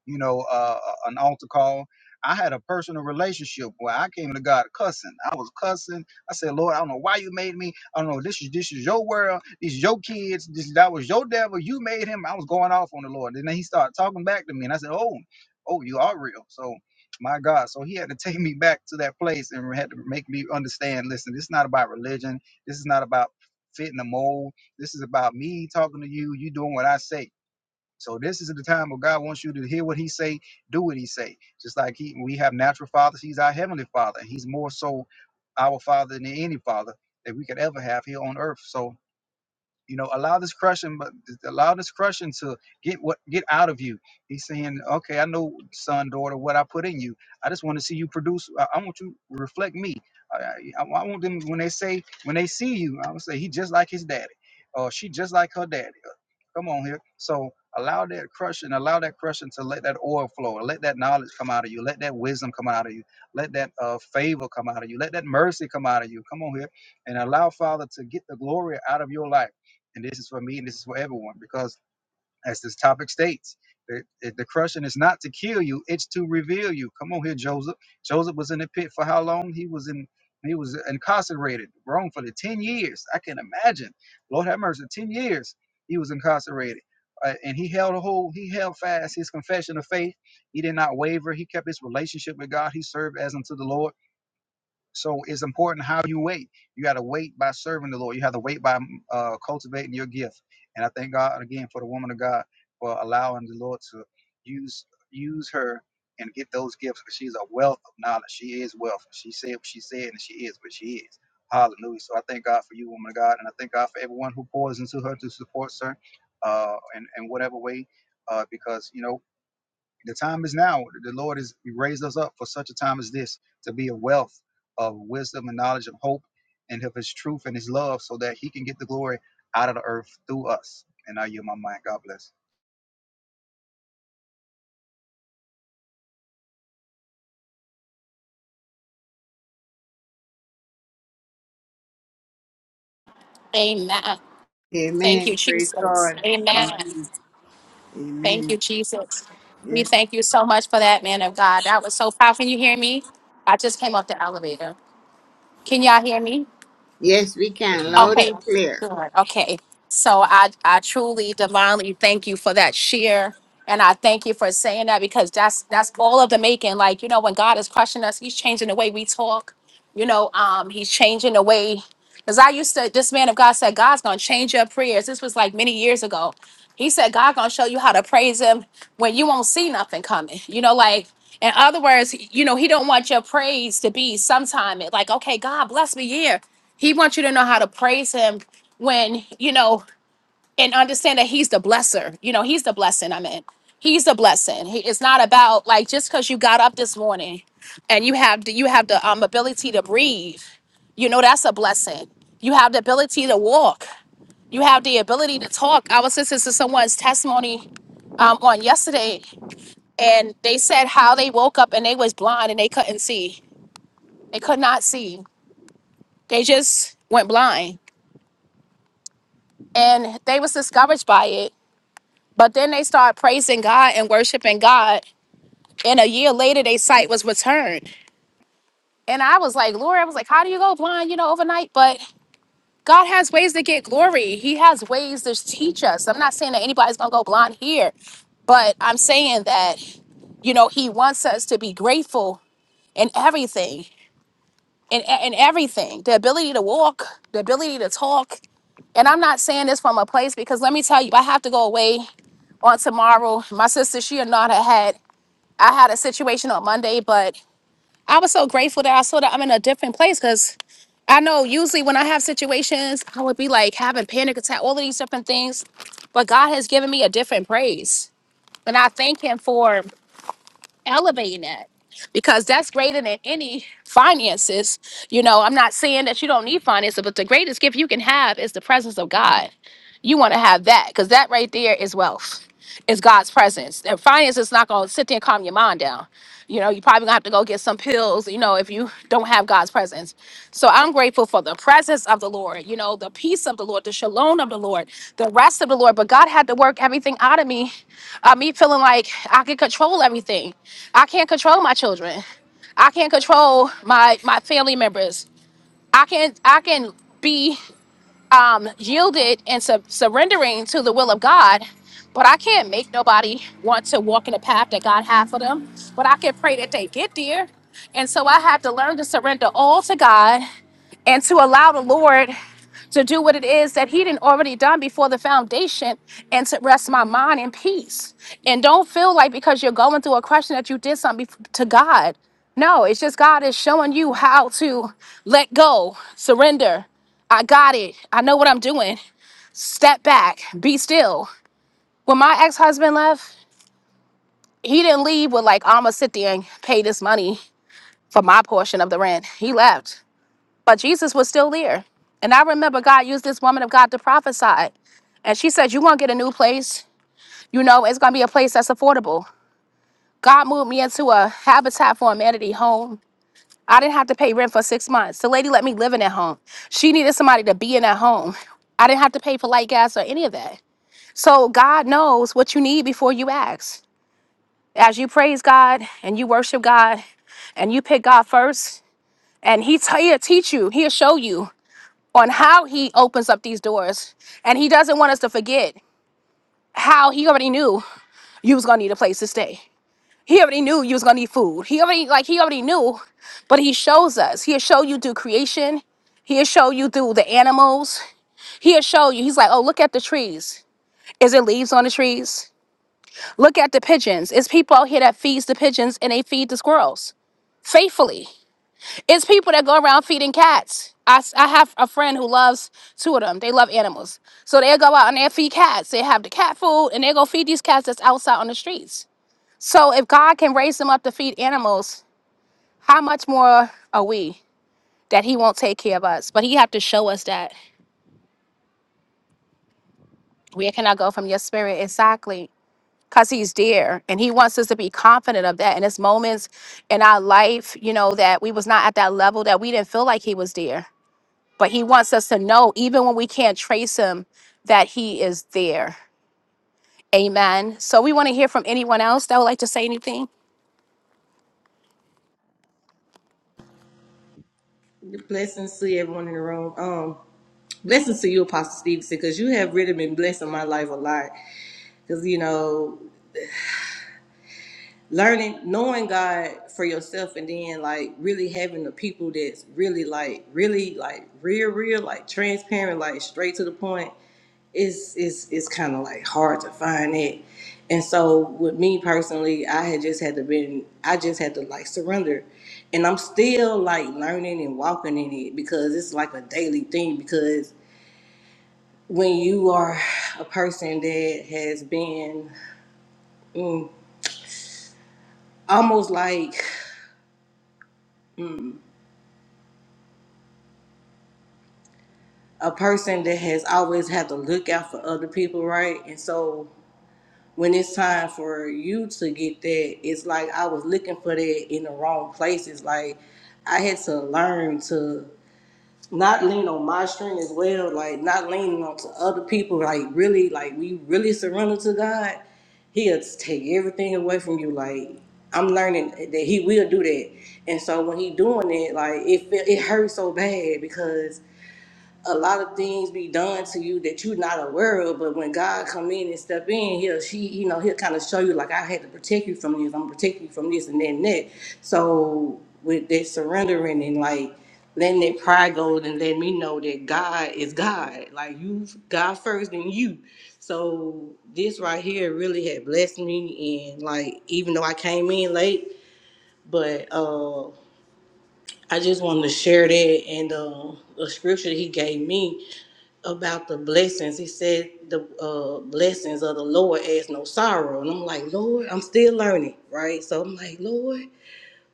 S7: you know, uh, uh, an altar call. I had a personal relationship where I came to God cussing. I was cussing. I said, Lord, I don't know why you made me. I don't know. This is this is your world. These is your kids. This that was your devil. You made him. I was going off on the Lord. And then he started talking back to me, and I said, Oh, oh, you are real. So. My God. So he had to take me back to that place and had to make me understand listen, this is not about religion. This is not about fitting the mold. This is about me talking to you, you doing what I say so this is the time where God wants you to hear what He say, do what He say. Just like He, we have natural fathers, He's our heavenly Father, and He's more so our Father than any Father that we could ever have here on earth. So you know, allow this crushing, but allow this crushing to get what get out of you. He's saying, okay, I know, son, daughter, what I put in you. I just want to see you produce. I, I want you to reflect me. I, I, I want them when they say when they see you, I would say he just like his daddy, or she just like her daddy. Come on here. So allow that crushing, allow that crushing to let that oil flow, let that knowledge come out of you, let that wisdom come out of you, let that uh, favor come out of you, let that mercy come out of you. Come on here and allow Father to get the glory out of your life. And this is for me and this is for everyone because as this topic states. The, the the crushing is not to kill you; it's to reveal you. Come on here, Joseph. Joseph was in the pit for how long? He was in. He was incarcerated, Rome for the ten years. I can imagine. Lord have mercy, ten years he was incarcerated, Uh, and he held a whole He held fast his confession of faith. He did not waver. He kept his relationship with God. He served as unto the Lord. So it's important how you wait. You got to wait by serving the Lord. You have to wait by mm, uh, cultivating your gift. And I thank God again for the woman of God for allowing the Lord to use use her and get those gifts. Because She's a wealth of knowledge. She is wealth. She said what she said, and she is what she is. Hallelujah. So I thank God for you, woman of God, and I thank God for everyone who pours into her to support her, uh, in, in whatever way, uh, because you know the time is now. The Lord has raised us up for such a time as this to be a wealth of wisdom and knowledge of hope and of his truth and his love so that he can get the glory out of the earth through us. And I yield my mind. God bless.
S1: Amen. Thank you,
S6: Amen. Praise
S1: Jesus.
S6: God.
S1: Amen.
S6: Amen.
S1: Thank
S6: Amen.
S1: you, Jesus. We
S6: Yes.
S1: thank you so much for that, man of God. That was so powerful. Can you hear me? I just came off the elevator. Can y'all hear me?
S6: Yes, we can. Loud
S7: Amen.
S6: and
S7: Yes.
S6: clear.
S1: said, this man of God said, God's gonna change your prayers. This was like many years ago. He said, God gonna show you how to praise him when you won't see nothing coming. You know, like in other words, you know, he don't want your praise to be sometime it like, okay, God bless me, yeah. He wants you to know how to praise him when, you know, and understand that he's the blesser. You know, he's the blessing. I mean, he's the blessing. He, it's not about like just because you got up this morning and you have the, you have the um, ability to breathe. You know, that's a blessing. You have the ability to walk. You have the ability to talk. I was listening to someone's testimony um, on yesterday, and they said how they woke up and they was blind and they couldn't see. They could not see. They just went blind, and they was discouraged by it But then they started praising God and worshiping God. And a year later, their sight was returned. And I was like, Lord, I was like, how do you go blind, you know, overnight? But God has ways to get glory. He has ways to teach us. I'm not saying that anybody's going to go blind here, but I'm saying that, you know, He wants us to be grateful in everything, in, in everything the ability to walk, the ability to talk. And I'm not saying this from a place because let me tell you, I have to go away on tomorrow. My sister, she and Nada had I had a situation on Monday, but I was so grateful that I saw that I'm in a different place because I know usually when I have situations, I would be like having panic attack, all of these different things. But God has given me a different praise. And I thank him for elevating it because that's greater than any finances. You know, I'm not saying that you don't need finances, but the greatest gift you can have is the presence of God. You want to have that because that right there is wealth. It's God's presence. And finance is not going to sit there and calm your mind down. You know, you probably gonna have to go get some pills, you know, if you don't have God's presence. So I'm grateful for the presence of the Lord, you know, the peace of the Lord, the shalom of the Lord, the rest of the Lord. But God had to work everything out of me uh, me feeling like I could control everything. I can't control my children. I can't control my my family members. I can I can be um, yielded and sub- surrendering to the will of God, but I can't make nobody want to walk in the path that God has for them. But I can pray that they get there. And so I had to learn to surrender all to God and to allow the Lord to do what it is that he didn't already done before the foundation and to rest my mind in peace and don't feel like because you're going through a question that you did something bef- to god no it's just god is showing you how to let go surrender i got it i know what i'm doing step back be still when my ex-husband left he didn't leave with like i'ma sit there and pay this money for my portion of the rent he left but Jesus was still there. And I remember God used this woman of God to prophesy. And she said, You're going to get a new place. You know, it's going to be a place that's affordable. God moved me into a Habitat for Humanity home. I didn't have to pay rent for six months. The lady let me live in that home. She needed somebody to be in that home. I didn't have to pay for light gas or any of that. So God knows what you need before you ask. As you praise God and you worship God and you pick God first, and He t- He'll teach you, He'll show you on how he opens up these doors. And he doesn't want us to forget how he already knew you was gonna need a place to stay. He already knew you was gonna need food. He already like he already knew, but he shows us. He'll show you through creation. He'll show you through the animals. He'll show you. He's like, oh, look at the trees. Is it leaves on the trees? Look at the pigeons. It's people out here that feeds the pigeons and they feed the squirrels faithfully. It's people that go around feeding cats. I, s- I have a friend who loves two of them. They love animals. So they go out and they feed cats. They have the cat food and they go feed these cats that's outside on the streets. So if God can raise them up to feed animals, how much more are we that he won't take care of us? But he have to show us that where can I go from your spirit exactly? Because he's there and he wants us to be confident of that. And it's moments in our life, you know, that we was not at that level that we didn't feel like he was there But he wants us to know, even when we can't trace him, that he is there. Amen. So we want to hear from anyone else that would like to say anything.
S8: Blessings to everyone in the room. Um, blessings to you, Apostle Stevenson, because you have really been blessing my life a lot. Because you know learning knowing god for yourself and then like really having the people that's really like really like real real like transparent like straight to the point It's it's it's kind of like hard to find it and so with me personally i had just had to been i just had to like surrender and i'm still like learning and walking in it because it's like a daily thing because when you are a person that has been mm, almost like a person that has always had to look out for other people, right? And so when it's time for you to get that, it's like I was looking for that in the wrong places. Like I had to learn to not lean on my strength as well, like not leaning on to other people, like really, like we really surrender to God. He'll take everything away from you. Like I'm learning that He will do that, and so when He doing it, like it feel- it hurts so bad because a lot of things be done to you that you're not aware of. But when God come in and step in, he'll she you know he'll kind of show you like I had to protect you from this. I'm protecting you from this and that and that. So with that surrendering and like letting that pride go and letting me know that God is God. Like you God first and you. So this right here really had blessed me and like even though I came in late, but uh I just wanted to share that and uh, a scripture he gave me about the blessings. He said the uh, blessings of the Lord adds no sorrow, and I'm like, Lord, I'm still learning, right? So I'm like, Lord,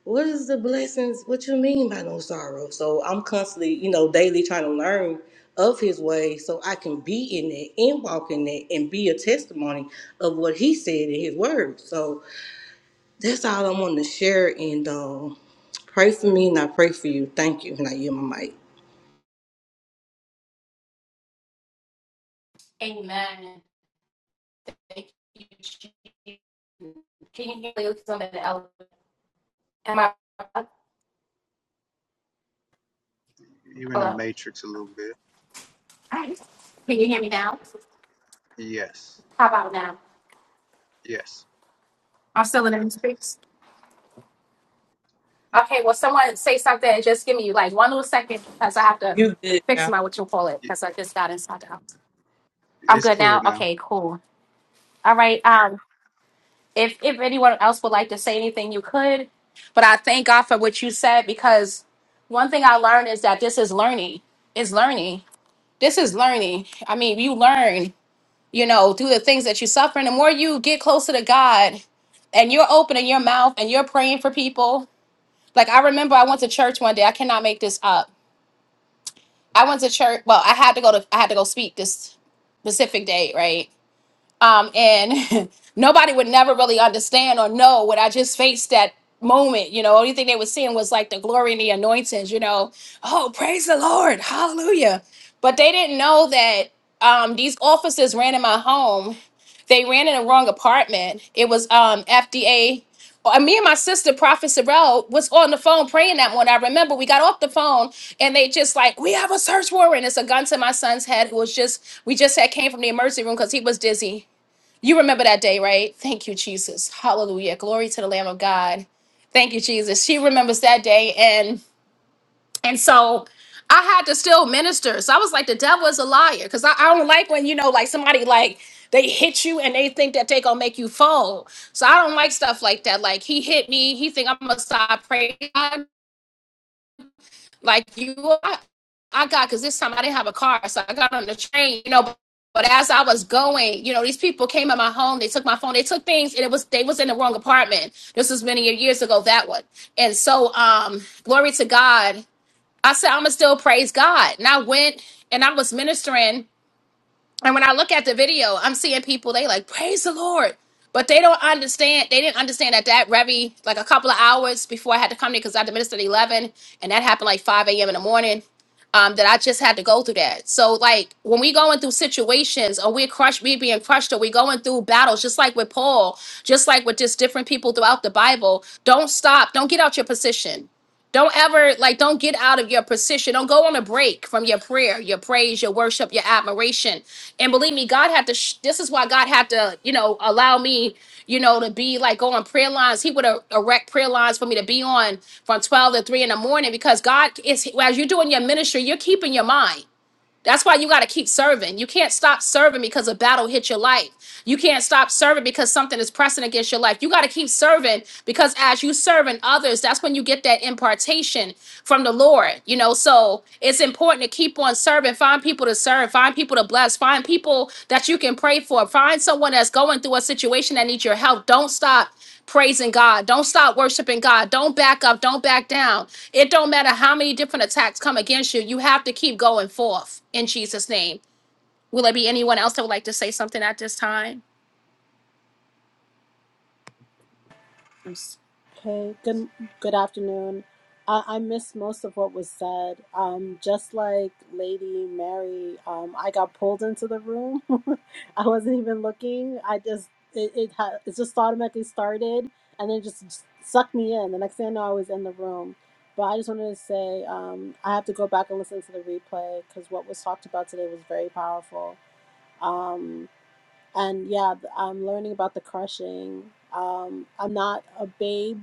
S8: what is the blessings? What you mean by no sorrow? So I'm constantly, you know, daily trying to learn of His way, so I can be in it and walk in it and be a testimony of what He said in His Word. So that's all I want to share, and um, pray for me, and I pray for you. Thank you, and I yield my mic.
S1: And can you hear me? Something else? Am I
S7: You're in the
S1: hello?
S7: matrix a little bit.
S1: Can you hear me now?
S7: Yes.
S1: How about now?
S7: Yes.
S1: And just give me like one little second because I have to
S8: You good
S1: fix
S8: now.
S1: my what you call it because I just got inside the house. I'm
S7: It's
S1: good
S7: clear
S1: now.
S7: now.
S1: Okay, cool. All right. Um, if if anyone else would like to say anything, you could. But I thank God for what you said because one thing I learned is that this is learning. It's learning this is learning. I mean, you learn, you know, through the things that you suffer. And the more you get closer to God and you're opening your mouth and you're praying for people. Like I remember I went to church one day. I cannot make this up. I went to church. Well, I had to go to I had to go speak this specific day, right? um, and nobody would never really understand or know what I just faced that moment. You know, only thing they were seeing was like the glory and the anointings. You know, oh praise the Lord, hallelujah. But they didn't know that um, these officers ran in my home. They ran in the wrong apartment. It was um, FDA. uh, Me and my sister, Prophet Sorrell, was on the phone praying that morning. I remember we got off the phone and they just like, we have a search warrant. It's a gun to my son's head who was just, we just had came from the emergency room because he was dizzy you remember that day, right? Thank you, Jesus. Hallelujah. Glory to the Lamb of God. Thank you, Jesus. She remembers that day. And and so I had to still minister. So I was like, the devil is a liar. Because I, I don't like when, you know, like somebody like they hit you and they think that they gonna make you fall. So I don't like stuff like that. Like he hit me, he think I'm gonna stop praying like you I, I got because this time I didn't have a car, so I got on the train, you know. But, but as I was going, you know, these people came in my home, they took my phone, they took things, and it was they was in the wrong apartment. This was many years ago, that one. And so um glory to God. I said, I'ma still praise God. And I went and I was ministering and when I look at the video, I'm seeing people they like praise the Lord, but they don't understand. They didn't understand that that Revy like a couple of hours before I had to come there because I had to minister at eleven, and that happened like five a.m. in the morning. Um, that I just had to go through that. So like when we going through situations or we're crushed, we being crushed, or we going through battles, just like with Paul, just like with just different people throughout the Bible. Don't stop. Don't get out your position. Don't ever like don't get out of your position. Don't go on a break from your prayer, your praise, your worship, your admiration. And believe me, God had to sh- this is why God had to, you know, allow me, you know, to be like on prayer lines. He would uh, erect prayer lines for me to be on from 12 to 3 in the morning because God is as you're doing your ministry, you're keeping your mind. That's why you got to keep serving. You can't stop serving because a battle hit your life. You can't stop serving because something is pressing against your life. You got to keep serving because as you serving others, that's when you get that impartation from the Lord. You know, so it's important to keep on serving. Find people to serve. Find people to bless. Find people that you can pray for. Find someone that's going through a situation that needs your help. Don't stop praising God. Don't stop worshiping God. Don't back up. Don't back down. It don't matter how many different attacks come against you, you have to keep going forth in Jesus' name. Will there be anyone else that would like to say something at this time?
S9: Okay, good good afternoon. I, I missed most of what was said. Um, just like Lady Mary, um, I got pulled into the room. I wasn't even looking. I just it it, ha- it just automatically started and then just sucked me in. The next thing I know, I was in the room. But I just wanted to say um, I have to go back and listen to the replay because what was talked about today was very powerful. Um, and yeah, th- I'm learning about the crushing. Um, I'm not a babe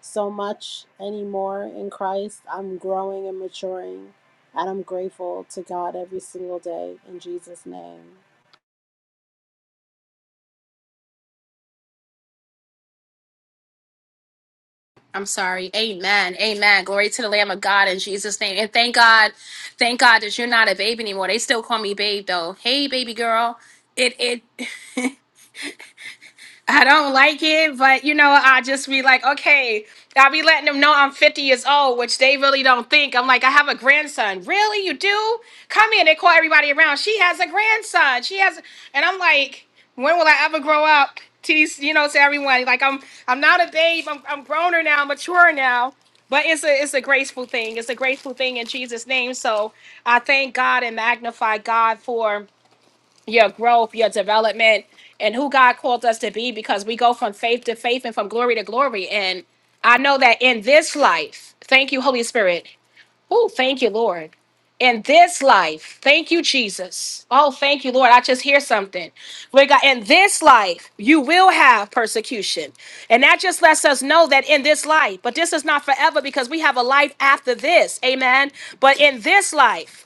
S9: so much anymore in Christ. I'm growing and maturing, and I'm grateful to God every single day in Jesus' name.
S1: I'm sorry. Amen. Amen. Glory to the Lamb of God in Jesus' name. And thank God, thank God that you're not a babe anymore. They still call me babe though. Hey, baby girl. It it I don't like it, but you know, I just be like, okay, I'll be letting them know I'm 50 years old, which they really don't think. I'm like, I have a grandson. Really? You do? Come in. They call everybody around. She has a grandson. She has, and I'm like, when will I ever grow up? To these, you know, to everyone. Like I'm, I'm not a babe. I'm, I'm growner now, mature now. But it's a, it's a graceful thing. It's a graceful thing in Jesus' name. So I thank God and magnify God for your growth, your development, and who God called us to be because we go from faith to faith and from glory to glory. And I know that in this life, thank you, Holy Spirit. Oh, thank you, Lord. In this life, thank you, Jesus. Oh, thank you, Lord. I just hear something. We got in this life, you will have persecution. And that just lets us know that in this life, but this is not forever because we have a life after this. Amen. But in this life,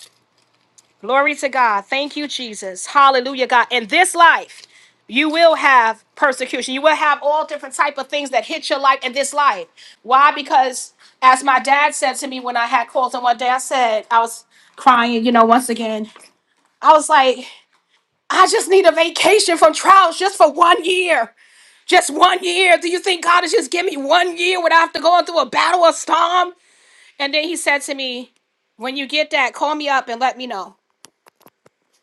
S1: Glory to God. Thank you, Jesus. Hallelujah, God. In this life, you will have persecution. You will have all different type of things that hit your life in this life. Why? Because as my dad said to me when I had calls, and one day I said I was crying, you know, once again. I was like, I just need a vacation from trials just for one year. Just one year. Do you think God is just give me one year without have to go through a battle or storm? And then he said to me, When you get that, call me up and let me know.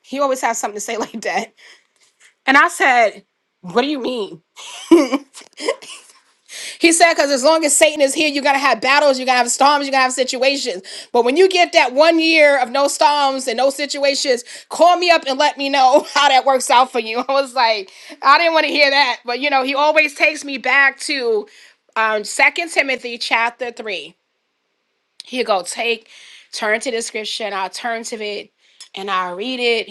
S1: He always has something to say like that. And I said, What do you mean? He said, Because as long as Satan is here, you're going to have battles, you're going to have storms, you're going to have situations. But when you get that one year of no storms and no situations, call me up and let me know how that works out for you. I was like, I didn't want to hear that. But, you know, he always takes me back to um, 2 Timothy chapter 3. He'll go, Take, turn to the scripture, and I'll turn to it, and I'll read it,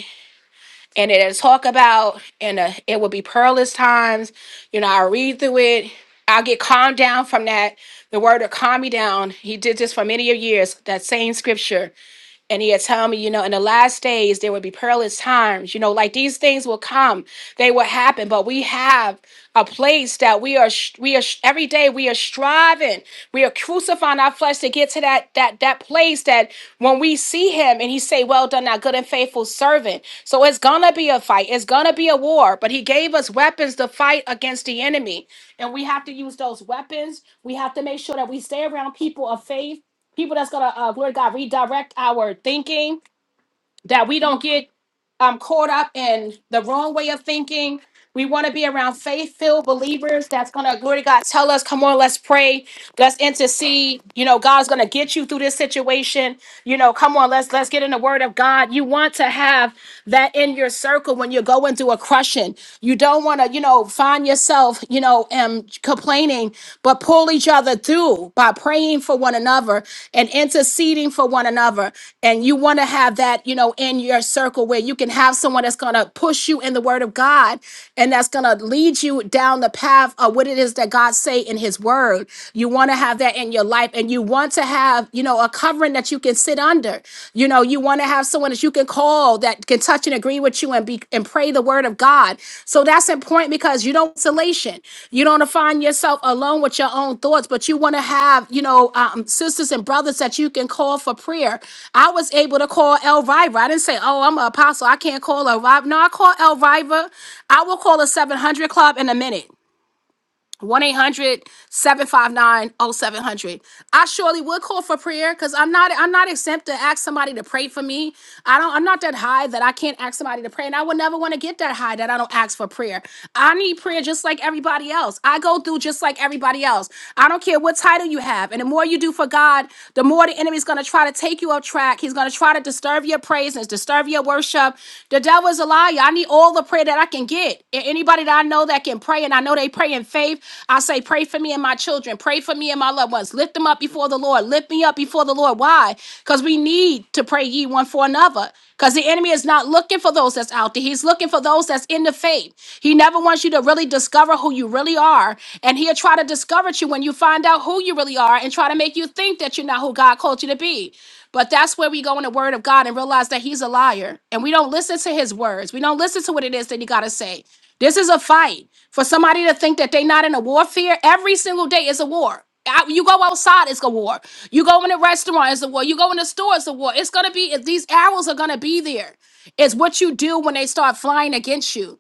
S1: and it'll talk about and uh, it will be perilous times you know i'll read through it i'll get calmed down from that the word to calm me down he did this for many of years that same scripture and he had told me, you know, in the last days there would be perilous times. You know, like these things will come, they will happen. But we have a place that we are, sh- we are sh- every day we are striving, we are crucifying our flesh to get to that that that place that when we see him and he say, "Well done, thou good and faithful servant." So it's gonna be a fight. It's gonna be a war. But he gave us weapons to fight against the enemy, and we have to use those weapons. We have to make sure that we stay around people of faith people that's gonna uh, Lord God redirect our thinking that we don't get um, caught up in the wrong way of thinking. We want to be around faith filled believers that's going to, glory to God, tell us, come on, let's pray, let's intercede. You know, God's going to get you through this situation. You know, come on, let's let's get in the word of God. You want to have that in your circle when you go into a crushing. You don't want to, you know, find yourself, you know, um, complaining, but pull each other through by praying for one another and interceding for one another and you want to have that you know in your circle where you can have someone that's going to push you in the word of god and that's going to lead you down the path of what it is that god say in his word you want to have that in your life and you want to have you know a covering that you can sit under you know you want to have someone that you can call that can touch and agree with you and be and pray the word of god so that's important because you don't want isolation you don't want to find yourself alone with your own thoughts, but you want to have, you know, um, sisters and brothers that you can call for prayer. I was able to call Elvira. I didn't say, oh, I'm an apostle. I can't call Elvira. No, I call Elvira. I will call a 700 club in a minute. 1 800 759 oh seven hundred. I surely would call for prayer because I'm not I'm not exempt to ask somebody to pray for me. I don't I'm not that high that I can't ask somebody to pray. And I would never want to get that high that I don't ask for prayer. I need prayer just like everybody else. I go through just like everybody else. I don't care what title you have. And the more you do for God, the more the enemy's gonna try to take you off track. He's gonna try to disturb your praise and disturb your worship. The devil is a liar. I need all the prayer that I can get. A- Anybody that I know that can pray, and I know they pray in faith. I say, pray for me and my children. Pray for me and my loved ones. Lift them up before the Lord. Lift me up before the Lord. Why? Because we need to pray ye one for another. Because the enemy is not looking for those that's out there. He's looking for those that's in the faith. He never wants you to really discover who you really are. And he'll try to discourage you when you find out who you really are and try to make you think that you're not who God called you to be. But that's where we go in the word of God and realize that he's a liar. And we don't listen to his words. We don't listen to what it is that he got to say. This is a fight. For somebody to think that they're not in a warfare, every single day is a war. Out- You go outside, it's a war. You go in a restaurant, it's a war. You go in the store, it's a war. It's gonna be these arrows are gonna be there. It's what you do when they start flying against you.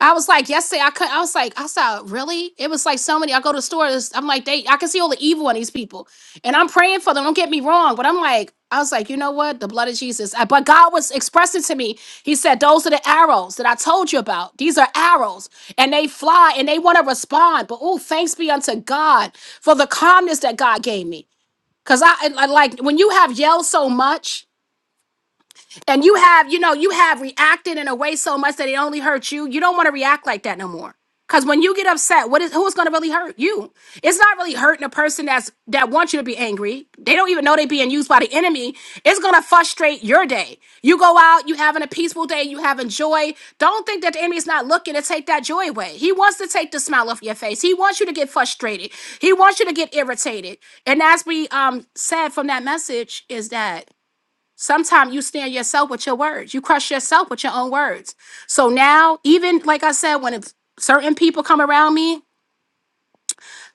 S1: I was like, yesterday, I could, I was like, I saw really. It was like so many. I go to stores. I'm like, they, I can see all the evil in these people, and I'm praying for them. Don't get me wrong, but I'm like, I was like, you know what? The blood of Jesus. Uh, But God was expressing to me. He said, those are the arrows that I told you about. These are arrows, and they fly, and they want to respond. But oh, thanks be unto God for the calmness that God gave me. Cause I I- like like, when you have yelled so much. And you have, you know, you have reacted in a way so much that it only hurts you. You don't want to react like that no more. Cause when you get upset, what is who's gonna really hurt you? It's not really hurting a person that's that wants you to be angry. They don't even know they're being used by the enemy. It's gonna frustrate your day. You go out, you having a peaceful day, you having joy. Don't think that the enemy's not looking to take that joy away. He wants to take the smile off your face. He wants you to get frustrated. He wants you to get irritated. And as we um said from that message, is that Sometimes you stand yourself with your words. You crush yourself with your own words. So now, even like I said, when it's- certain people come around me,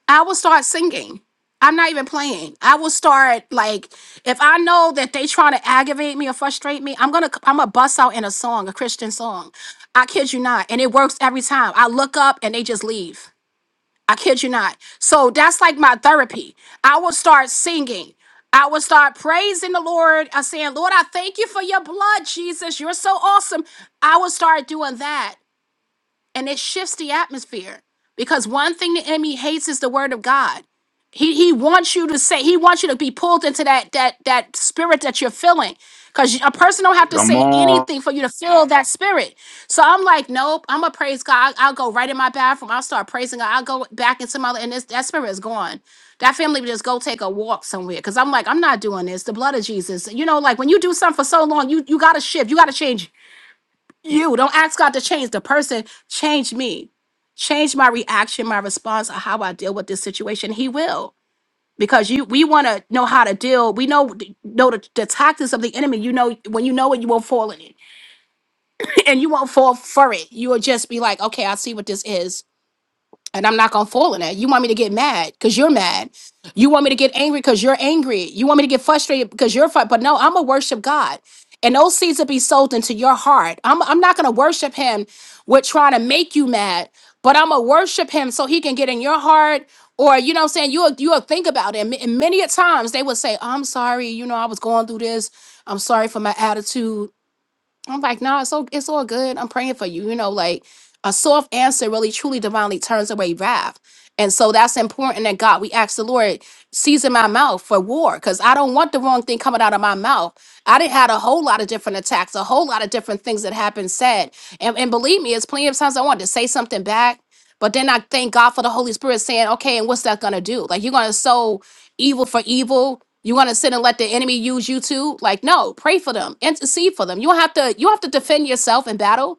S1: I will start singing. I'm not even playing. I will start like if I know that they trying to aggravate me or frustrate me, I'm gonna I'm gonna bust out in a song, a Christian song. I kid you not, and it works every time. I look up and they just leave. I kid you not. So that's like my therapy. I will start singing. I will start praising the Lord. I'm saying, Lord, I thank you for your blood, Jesus. You're so awesome. I will start doing that and it shifts the atmosphere because one thing the enemy hates is the word of god he he wants you to say he wants you to be pulled into that that that spirit that you're feeling because a person don't have to
S10: Come
S1: say
S10: on.
S1: anything for you to feel that spirit so i'm like nope i'm gonna praise god i'll I'll go right in my bathroom i'll start praising god i'll go back into my and this that spirit is gone that family would just go take a walk somewhere because i'm like i'm not doing this the blood of jesus you know like when you do something for so long you you gotta shift you gotta change you. Don't ask God to change the person, change me. Change my reaction, my response, or how I deal with this situation. He will. Because you we want to know how to deal. We know know the, the tactics of the enemy. You know when you know it, you won't fall in it. And you won't fall for it. You will just be like, okay, I see what this is and I'm not gonna fall in that. You want me to get mad because you're mad. You want me to get angry because you're angry. You want me to get frustrated because you're frustrated. But no, I'm gonna worship God. And those seeds will be sold into your heart. I'm, I'm not gonna worship him with trying to make you mad, but I'm gonna worship him so he can get in your heart. Or you know what I'm saying? You'll you'll think about it. And ma- and many a times they would say, I'm sorry, you know, I was going through this. I'm sorry for my attitude. I'm like, no, it's all it's all good. I'm praying for you. You know, like a soft answer really truly divinely turns away wrath. And so that's important that God, we ask the Lord, season my mouth for war, because I don't want the wrong thing coming out of my mouth. I didn't had a whole lot of different attacks, a whole lot of different things that happened said. And, and believe me, it's plenty of times I wanted to say something back, but then I thank God for the Holy Spirit saying, okay, and what's that gonna do? Like you're gonna sow evil for evil, you want to sit and let the enemy use you too? Like, no, pray for them, intercede for them. You don't have to. You don't have to defend yourself in battle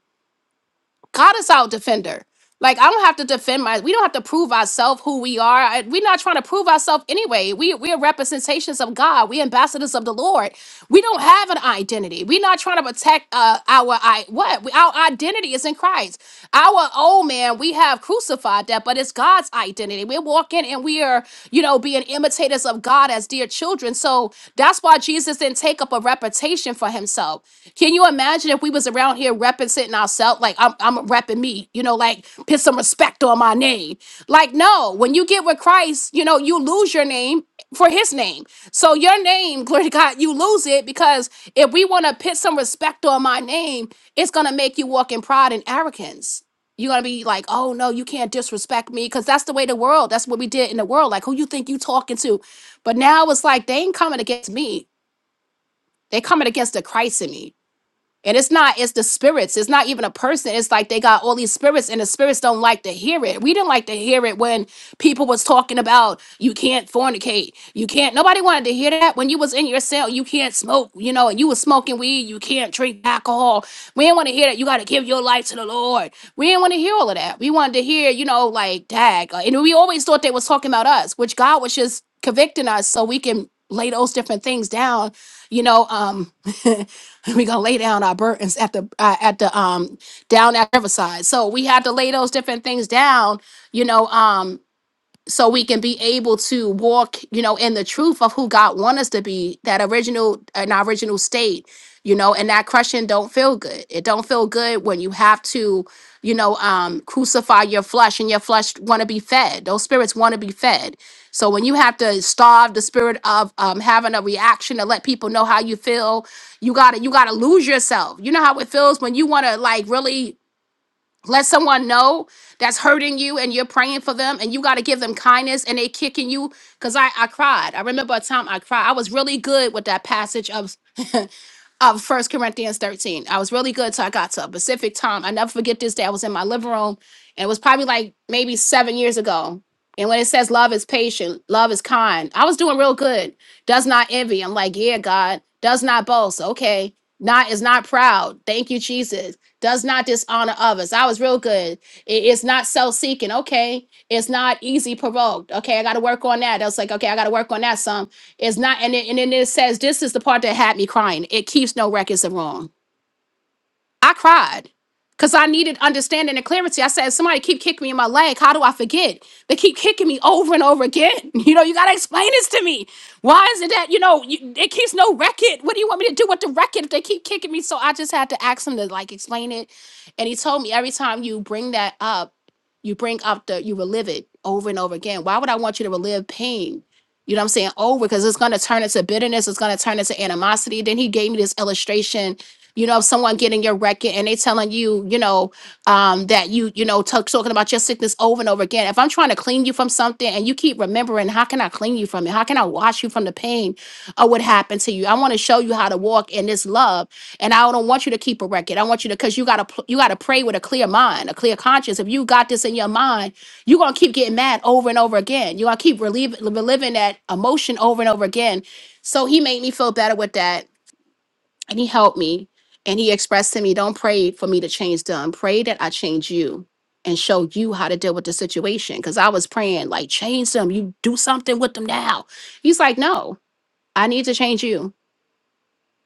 S1: God is our defender. Like I don't have to defend my. We don't have to prove ourselves who we are. I- we're not trying to prove ourselves anyway. We we are representations of God. We ambassadors of the Lord. We don't have an identity. We're not trying to protect uh, our I what We- our identity is in Christ. Our old man we have crucified that, but it's God's identity. We're walking and we are you know being imitators of God as dear children. So that's why Jesus didn't take up a reputation for himself. Can you imagine if we was around here representing ourselves? Like I'm, I'm repping me, you know, like put some respect on my name. Like no, when you get with Christ, you know, you lose your name for His name. So your name, glory to God, you lose it because if we want to put some respect on my name, it's gonna make you walk in pride and arrogance. You're gonna be like, oh no, you can't disrespect me because that's the way the world. That's what we did in the world. Like who you think you talking to? But now it's like they ain't coming against me. They coming against the Christ in me and it's not, it's the spirits. It's not even a person. It's like they got all these spirits and the spirits don't like to hear it. We didn't like to hear it when people was talking about you can't fornicate. You can't nobody wanted to hear that when you was in your cell, you can't smoke, you know, and you was smoking weed, you can't drink alcohol. We didn't want to hear that you gotta give your life to the Lord. We didn't want to hear all of that. We wanted to hear, you know, like dag. uh, And we always thought they was talking about us, which God was just conveying lay down, you know, we got down things down we can be able to walk, you know, in the truth of who God wants us to be, that original uh, state, you know, don't feel good. It don't feel good when you have to, you know, um, crucify your flesh and your flesh want to be fed. Those spirits want to be fed. So when you have to starve the spirit of um, having a reaction to let people know how you feel, you gotta you gotta lose yourself. You know how it feels when you want to like really let someone know that's hurting you and you're praying for them and you got to give them kindness and they kicking you because I, I cried i remember a time i cried i was really good with that passage of of rome and well and when good yeah god does say now daisies does not dishonor good it is name is logged up on that some it's not and it, and then it says this is the part that had me crying it keeps no records of wrong I cried because I needed understanding and clarity. I said, somebody keep kicking me in my leg. How do I forget? They keep kicking me over and over again. You know, you got to explain this to me. Why is it that, you know, you, it keeps no record? What do you want me to do with the record if they keep kicking me? So I just had to ask him to like explain it. And he told me every time you bring that up, you bring up the, you relive it over and over again. Why would I want you to relive pain? You know what I'm saying? Over because it's going to turn into bitterness. It's going to turn into animosity. Then he gave me this illustration you know, someone getting your record and they telling you, you know, um, that you, you know, talk, talking about your sickness over and over again. If I'm trying to clean you from something and you keep remembering, how can I clean you from it? How can I wash you from the pain of what happened to you? I want to show you how to walk in this love, and I don't want you to keep a record. I want you to, because you gotta, pl- you gotta pray with a clear mind, a clear conscience. If you got this in your mind, you're gonna keep getting mad over and over again. You're gonna keep relieving, reliving that emotion over and over again. So he made me feel better with that and he helped me and he expressed to me don't pray for me to change them pray that i change you and show you how to deal with the situation because i was praying like change them you do something with them now he's like no i need to change you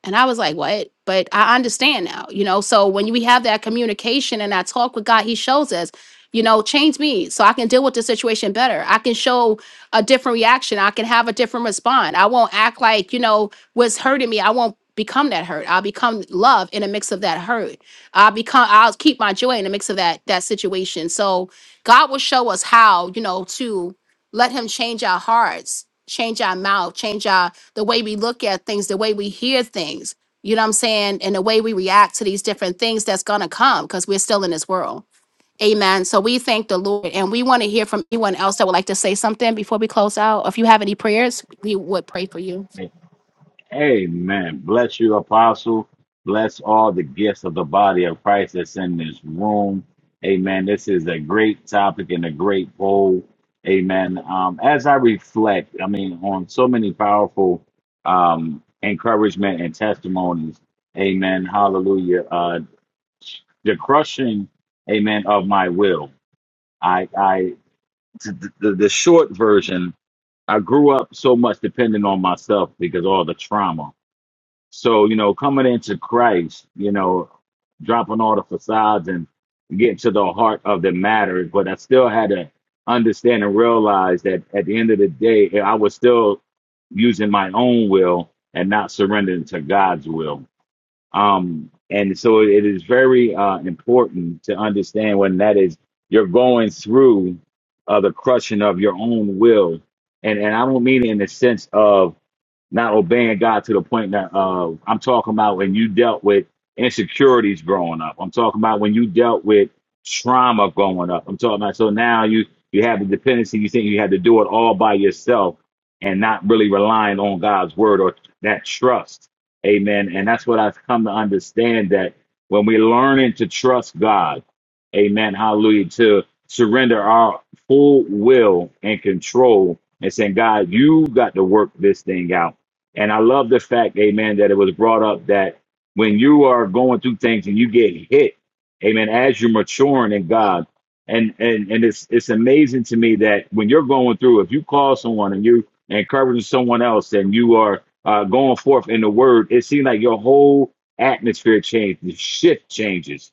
S1: and I was like, what? But I understand now, you know? So when we have that communication and that talk with God, He shows us, you know, change me so I can deal with the situation better. I can show a different reaction. I can have a different response. I won't act like, you know, what's hurting me. I won't become that hurt. I'll become love in a mix of that hurt. I'll become, I'll keep my joy in a mix of that, that situation. So God will show us how, you know, to let Him change our hearts, change our mouth, change our the way we look at things, the way we hear things, you know what I'm saying? And the way we react to these different things that's going to come because we're still in this world. Amen. So we thank the Lord and we want to hear from anyone else that would like to say something before we close out. If you have any prayers, we would pray for you.
S10: Amen. Bless you, Apostle. Bless all the gifts of the body of Christ that's in this room. Amen. This is a great topic and a great poll. Amen. Um, as I reflect, I mean, on so many powerful um, encouragement and testimonies. Amen. Hallelujah. Uh, the crushing, amen, of my will. I, I, the, the the short version I grew up so much depending on myself because all the trauma. So, you know, coming into Christ, you know, dropping all the facades and getting to the heart of the matter, but I still had to understand and realize that at the end of the day, I was still using my own will and not surrendering to God's will. Um, and so it is very uh, important to understand when that is you're going through uh, the crushing of your own will, and and I don't mean in the sense of not obeying God to the point that uh, I'm talking about when you dealt with insecurities growing up. I'm talking about when you dealt with trauma growing up. I'm talking about so now you you have the dependency. You think you had to do it all by yourself and not really relying on God's word or that trust. Amen. And that's what I've come to understand that when we're learning to trust God, Amen. Hallelujah. To surrender our full will and control and saying, God, you got to work this thing out. And I love the fact, amen, that it was brought up that when you are going through things and you get hit, amen, as you're maturing in God, and and and it's it's amazing to me that when you're going through, if you call someone and you encouraging someone else and you are uh, going forth in the word, it seems like your whole atmosphere changes, the shift changes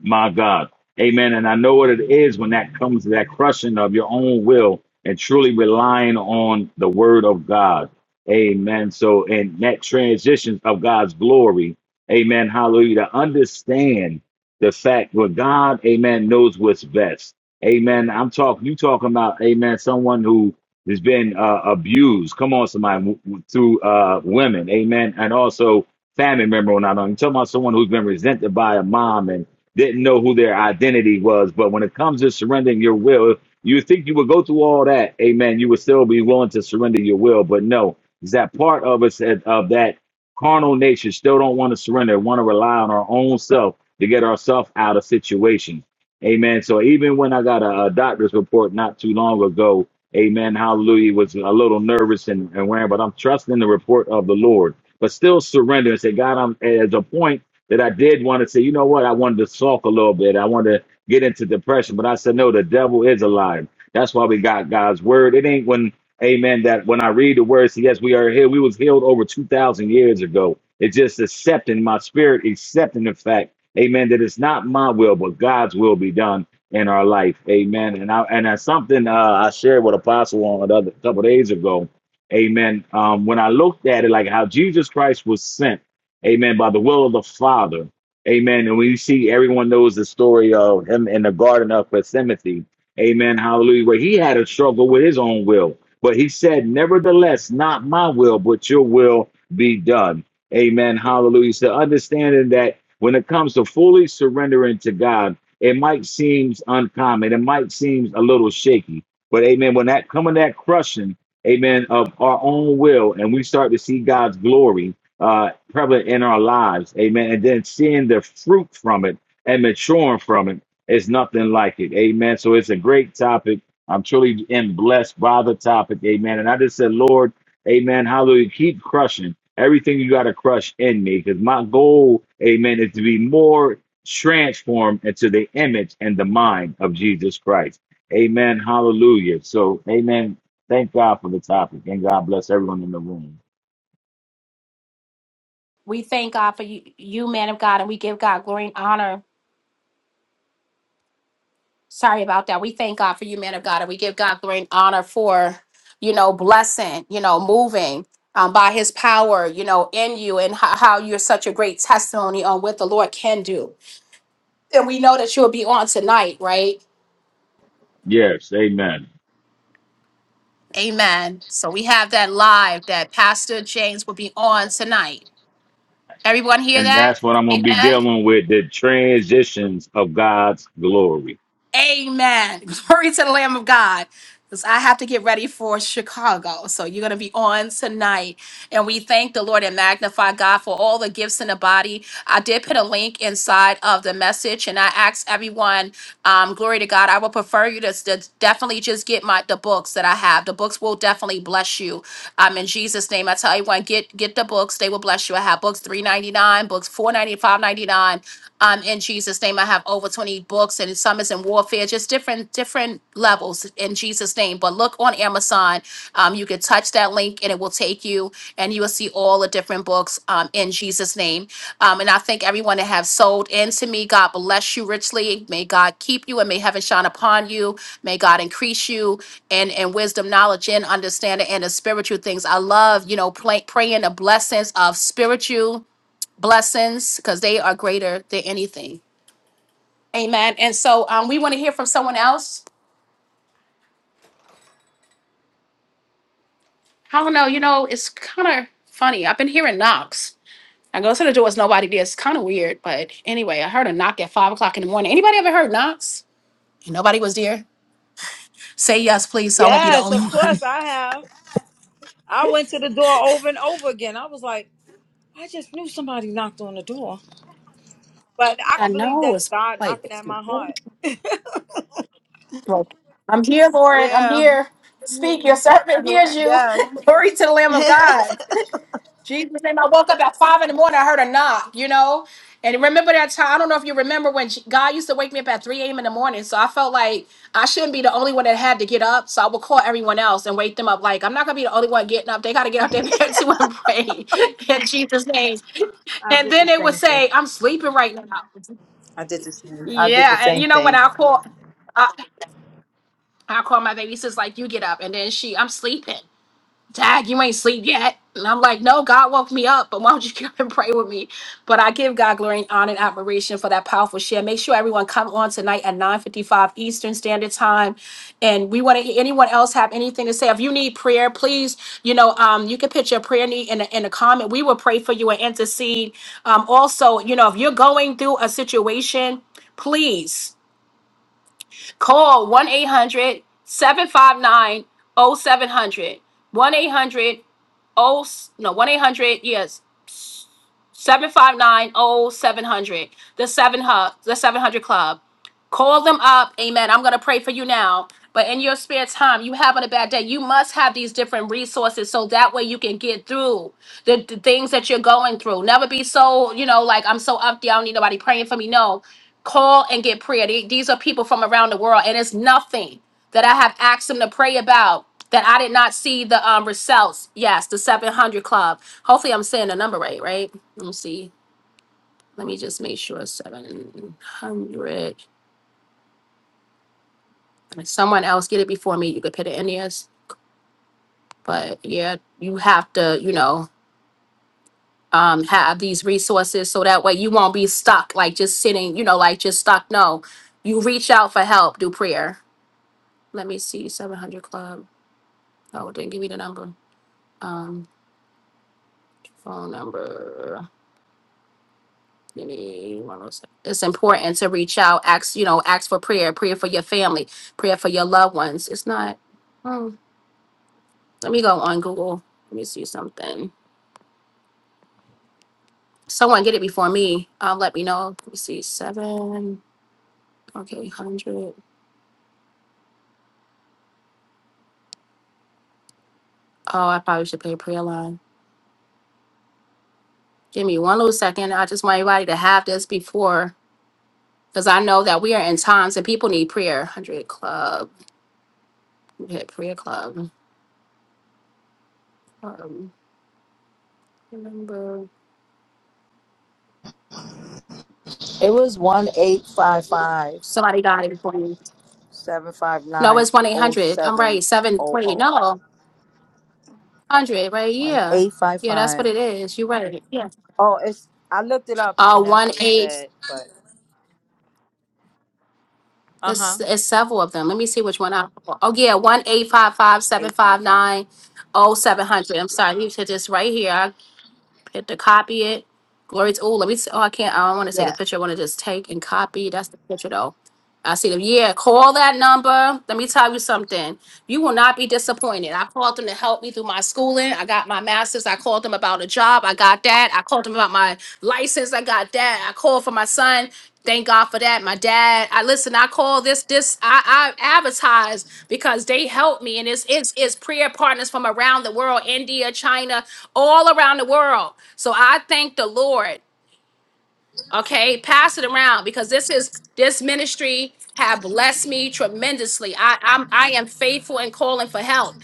S10: my God. Amen. And I know what it is when that comes to that crushing of your own will and truly relying on the word of God. Amen. So, in that transition of God's glory, amen. Hallelujah. To understand the fact where God, amen, knows what's best. Amen. I'm talking, you talking about, amen, someone who has been uh, abused. Come on, somebody, w- w- through uh, women. Amen. And also family member or not. I'm talking about someone who's been resented by a mom and didn't know who their identity was. But when it comes to surrendering your will, you would think you would go through all that, amen. You would still be willing to surrender your will, but no, is that part of us that- of that carnal nature still don't want to surrender, want to rely on our own self to get ourselves out of situations, amen. So even when I got a, a doctor's report not too long ago, amen, hallelujah, was a little nervous and, and wearing, but I'm trusting the report of the Lord, but still surrender and say, God, I'm at a point that I did want to say, you know what, I wanted to sulk a little bit. I wanted to get into depression, but I said, no, the devil is alive. That's why we got God's word. It ain't when, amen, that when I read the words, yes, we are here. We was healed over 2,000 years ago. It's just accepting my spirit, accepting the fact, amen, that it's not my will, but God's will be done in our life. Amen. And I, and that's something uh, I shared with Apostle on another couple of days ago. Amen. Um, when I looked at it, like how Jesus Christ was sent Amen. By the will of the Father. Amen. And we see everyone knows the story of him in the Garden of Gethsemane. Amen. Hallelujah. Where he had a struggle with his own will. But he said, Nevertheless, not my will, but your will be done. Amen. Hallelujah. So understanding that when it comes to fully surrendering to God, it might seem uncommon. It might seem a little shaky. But amen. When that coming that crushing, amen, of our own will, and we start to see God's glory uh, prevalent in our lives. Amen. And then seeing the fruit from it and maturing from it is nothing like it. Amen. So it's a great topic. I'm truly am blessed by the topic. Amen. And I just said, Lord, amen. Hallelujah. Keep crushing everything you got to crush in me because my goal, amen, is to be more transformed into the image and the mind of Jesus Christ. Amen. Hallelujah. So, amen. Thank God for the topic and God bless everyone in the room.
S1: We thank God for you, you man of God, and we give God glory and honor Sorry about that. We thank God for you, man of God, and we give God glory and honor for, you know, blessing, you know, moving um, by his power, you know, in you and how, how you're such a great testimony on what the Lord can do. And we know that you'll be on tonight, right?
S10: Yes. Amen.
S1: Amen. So we have that live that Pastor James will be on tonight. Everyone hear
S10: And
S1: that?
S10: that's what I'm going to be
S1: Amen.
S10: dealing with the transitions of God's glory.
S1: Amen. Glory to the Lamb of God. Because I have to get ready for Chicago. So you're going to be on tonight. And we thank the Lord and magnify God for all the gifts in the body. I did put a link inside of the message and I asked everyone, um, glory to God, I would prefer you to, to definitely just get my the books that I have. The books will definitely bless you. Um, in Jesus' name, I tell you, one, get get the books. They will bless you. I have books 3.99, books 4 dollars um, in Jesus' name, I have over 20 books and some is in warfare, just different different levels in Jesus' name. But look on Amazon. Um, you can touch that link and it will take you and you will see all the different books um, in Jesus' name. Um, and I thank everyone that have sold into me. God bless you richly. May God keep you and may heaven shine upon you. May God increase you and and wisdom, knowledge, and understanding and the spiritual things. I love, you know, play, praying the blessings of spiritual blessings because they are greater than anything. Amen. And so um, we want to hear from someone else. I don't know. You know, it's kind of funny. I've been hearing knocks. I go to the door, it's nobody there. It's kind of weird, but anyway, I heard a knock at five o'clock in the morning. Anybody ever heard knocks? You know, please.
S2: Yes, of course I have. I went to the door over and over again. I was like, I just knew somebody knocked on the door. But I could believe
S1: It
S2: that's
S1: was
S2: God knocking at my heart.
S1: broken. I'm here, Lord. I'm
S2: Yeah.
S1: here.
S2: Yeah.
S1: Speak. Your servant hears
S2: yeah.
S1: you.
S2: Yes.
S1: Glory to the Lamb of God. Jesus name. I woke up at five in the morning. I heard a knock, you know. And remember that time? I don't know if you remember when J- God used to wake me up at 3 a.m. in the morning. So I felt like I shouldn't be the only one that had to get up. So I would call everyone else and wake them up. Like, I'm not going to be the only one getting up. They got to get out their bed too and pray in Jesus' name.
S2: I
S1: And
S2: did
S1: then
S2: the
S1: it would
S2: same thing.
S1: say, I'm sleeping right now.
S2: I did the same. I did the
S1: Yeah. And
S2: same
S1: you know what?
S2: thing.
S1: I call, I, I call my baby sis, like, you get up. And then she, I'm sleeping. Tag, you ain't sleep yet. And I'm like, no, God woke me up, but why don't you get up and pray with me? But I give God glory. and to say if you need prayer please you know um, you can put your prayer need in a, in a comment we will pray for you and intercede um, also you know if you're going through a situation please call 1-800-759-0700 one 800 no 1-800 yes Seven five nine oh seven hundred. The seven hub, the seven hundred club. Call them up. Amen. I'm gonna pray for you now. But in your spare time, you having a bad day, you must have these different resources so that way you can get through the, the things that you're going through. Never be so, you know, like I'm so up there, I don't need nobody praying for me. No, call and get prayer. They- These are people from around the world, and it's nothing that I have asked them to pray about that I did not see the um, results. Yes, the 700 Club. Hopefully, I'm saying the number right, right? Let me see. Let me just make sure seven hundred. If Someone else get it before me. You could put it in yours. But yeah, you have to, you know, um, have these resources so that way you won't be stuck, like just sitting, you know, like just stuck. No, you reach out for help, do prayer. Let me see, seven hundred club. Oh, it didn't give me the number. Um, phone number. Give me one oh seven. It's important to reach out, ask, you know, ask for prayer, prayer for your family, prayer for your loved ones. It's not. hmm. Let me go on Google. Let me see something. Someone get it before me. Um, let me know. Let me see. Seven. Okay, hundred. Oh, I probably should play prayer line. Give me one little second. I just want everybody to have this before, because I know that we are in times and people need prayer. Hundred club. Okay, prayer club. Um, remember.
S2: It was 1855. Seven five
S1: No,
S2: nine
S1: it's one eight
S2: zero
S1: hundred. I'm
S2: seven
S1: right. Seven
S2: zero
S1: twenty.
S2: zero
S1: No, hundred.
S2: And
S1: Yeah. that-
S2: 855. Oh, it's, I looked it up
S1: Uh,
S2: and that's
S1: one
S2: what it
S1: eight.
S2: said, but uh
S1: It's
S2: huh.
S1: it's several of them. Let me see which one I. Oh yeah, one eight five five seven five
S2: 855.
S1: nine. Oh, seven hundred, I'm sorry, you said this right here, I Hit the copy it. Glory to, oh, let me, see. oh, I can't, I don't want to take a
S2: Yeah.
S1: picture. I want to just take and copy. That's the picture though. I see them. Yeah, call that number. Let me tell you something. You will not be disappointed. I called them to help me through my schooling. I got my master's. I called them about a job. I got that. I called them about my license. I got that. I called for my son. Thank God for that. My dad. I listen. I call this this. I, I advertise because they help me, and it's it's it's prayer partners from around the world, India, China all around the world. So I thank the Lord. Okay, pass it around because this is this ministry have blessed me tremendously. I I'm, I am faithful in calling for help.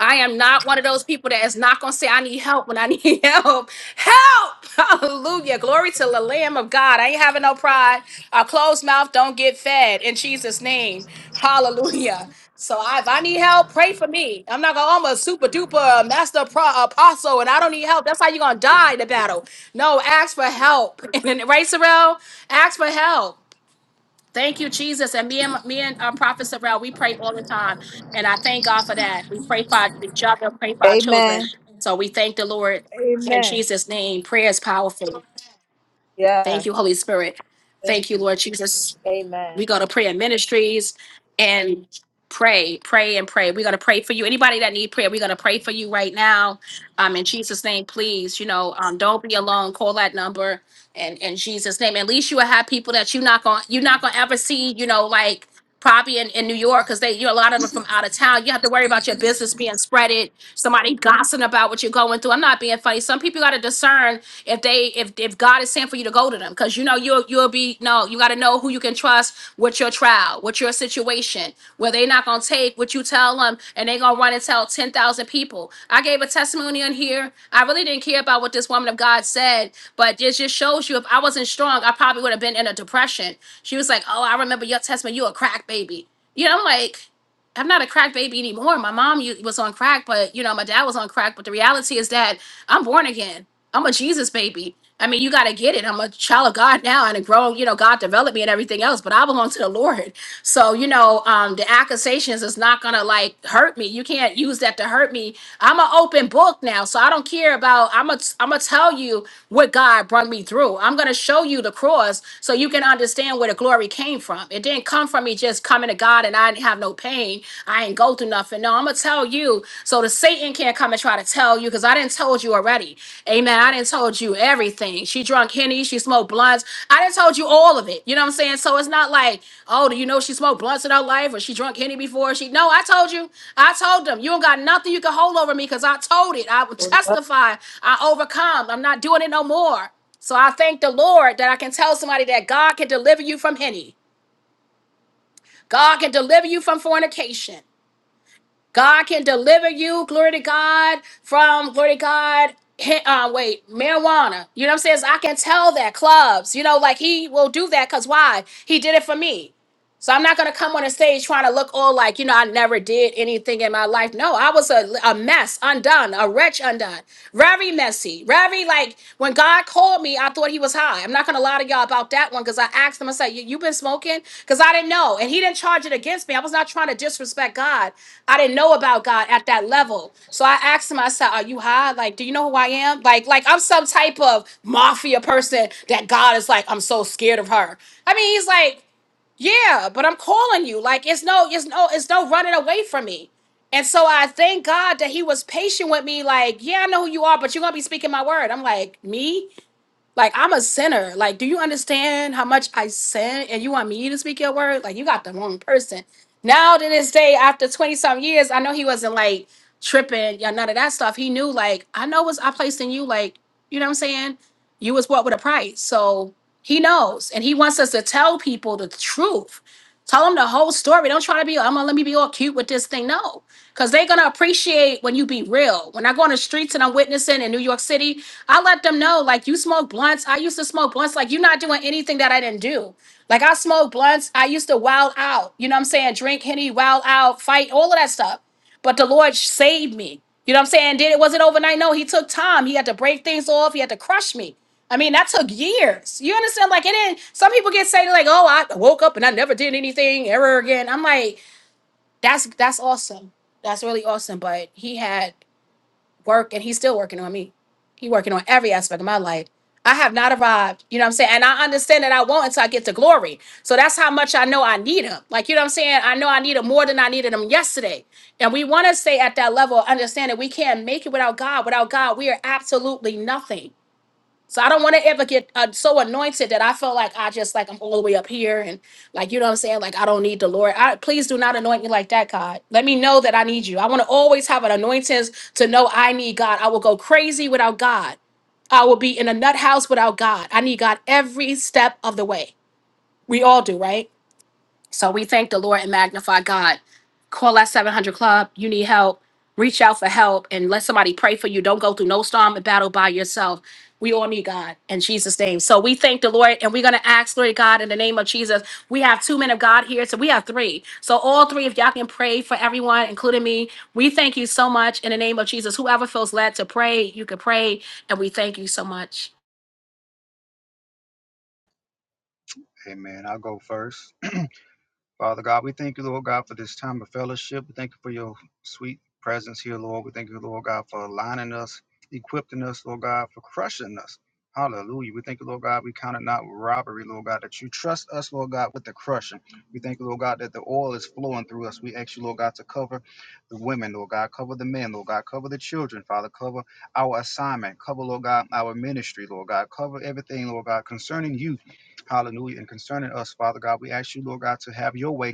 S1: I am not one of those people that is not going to say, I need help when I need help. Help! Hallelujah. Glory to the Lamb of God. I ain't having no pride. A closed mouth don't get fed in Jesus' name. Hallelujah. So I, if I need help, pray for me. I'm not going to, I'm a super duper master pro, apostle and I don't need help. That's how you're going to die in the battle. No, ask for help. And, right, Sorrel? Ask for help. Thank you, Jesus. And me and me and uh, Prophet Sorrell, we pray all the time, and I thank God for that. We pray for our- each other, pray for our
S2: Amen.
S1: children. So we thank the Lord in
S2: Amen.
S1: Jesus' name. Prayer is powerful.
S2: Yeah.
S1: Thank you, Holy Spirit.
S2: Thank
S1: Thank you,
S2: you.
S1: Lord Jesus
S2: Jesus. Amen.
S1: we go to prayer ministries and pray pray and pray we're going to pray for you anybody that need prayer we're going to pray for you right now um in jesus name please you know um don't be alone call that number and in jesus name at least you will have people that you're not going to you're not going to ever see you know like probably in, in new york because they you know a lot of them from out of town you have to worry about your business being spreaded somebody gossiping about what you're going through i'm not being funny some people got to discern if they if if God is saying for you to go to them, because you know you'll you'll be no, you gotta know who you can trust with your trial, with your situation, where they're not gonna take what you tell them and they gonna run and tell ten thousand people. I gave a testimony on here. I really didn't care about what this woman of God said, but it just shows you if I wasn't strong, I probably would have been in a depression. She was like, Oh, I remember your testimony, you a crack baby. You know, I'm like, I'm not a crack baby anymore. My mom u- was on crack, but you know, my dad was on crack. But the reality is that I'm born again. I'm a Jesus baby. I mean, you got to get it. I'm a child of God now and a grown, you know, God developed me and everything else, but I belong to the Lord. So, you know, um, the accusations is not going to like hurt me. You can't use that to hurt me. I'm an open book now. So I don't care about, I'm going I'm gonna tell you what God brought me through. I'm going to show you the cross so you can understand where the glory came from. It didn't come from me just coming to God and I didn't have no pain. I ain't go through nothing. No, I'm going to tell you so the Satan can't come and try to tell you because I didn't tell told you already. Amen. I didn't told you everything. She drunk henny, she smoked blunts. I didn't told you all of it. You know what I'm saying? So it's not like, oh, do you know she smoked blunts in her life or she drunk henny before? She no, I told you. I told them you don't got nothing you can hold over me because I told it. I will testify. I overcome. I'm not doing it no more. So I thank the Lord that I can tell somebody that God can deliver you from henny. God can deliver you from fornication. God can deliver you, glory to God, from glory to God. he- Uh, wait, marijuana. You know what I'm saying? So I can tell that clubs, you know, like he will do that because why? He did it for me. So I'm not gonna come on a stage trying to look all like, you know, I never did anything in my life. No, I was a, a mess, undone, a wretch undone, very messy, very like when God called me, I thought he was high. I'm not gonna lie to y'all about that one because I asked him, I said, you, you been smoking? Because I didn't know. And he didn't charge it against me. I was not trying to disrespect God. I didn't know about God at that level. So I asked him, I said, Are you high? Like, do you know who I am? Like, like I'm some type of mafia person that God is like, I'm so scared of her. I mean, he's like, yeah, but I'm calling you. Like it's no, it's no, it's no running away from me. And so I thank God that he was patient with me, like, yeah, I know who you are, but you're gonna be speaking my word. I'm like, me? Like I'm a sinner. Like, do you understand how much I sin? And you want me to speak your word? Like, you got the wrong person. Now to this day, after twenty some years, I know he wasn't like tripping, yeah, none of that stuff. He knew, like, I know was I placed in you, like, you know what I'm saying? You was bought with a price, so he knows, and he wants us to tell people the truth. Tell them the whole story. Don't try to be. I'm gonna let me be all cute with this thing. No, because they're gonna appreciate when you be real. When I go on the streets and I'm witnessing in New York City, I let them know, like, you smoke blunts. I used to smoke blunts. Like, you're not doing anything that I didn't do. Like, I smoked blunts. I used to wild out. You know what I'm saying? Drink Henny, wild out, fight, all of that stuff. But the Lord saved me. You know what I'm saying? Did it wasn't overnight? No, He took time. He had to break things off. He had to crush me. I mean, that took years. You understand? Like, it didn't. Some people get say like, "Oh, I woke up and I never did anything ever again." I'm like, that's that's awesome. That's really awesome. But He had work, and He's still working on me, working on every my life have not arrived. You know what I'm saying? And I understand that I won't until I get to glory. So that's how much I know I need him. Like, you know what I'm saying? I know I need him more than I needed him yesterday. We want to stay at that level, of understanding. we can't make it without God. Without God, we are absolutely nothing. So I don't want to ever get uh, so anointed that I feel like I just like I'm all the way up here and like you know what I'm saying like I don't need the Lord. I, please do not anoint me like that, God. Let me know that I need you. I want to always have an anointing to know I need God. I will go crazy without God. I will be in a nut house without God. I need God every step of the way. We all do, right? So we thank the Lord and magnify God. Call that 700 Club. You need help. Reach out for help and let somebody pray for you. Don't go through no storm and battle by yourself. We all need God in Jesus' name. So we thank the Lord and we're going to ask, Lord God, in the name of Jesus. We have two men of God here, so we have three. So all three, if y'all can pray for everyone, including me, we thank you so much in the name of Jesus. Whoever feels led to pray, you can pray. And we thank you so much.
S7: Amen. I'll go first. Father God, we thank you, Lord God, for this time of fellowship. We thank you for your sweet presence here, Lord. We thank you, Lord God, for aligning us, equipping us, Lord God, for crushing us. Hallelujah. We thank you, Lord God, we count it not robbery, Lord God, that you trust us, Lord God, with the crushing. We thank you, Lord God, that the oil is flowing through us. We ask you, Lord God, to cover the women, Lord God, cover the men, Lord God, cover the children, Father, cover our assignment, cover, Lord God, our ministry, Lord God, cover everything, Lord God, concerning you Hallelujah. And concerning us, Father God, we ask you, Lord God, to have your way.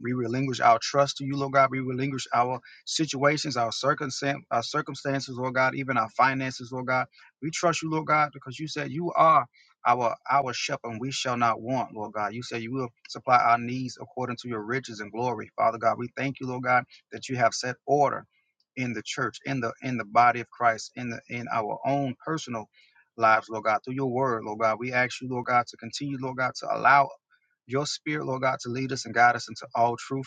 S7: We relinquish our trust to you, Lord God. We relinquish our situations, our circumstance, our circumstances, Lord God, even our finances, Lord God. We trust you, Lord God, because you said you are our our shepherd and we shall not want, Lord God. You said you will supply our needs according to your riches and glory. Father God, we thank you, Lord God, that you have set order in the church, in the in the body of Christ, in the in our own personal lives, Lord God, through your word, Lord God. We ask you, Lord God, to continue, Lord God, to allow your spirit, Lord God, to lead us and guide us into all truth.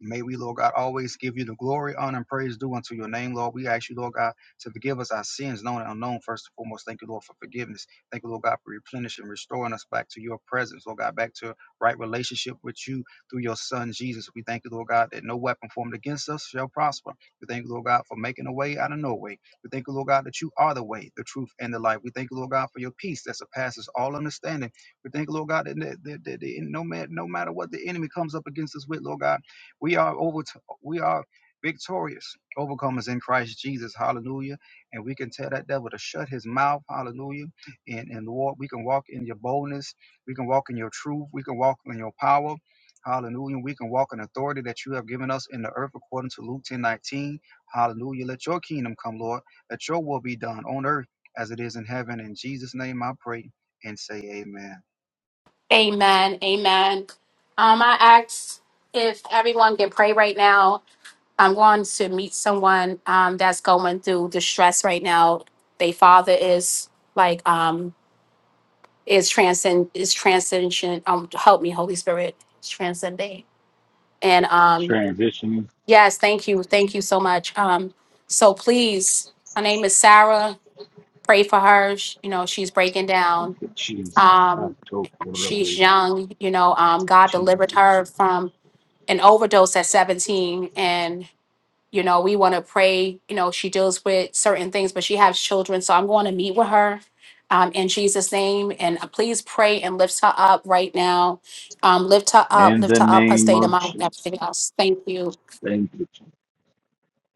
S7: May we, Lord God, always give you the glory, honor, and praise due unto your name, Lord. We ask you, Lord God, to forgive us our sins, known and unknown, first and foremost. Thank you, Lord, for forgiveness. Thank you, Lord God, for replenishing, restoring us back to your presence, Lord God, back to right relationship with you through your Son, Jesus. We thank you, Lord God, that no weapon formed against us shall prosper. We thank you, Lord God, for making a way out of no way. We thank you, Lord God, that you are the way, the truth, and the life. We thank you, Lord God, for your peace that surpasses all understanding. We thank you, Lord God, that, that, that, that no, ma- no matter what the enemy comes up against us with, Lord God, we are over we are victorious, overcomers in Christ Jesus. Hallelujah. And we can tell that devil to shut his mouth. Hallelujah. And and Lord, we can walk in your boldness. We can walk in your truth. We can walk in your power. Hallelujah. We can walk in authority that you have given us in the earth according to Luke 10 19. Hallelujah. Let your kingdom come, Lord. Let your will be done on earth as it is in heaven. In Jesus' name I pray and say amen.
S1: Amen. Amen. Um, I asked if everyone can pray right now. I'm going to meet someone um, that's going through distress right now. Their father is like um is transcend is transcendent. Um, help me, Holy Spirit, It's transcending. And um,
S10: Transitioning,
S1: yes, thank you, thank you so much. Um, so please, her name is Sarah. Pray for her. Sh- You know she's breaking down.
S10: to Jesus. I
S1: Um,
S10: took one of
S1: she's
S10: those.
S1: young. You know, um, God delivered
S10: Jesus.
S1: them and name and uh, please pray and lift her up now. Lift her up,
S10: In
S1: lift
S10: the
S1: her up, her
S10: name
S1: state of
S10: of
S1: mind, and
S10: Jesus.
S1: everything else. Thank you.
S10: Thank you. Jesus.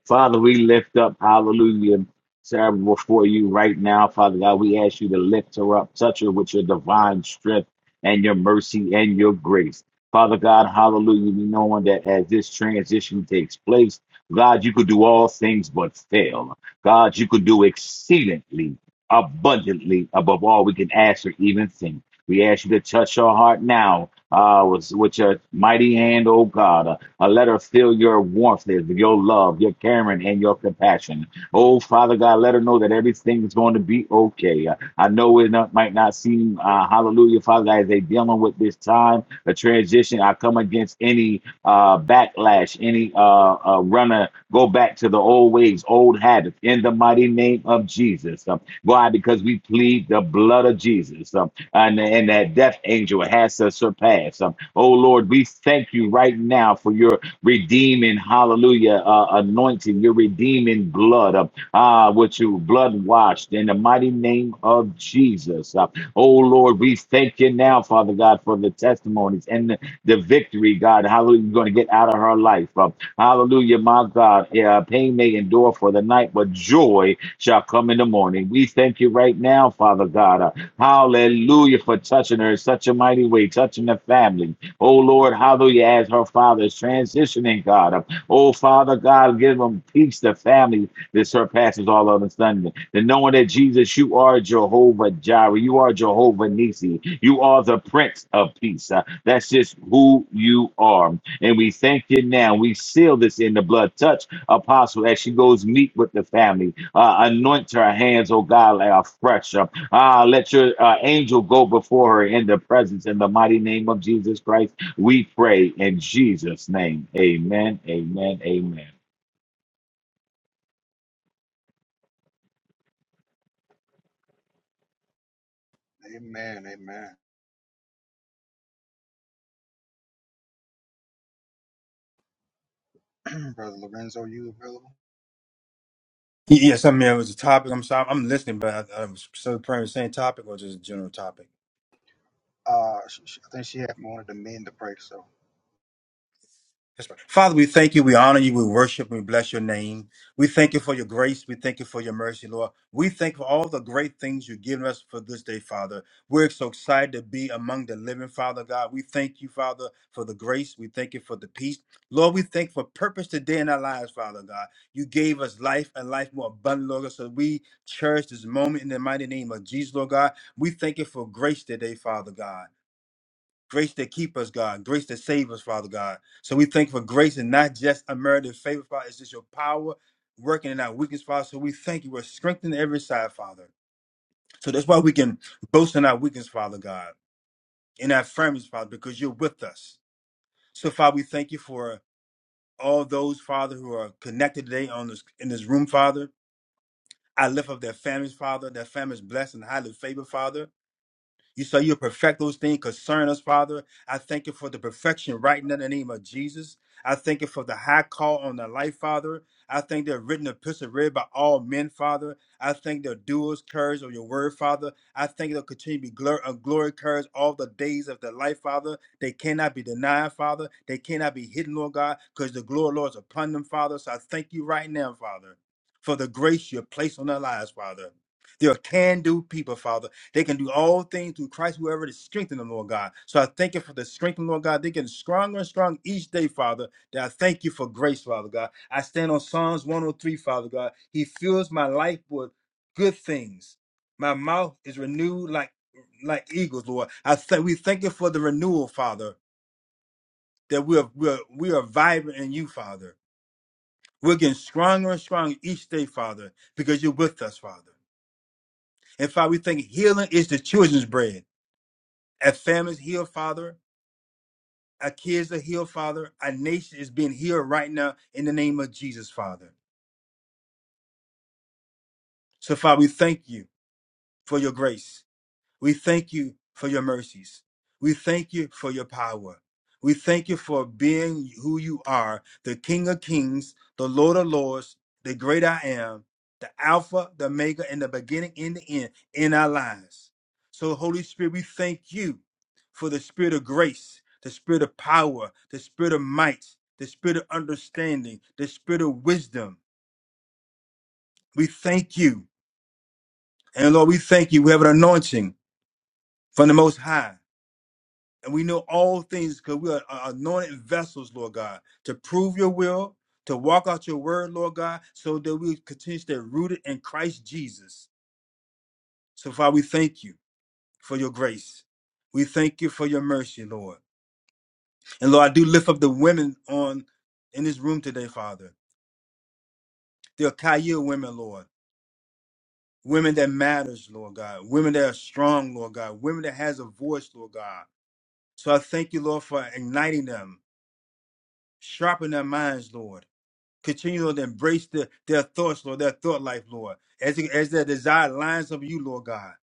S10: Father, we lift up, hallelujah, Sarah, before you right now, Father God. We ask you to lift her up, touch her with your divine strength and your mercy and your grace. Father God, hallelujah, we knowing that as this transition takes place, God, you could do all things but fail. God, you could do exceedingly, abundantly above all we can ask or even think. We ask you to touch her heart now uh, with, with your mighty hand, oh God. Uh, uh, let her feel your warmth, your love, your caring, and your compassion. Oh, Father God, let her know that everything is going to be okay. Uh, I know it not, might not seem, uh, hallelujah, Father God, as they dealing with this time, a transition. I come against any uh, backlash, any uh, uh, runner, go back to the old ways, old habits, in the mighty name of Jesus. Um, why? Because we plead the blood of Jesus, um, and, and that death angel has to surpass. Um, oh, Lord, we thank you right now for your redeeming, hallelujah, uh, anointing, your redeeming blood, uh, uh, which you blood washed in the mighty name of Jesus. Uh, oh Lord, we thank you now, Father God, for the testimonies and the, the victory, God. Hallelujah, you're going to get out of her life. Uh, hallelujah, my God of God, yeah, pain may endure for the night, but joy shall come in the morning. We thank you right now, Father God. uh, hallelujah for touching her in such a mighty way, touching the family. Oh Lord, hallelujah, as her father is transitioning, God. uh, oh Father God, give them peace, the family that surpasses all understanding. And knowing that Jesus, you are Jehovah Jireh, you are Jehovah Nisi, you are the Prince of Peace. Uh, that's just who you are. And we thank you now. We seal this in the blood. Touch Apostle as she goes meet with the family. Uh, anoint her hands, oh God, like a fresh. Uh, uh, let your uh, angel go before her in the presence in the mighty name of Jesus Christ. We pray in Jesus' name. Amen. Amen. Amen.
S7: Amen. Amen. Brother Lorenzo, you available?
S5: Y- Yes, I mean it was a topic. I'm sorry, I'm listening, but I, I was so praying the same topic or just a general topic.
S7: Uh, she, she- I think she had wanted the men to pray so
S5: Yes, ma'am. Father, we thank you, we honor you, we worship, we bless your name. We thank you for your grace, we thank you for your mercy, Lord. We thank you for all the great things you've given us for this day, Father. We're so excited to be among the living, Father God. We thank you, Father, for the grace. We thank you for the peace. Lord, we thank you for purpose today in our lives, Father God. You gave us life and life more abundant, Lord God, so we cherish this moment in the mighty name of Jesus, Lord God. We thank you for grace today, Father God grace to keep us, God, grace to save us, Father God. So we thank you for grace and not just unmerited favor, Father. It's just your power working in our weakness, Father. So we thank you. We're strengthened every side, Father. So that's why we can boast in our weakness, Father God, in our families, Father, because you're with us. So, Father, we thank you for all those, Father, who are connected today on this in this room, Father. I lift up their families, Father. Their families blessed and highly favored, Father. You say you'll perfect those things concern us, Father. I thank you for the perfection right now in the name of Jesus. I thank you for the high call on the life, Father. I thank the written epistle read by all men, Father. I thank the doers, courage of your word, Father. I thank they'll continue to be glory, uh, glory, courage all the days of their life, Father. They cannot be denied, Father. They cannot be hidden, Lord God, because the glory, Lord, is upon them, Father. So I thank you right now, Father, for the grace you have placed on their lives, Father. They're can do people, Father. They can do all things through Christ, whoever to strengthen them, Lord God. So I thank you for the strength, Lord God. They're getting stronger and stronger each day, Father. That I thank you for grace, Father God. I stand on Psalms 103, Father God. He fills my life with good things. My mouth is renewed like like eagles, Lord. I thank we thank you for the renewal, Father, that we are we are, we are vibrant in you, Father. We're getting stronger and stronger each day, Father, because you're with us, Father. And Father, we think healing is the children's bread. A family's healed, Father. Our kids are healed, Father. Our nation is being healed right now in the name of Jesus, Father. So, Father, we thank you for your grace. We thank you for your mercies. We thank you for your power. We thank you for being who you are, the King of Kings, the Lord of Lords, the great I am, the Alpha, the Omega, and the beginning and the end in our lives. So, Holy Spirit, we thank you for the spirit of grace, the spirit of power, the spirit of might, the spirit of understanding, the spirit of wisdom. We thank you. And Lord, we thank you. We have an anointing from the Most High And we know all things because we are are anointed vessels, Lord God, to prove your will, to walk out your word, Lord God, so that we continue to stay rooted in Christ Jesus. So, Father, we thank you for your grace. We thank you for your mercy, Lord. And Lord, I do lift up the women on in this room today, Father. They're Akaya women, Lord. Women that matters, Lord God. Women that are strong, Lord God. Women that has a voice, Lord God. So I thank you, Lord, for igniting them, sharpening their minds, Lord Continue, Lord, to embrace the, their thoughts, Lord, their thought life, Lord, as, they- as their desire lines up with you, Lord God.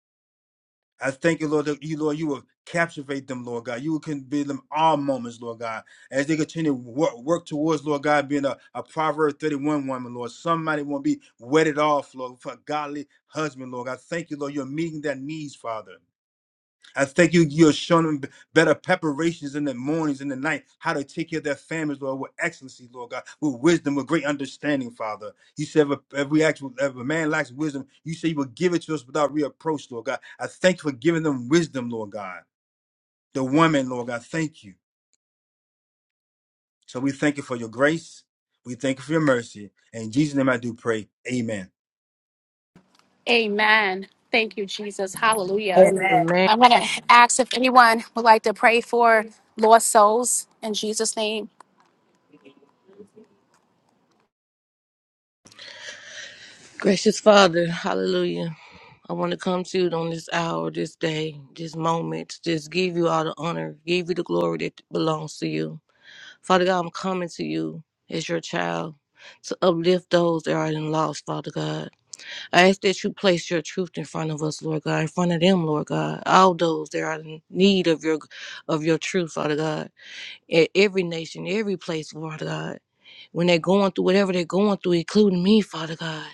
S5: I thank you, Lord, that you, Lord, you will captivate them, Lord God. You will convey them all moments, Lord God, as they continue to work, work towards, Lord God, being a, a Proverbs 31 woman, Lord. Somebody won't be wedded off, Lord, for a godly husband, Lord. I thank you, Lord, you're meeting their needs, Father. I thank you. You're showing them better preparations in the mornings and the night, how to take care of their families, Lord, with excellency, Lord God, with wisdom, with great understanding, Father. You said if a, if we ask, if a man lacks wisdom, you say you will give it to us without reapproach, Lord God. I thank you for giving them wisdom, Lord God. The woman, Lord God, thank you. So we thank you for your grace. We thank you for your mercy. And in Jesus' name I do pray. Amen.
S1: Amen. Thank you, Jesus. Hallelujah.
S2: Amen.
S8: Amen.
S1: I'm going to ask if anyone would like to pray for lost souls in Jesus' name.
S8: Gracious Father, hallelujah. I want to come to you on this hour, this day, this moment. Just give you all the honor, give you the glory that belongs to you. Father God, I'm coming to you as your child to uplift those that are in loss, Father God. I ask that you place your truth in front of us, Lord God, in front of them, Lord God. All those that are in need of your of your truth, Father God. In every nation, every place, Lord God. When they're going through whatever they're going through, including me, Father God.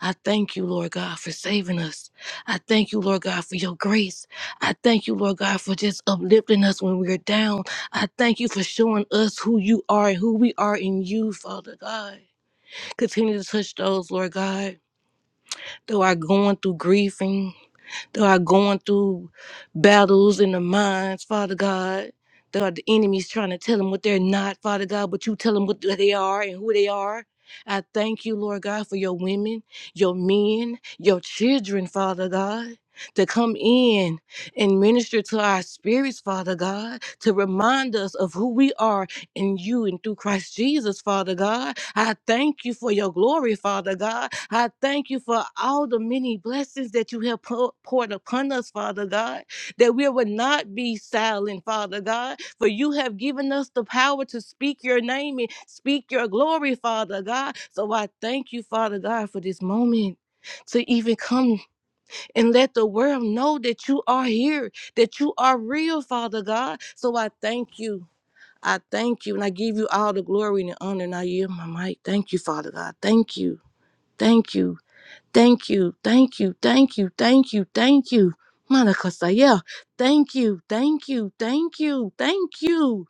S8: I thank you, Lord God, for saving us. I thank you, Lord God, for your grace. I thank you, Lord God, for just uplifting us when we're down. I thank you for showing us who you are and who we are in you, Father God. Continue to touch those, Lord God, that are going through grieving that are going through battles in the minds, Father God. That are the enemies trying to tell them what they're not, Father God, but you tell them what they are and who they are. I thank you, Lord God, for your women, your men, your children, Father God, to come in and minister to our spirits, Father God, to remind us of who we are in you and through Christ Jesus, Father God. I thank you for your glory, Father God. I thank you for all the many blessings that you have pou- poured upon us, Father God, that we would not be silent, Father God, for you have given us the power to speak your name and speak your glory, Father God. So I thank you, Father God, for this moment. To even come and let the world know that you are here, that you are real, Father God. So I thank you. I thank you and I give you all the glory and the honor and I yield my mic. Thank you, Father God. Thank you. Thank you. Thank you. Thank you. Thank you. Thank you. Thank you. Monica Sayel. Thank you. Thank you. Thank you. Thank you.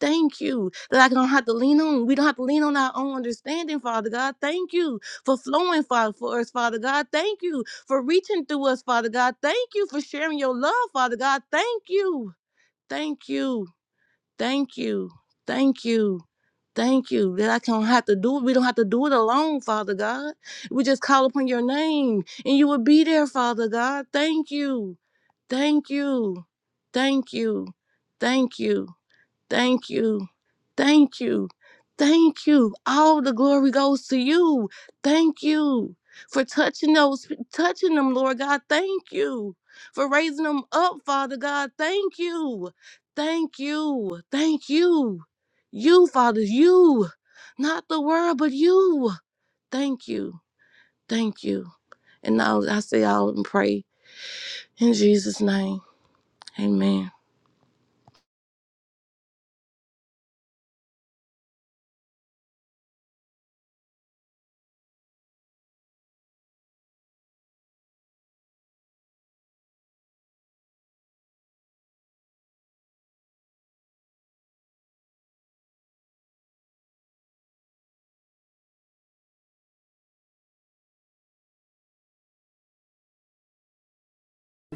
S8: Thank you. That I don't have to lean on. We don't have to lean on our own understanding, Father God. Thank you for flowing, Father, for us, Father God. Thank you for reaching through us, Father God. Thank you for sharing your love, Father God. Thank you. Thank you. Thank you. Thank you. Thank you that I don't have to do it. We don't have to do it alone, Father God. We just call upon your name and you will be there, Father God. Thank you. Thank you. Thank you. Thank you. Thank you. Thank you. Thank you. All the glory goes to you. Thank you for touching those touching them, Lord God. Thank you for raising them up, Father God. Thank you. Thank you. Thank you. You, Father, you. Not the world, but you. Thank you. Thank you. And now I say all and pray in Jesus' name. Amen.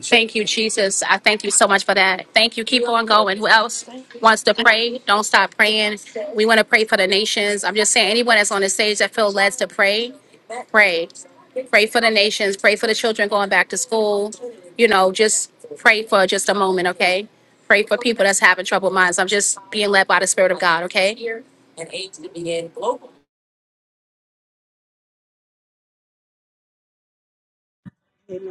S1: Thank you, Jesus. I thank you so much for that. Thank you. Keep on
S8: Lord,
S1: going. Who else
S8: thank
S1: wants to pray? Don't stop praying. We want to pray for the nations. I'm just saying, anyone that's on the stage that feels led to pray, pray. Pray for the nations. Pray for the children going back to school. You know, just pray for just a moment, okay? Pray for people that's having troubled minds. I'm just being led by the Spirit of God, okay?
S9: Amen.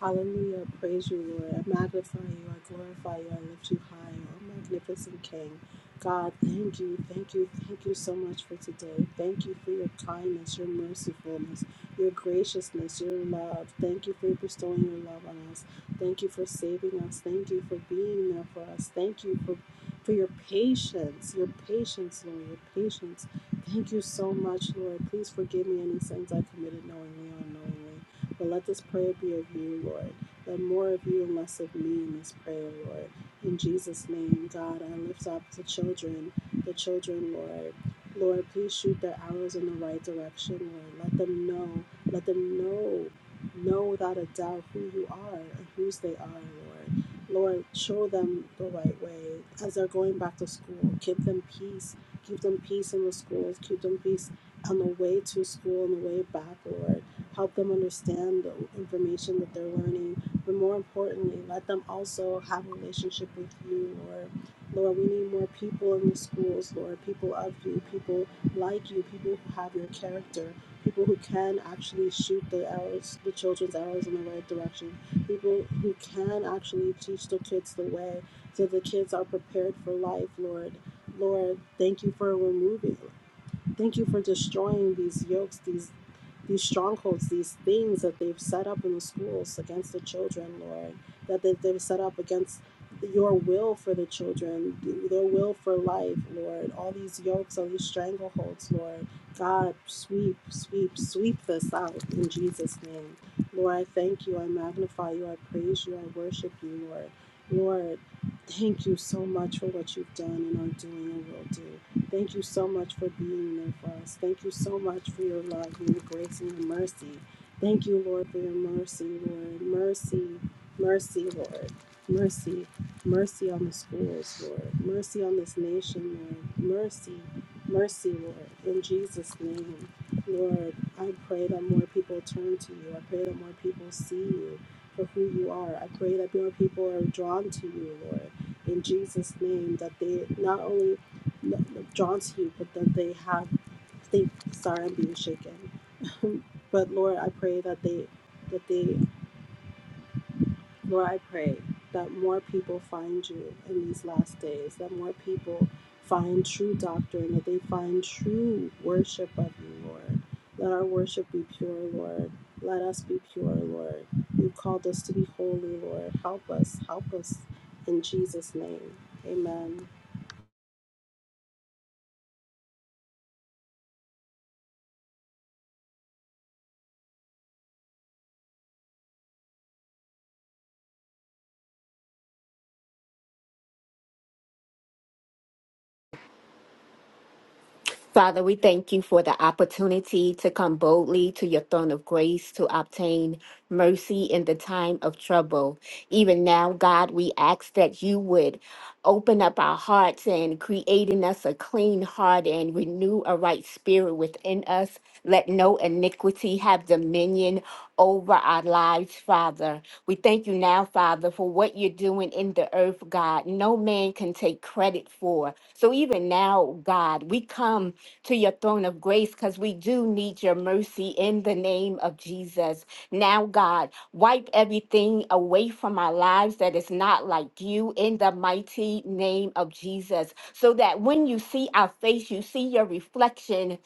S9: Hallelujah. Praise you, Lord. I magnify you. I glorify you. I lift you high. Oh, magnificent King. God, thank you. Thank you. Thank you so much for today. Thank you for your kindness, your mercifulness, your graciousness, your love. Thank you for bestowing your love on us. Thank you for saving us. Thank you for being there for us. Thank you for, for your patience. Your patience, Lord. Your patience. Thank you so much, Lord. Please forgive me any sins I committed knowingly or unknowingly. But let this prayer be of you, Lord. Let more of you and less of me in this prayer, Lord. In Jesus' name, God, I lift up the children, the children, Lord. Lord, please shoot their arrows in the right direction, Lord. Let them know, let them know, know without a doubt who you are and whose they are, Lord. Lord, show them the right way as they're going back to school. Give them peace. Give them peace in the schools. Give them peace on the way to school and the way back, Lord help them understand the information that they're learning, but more importantly, let them also have a relationship with you, Lord. Lord, we need more people in the schools, Lord, people of you, people like you, people who have your character, people who can actually shoot the arrows, the children's arrows in the right direction, people who can actually teach the kids the way so the kids are prepared for life, Lord. Lord, thank you for removing. Thank you for destroying these yokes, these these strongholds, these things that they've set up in the schools against the children, Lord, that they, they've set up against your will for the children, their will for life, Lord. All these yokes, all these strangleholds, Lord. God, sweep, sweep, sweep this out in Jesus' name. Lord, I thank you. I magnify you. I praise you. I worship you, Lord. Lord, thank you so much for what you've done and are doing and will do. Thank you so much for being there for us. Thank you so much for your love and your grace and your mercy. Thank you, Lord, for your mercy, Lord. Mercy, mercy, Lord. Mercy, mercy on the schools, Lord. Mercy on this nation, Lord. Mercy, mercy, Lord. In Jesus' name, Lord, I pray that more people turn to you. I pray that more people see you for who you are. I pray that more people are drawn to you, Lord. In Jesus' name, that they not only drawn to you, but that they have they sorry I'm being shaken. But Lord, I pray that they that they Lord, I pray that more people find you in these last days, that more people find true doctrine, that they find true worship of you, Lord. Let our worship be pure, Lord. Let us be pure, Lord. You've called us to be holy, Lord. Help us, help us in Jesus' name. Amen.
S11: Father, we thank you for the opportunity to come boldly to your throne of grace to obtain mercy in the time of trouble. Even now, God, we ask that you would open up our hearts and create in us a clean heart and renew a right spirit within us. Let no iniquity have dominion over our lives, Father. We thank you now, Father, for what you're doing in the earth, God. No man can take credit for. So even now, God, we come to your throne of grace because we do need your mercy in the name of Jesus. Now, God, wipe everything away from our lives that is not like you in the mighty name of Jesus, so that when you see our face, you see your reflection.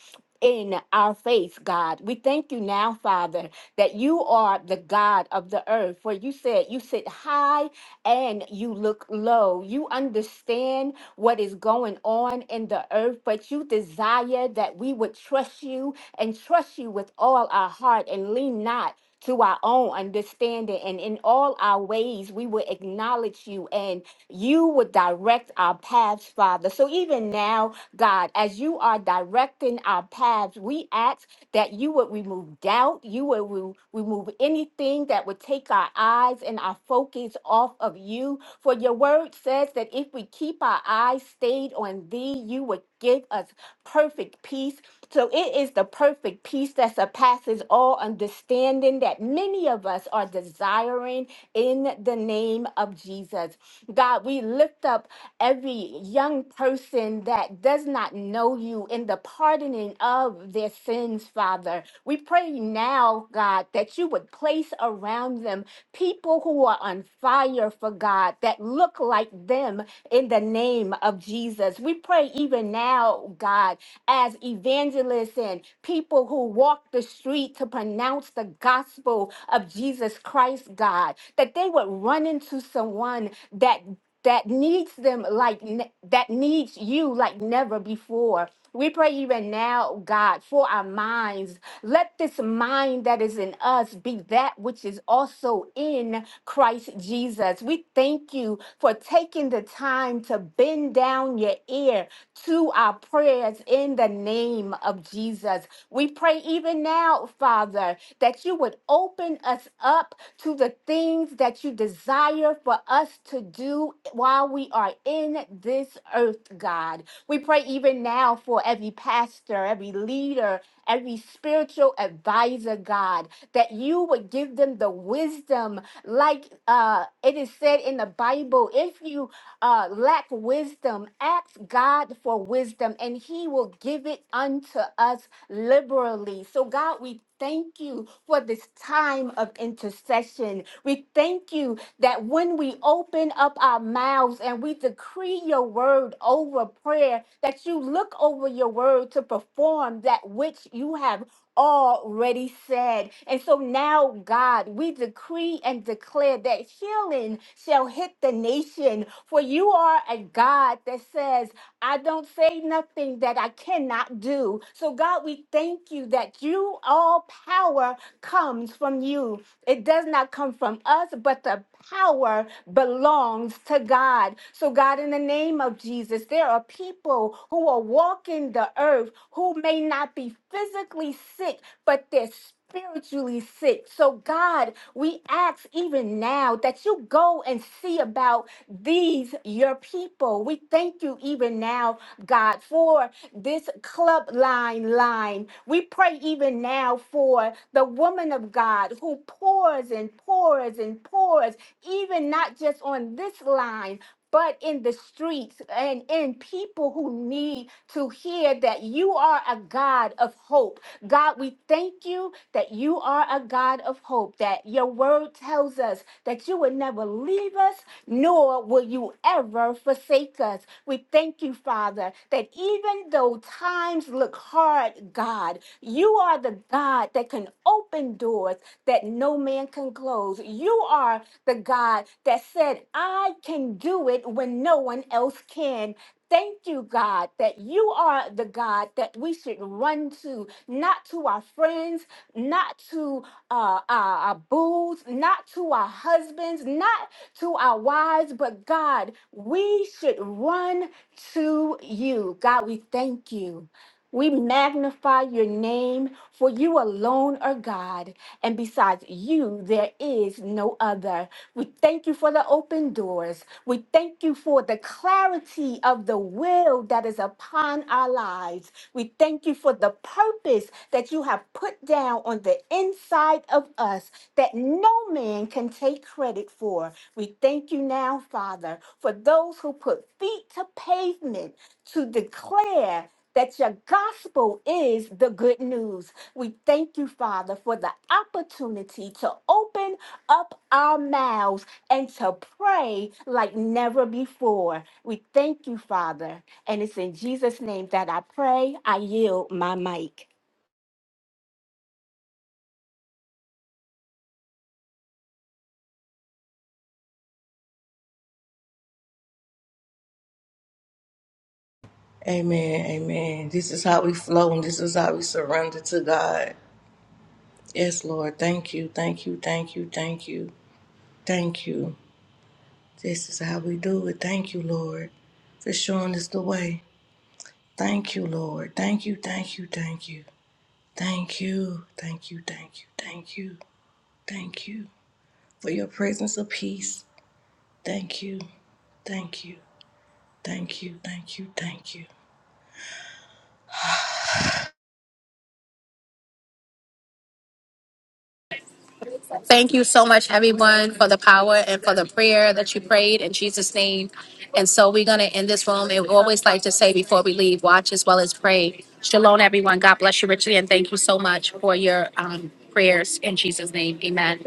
S11: In our face, God. We thank you now, Father, that you are the God of the earth. For you said you sit high and you look low. You understand what is going on in the earth, but you desire that we would trust you and trust you with all our heart and lean not to our own understanding. And in all our ways, we will acknowledge you and you would direct our paths, Father. So even now, God, as you are directing our paths, we ask that you would remove doubt, you would re- remove anything that would take our eyes and our focus off of you. For your word says that if we keep our eyes stayed on thee, you would give us perfect peace. So it is the perfect peace that surpasses all understanding that many of us are desiring in the name of Jesus. God, we lift up every young person that does not know you in the pardoning of their sins, Father. We pray now, God, that you would place around them people who are on fire for God that look like them in the name of Jesus. We pray even now, God, as evangelists and people who walk the street to pronounce the gospel of Jesus Christ, God, that they would run into someone that that needs them like ne- that needs you like never before. We pray even now, God, for our minds. Let this mind that is in us be that which is also in Christ Jesus. We thank you for taking the time to bend down your ear to our prayers in the name of Jesus. We pray even now, Father, that you would open us up to the things that you desire for us to do while we are in this earth, God. We pray even now for every pastor, every leader, every spiritual advisor, God, that you would give them the wisdom, like uh, it is said in the Bible. if. If you uh, lack wisdom, ask God for wisdom, and He will give it unto us liberally. So, God, we thank you for this time of intercession. We thank you that when we open up our mouths and we decree your word over prayer, that you look over your word to perform that which you have already said. And so now, God, we decree and declare that healing shall hit the nation. For you are a God that says, I don't say nothing that I cannot do. So, God, we thank you that you all power comes from you. It does not come from us, but the power belongs to God. So, God, in the name of Jesus, there are people who are walking the earth who may not be physically sick, but they're spiritually sick. So, God, we ask even now that you go and see about these, your people. We thank you even now now, God, for this club line line. We pray even now for the woman of God who pours and pours and pours, even not just on this line. But in the streets and in people who need to hear that you are a God of hope. God, we thank you that you are a God of hope that your word tells us that you will never leave us, nor will you ever forsake us. We thank you, Father, that even though times look hard, God, you are the God that can open doors that no man can close. You are the God that said, I can do it when no one else can. Thank you, God, that you are the God that we should run to, not to our friends, not to uh, our, our booths, not to our husbands, not to our wives, but God, we should run to you. God, we thank you. We magnify your name, for you alone are God, and besides you, there is no other. We thank you for the open doors. We thank you for the clarity of the will that is upon our lives. We thank you for the purpose that you have put down on the inside of us that no man can take credit for. We thank you now, Father, for those who put feet to pavement to declare that your gospel is the good news. We thank you, Father, for the opportunity to open up our mouths and to pray like never before. We thank you, Father. And it's in Jesus' name that I pray. I yield my mic.
S8: Amen. Amen. This is how we flow and this is how we surrender to God. Yes, Lord. Thank you. Thank you. Thank you. Thank you. Thank you. This is how we do it. Thank you, Lord, for showing us the way. Thank you, Lord. Thank you. Thank you. Thank you. Thank you. Thank you. Thank you. Thank you. Thank you for your presence of peace. Thank you. Thank you. Thank you. Thank you. Thank you.
S1: Thank you so much, everyone, for the power and for the prayer that you prayed in Jesus' name. And so we're going to end this room. And we always like to say before we leave, watch as well as pray. Shalom, everyone. God bless you richly. And thank you so much for your um, prayers in Jesus' name. Amen.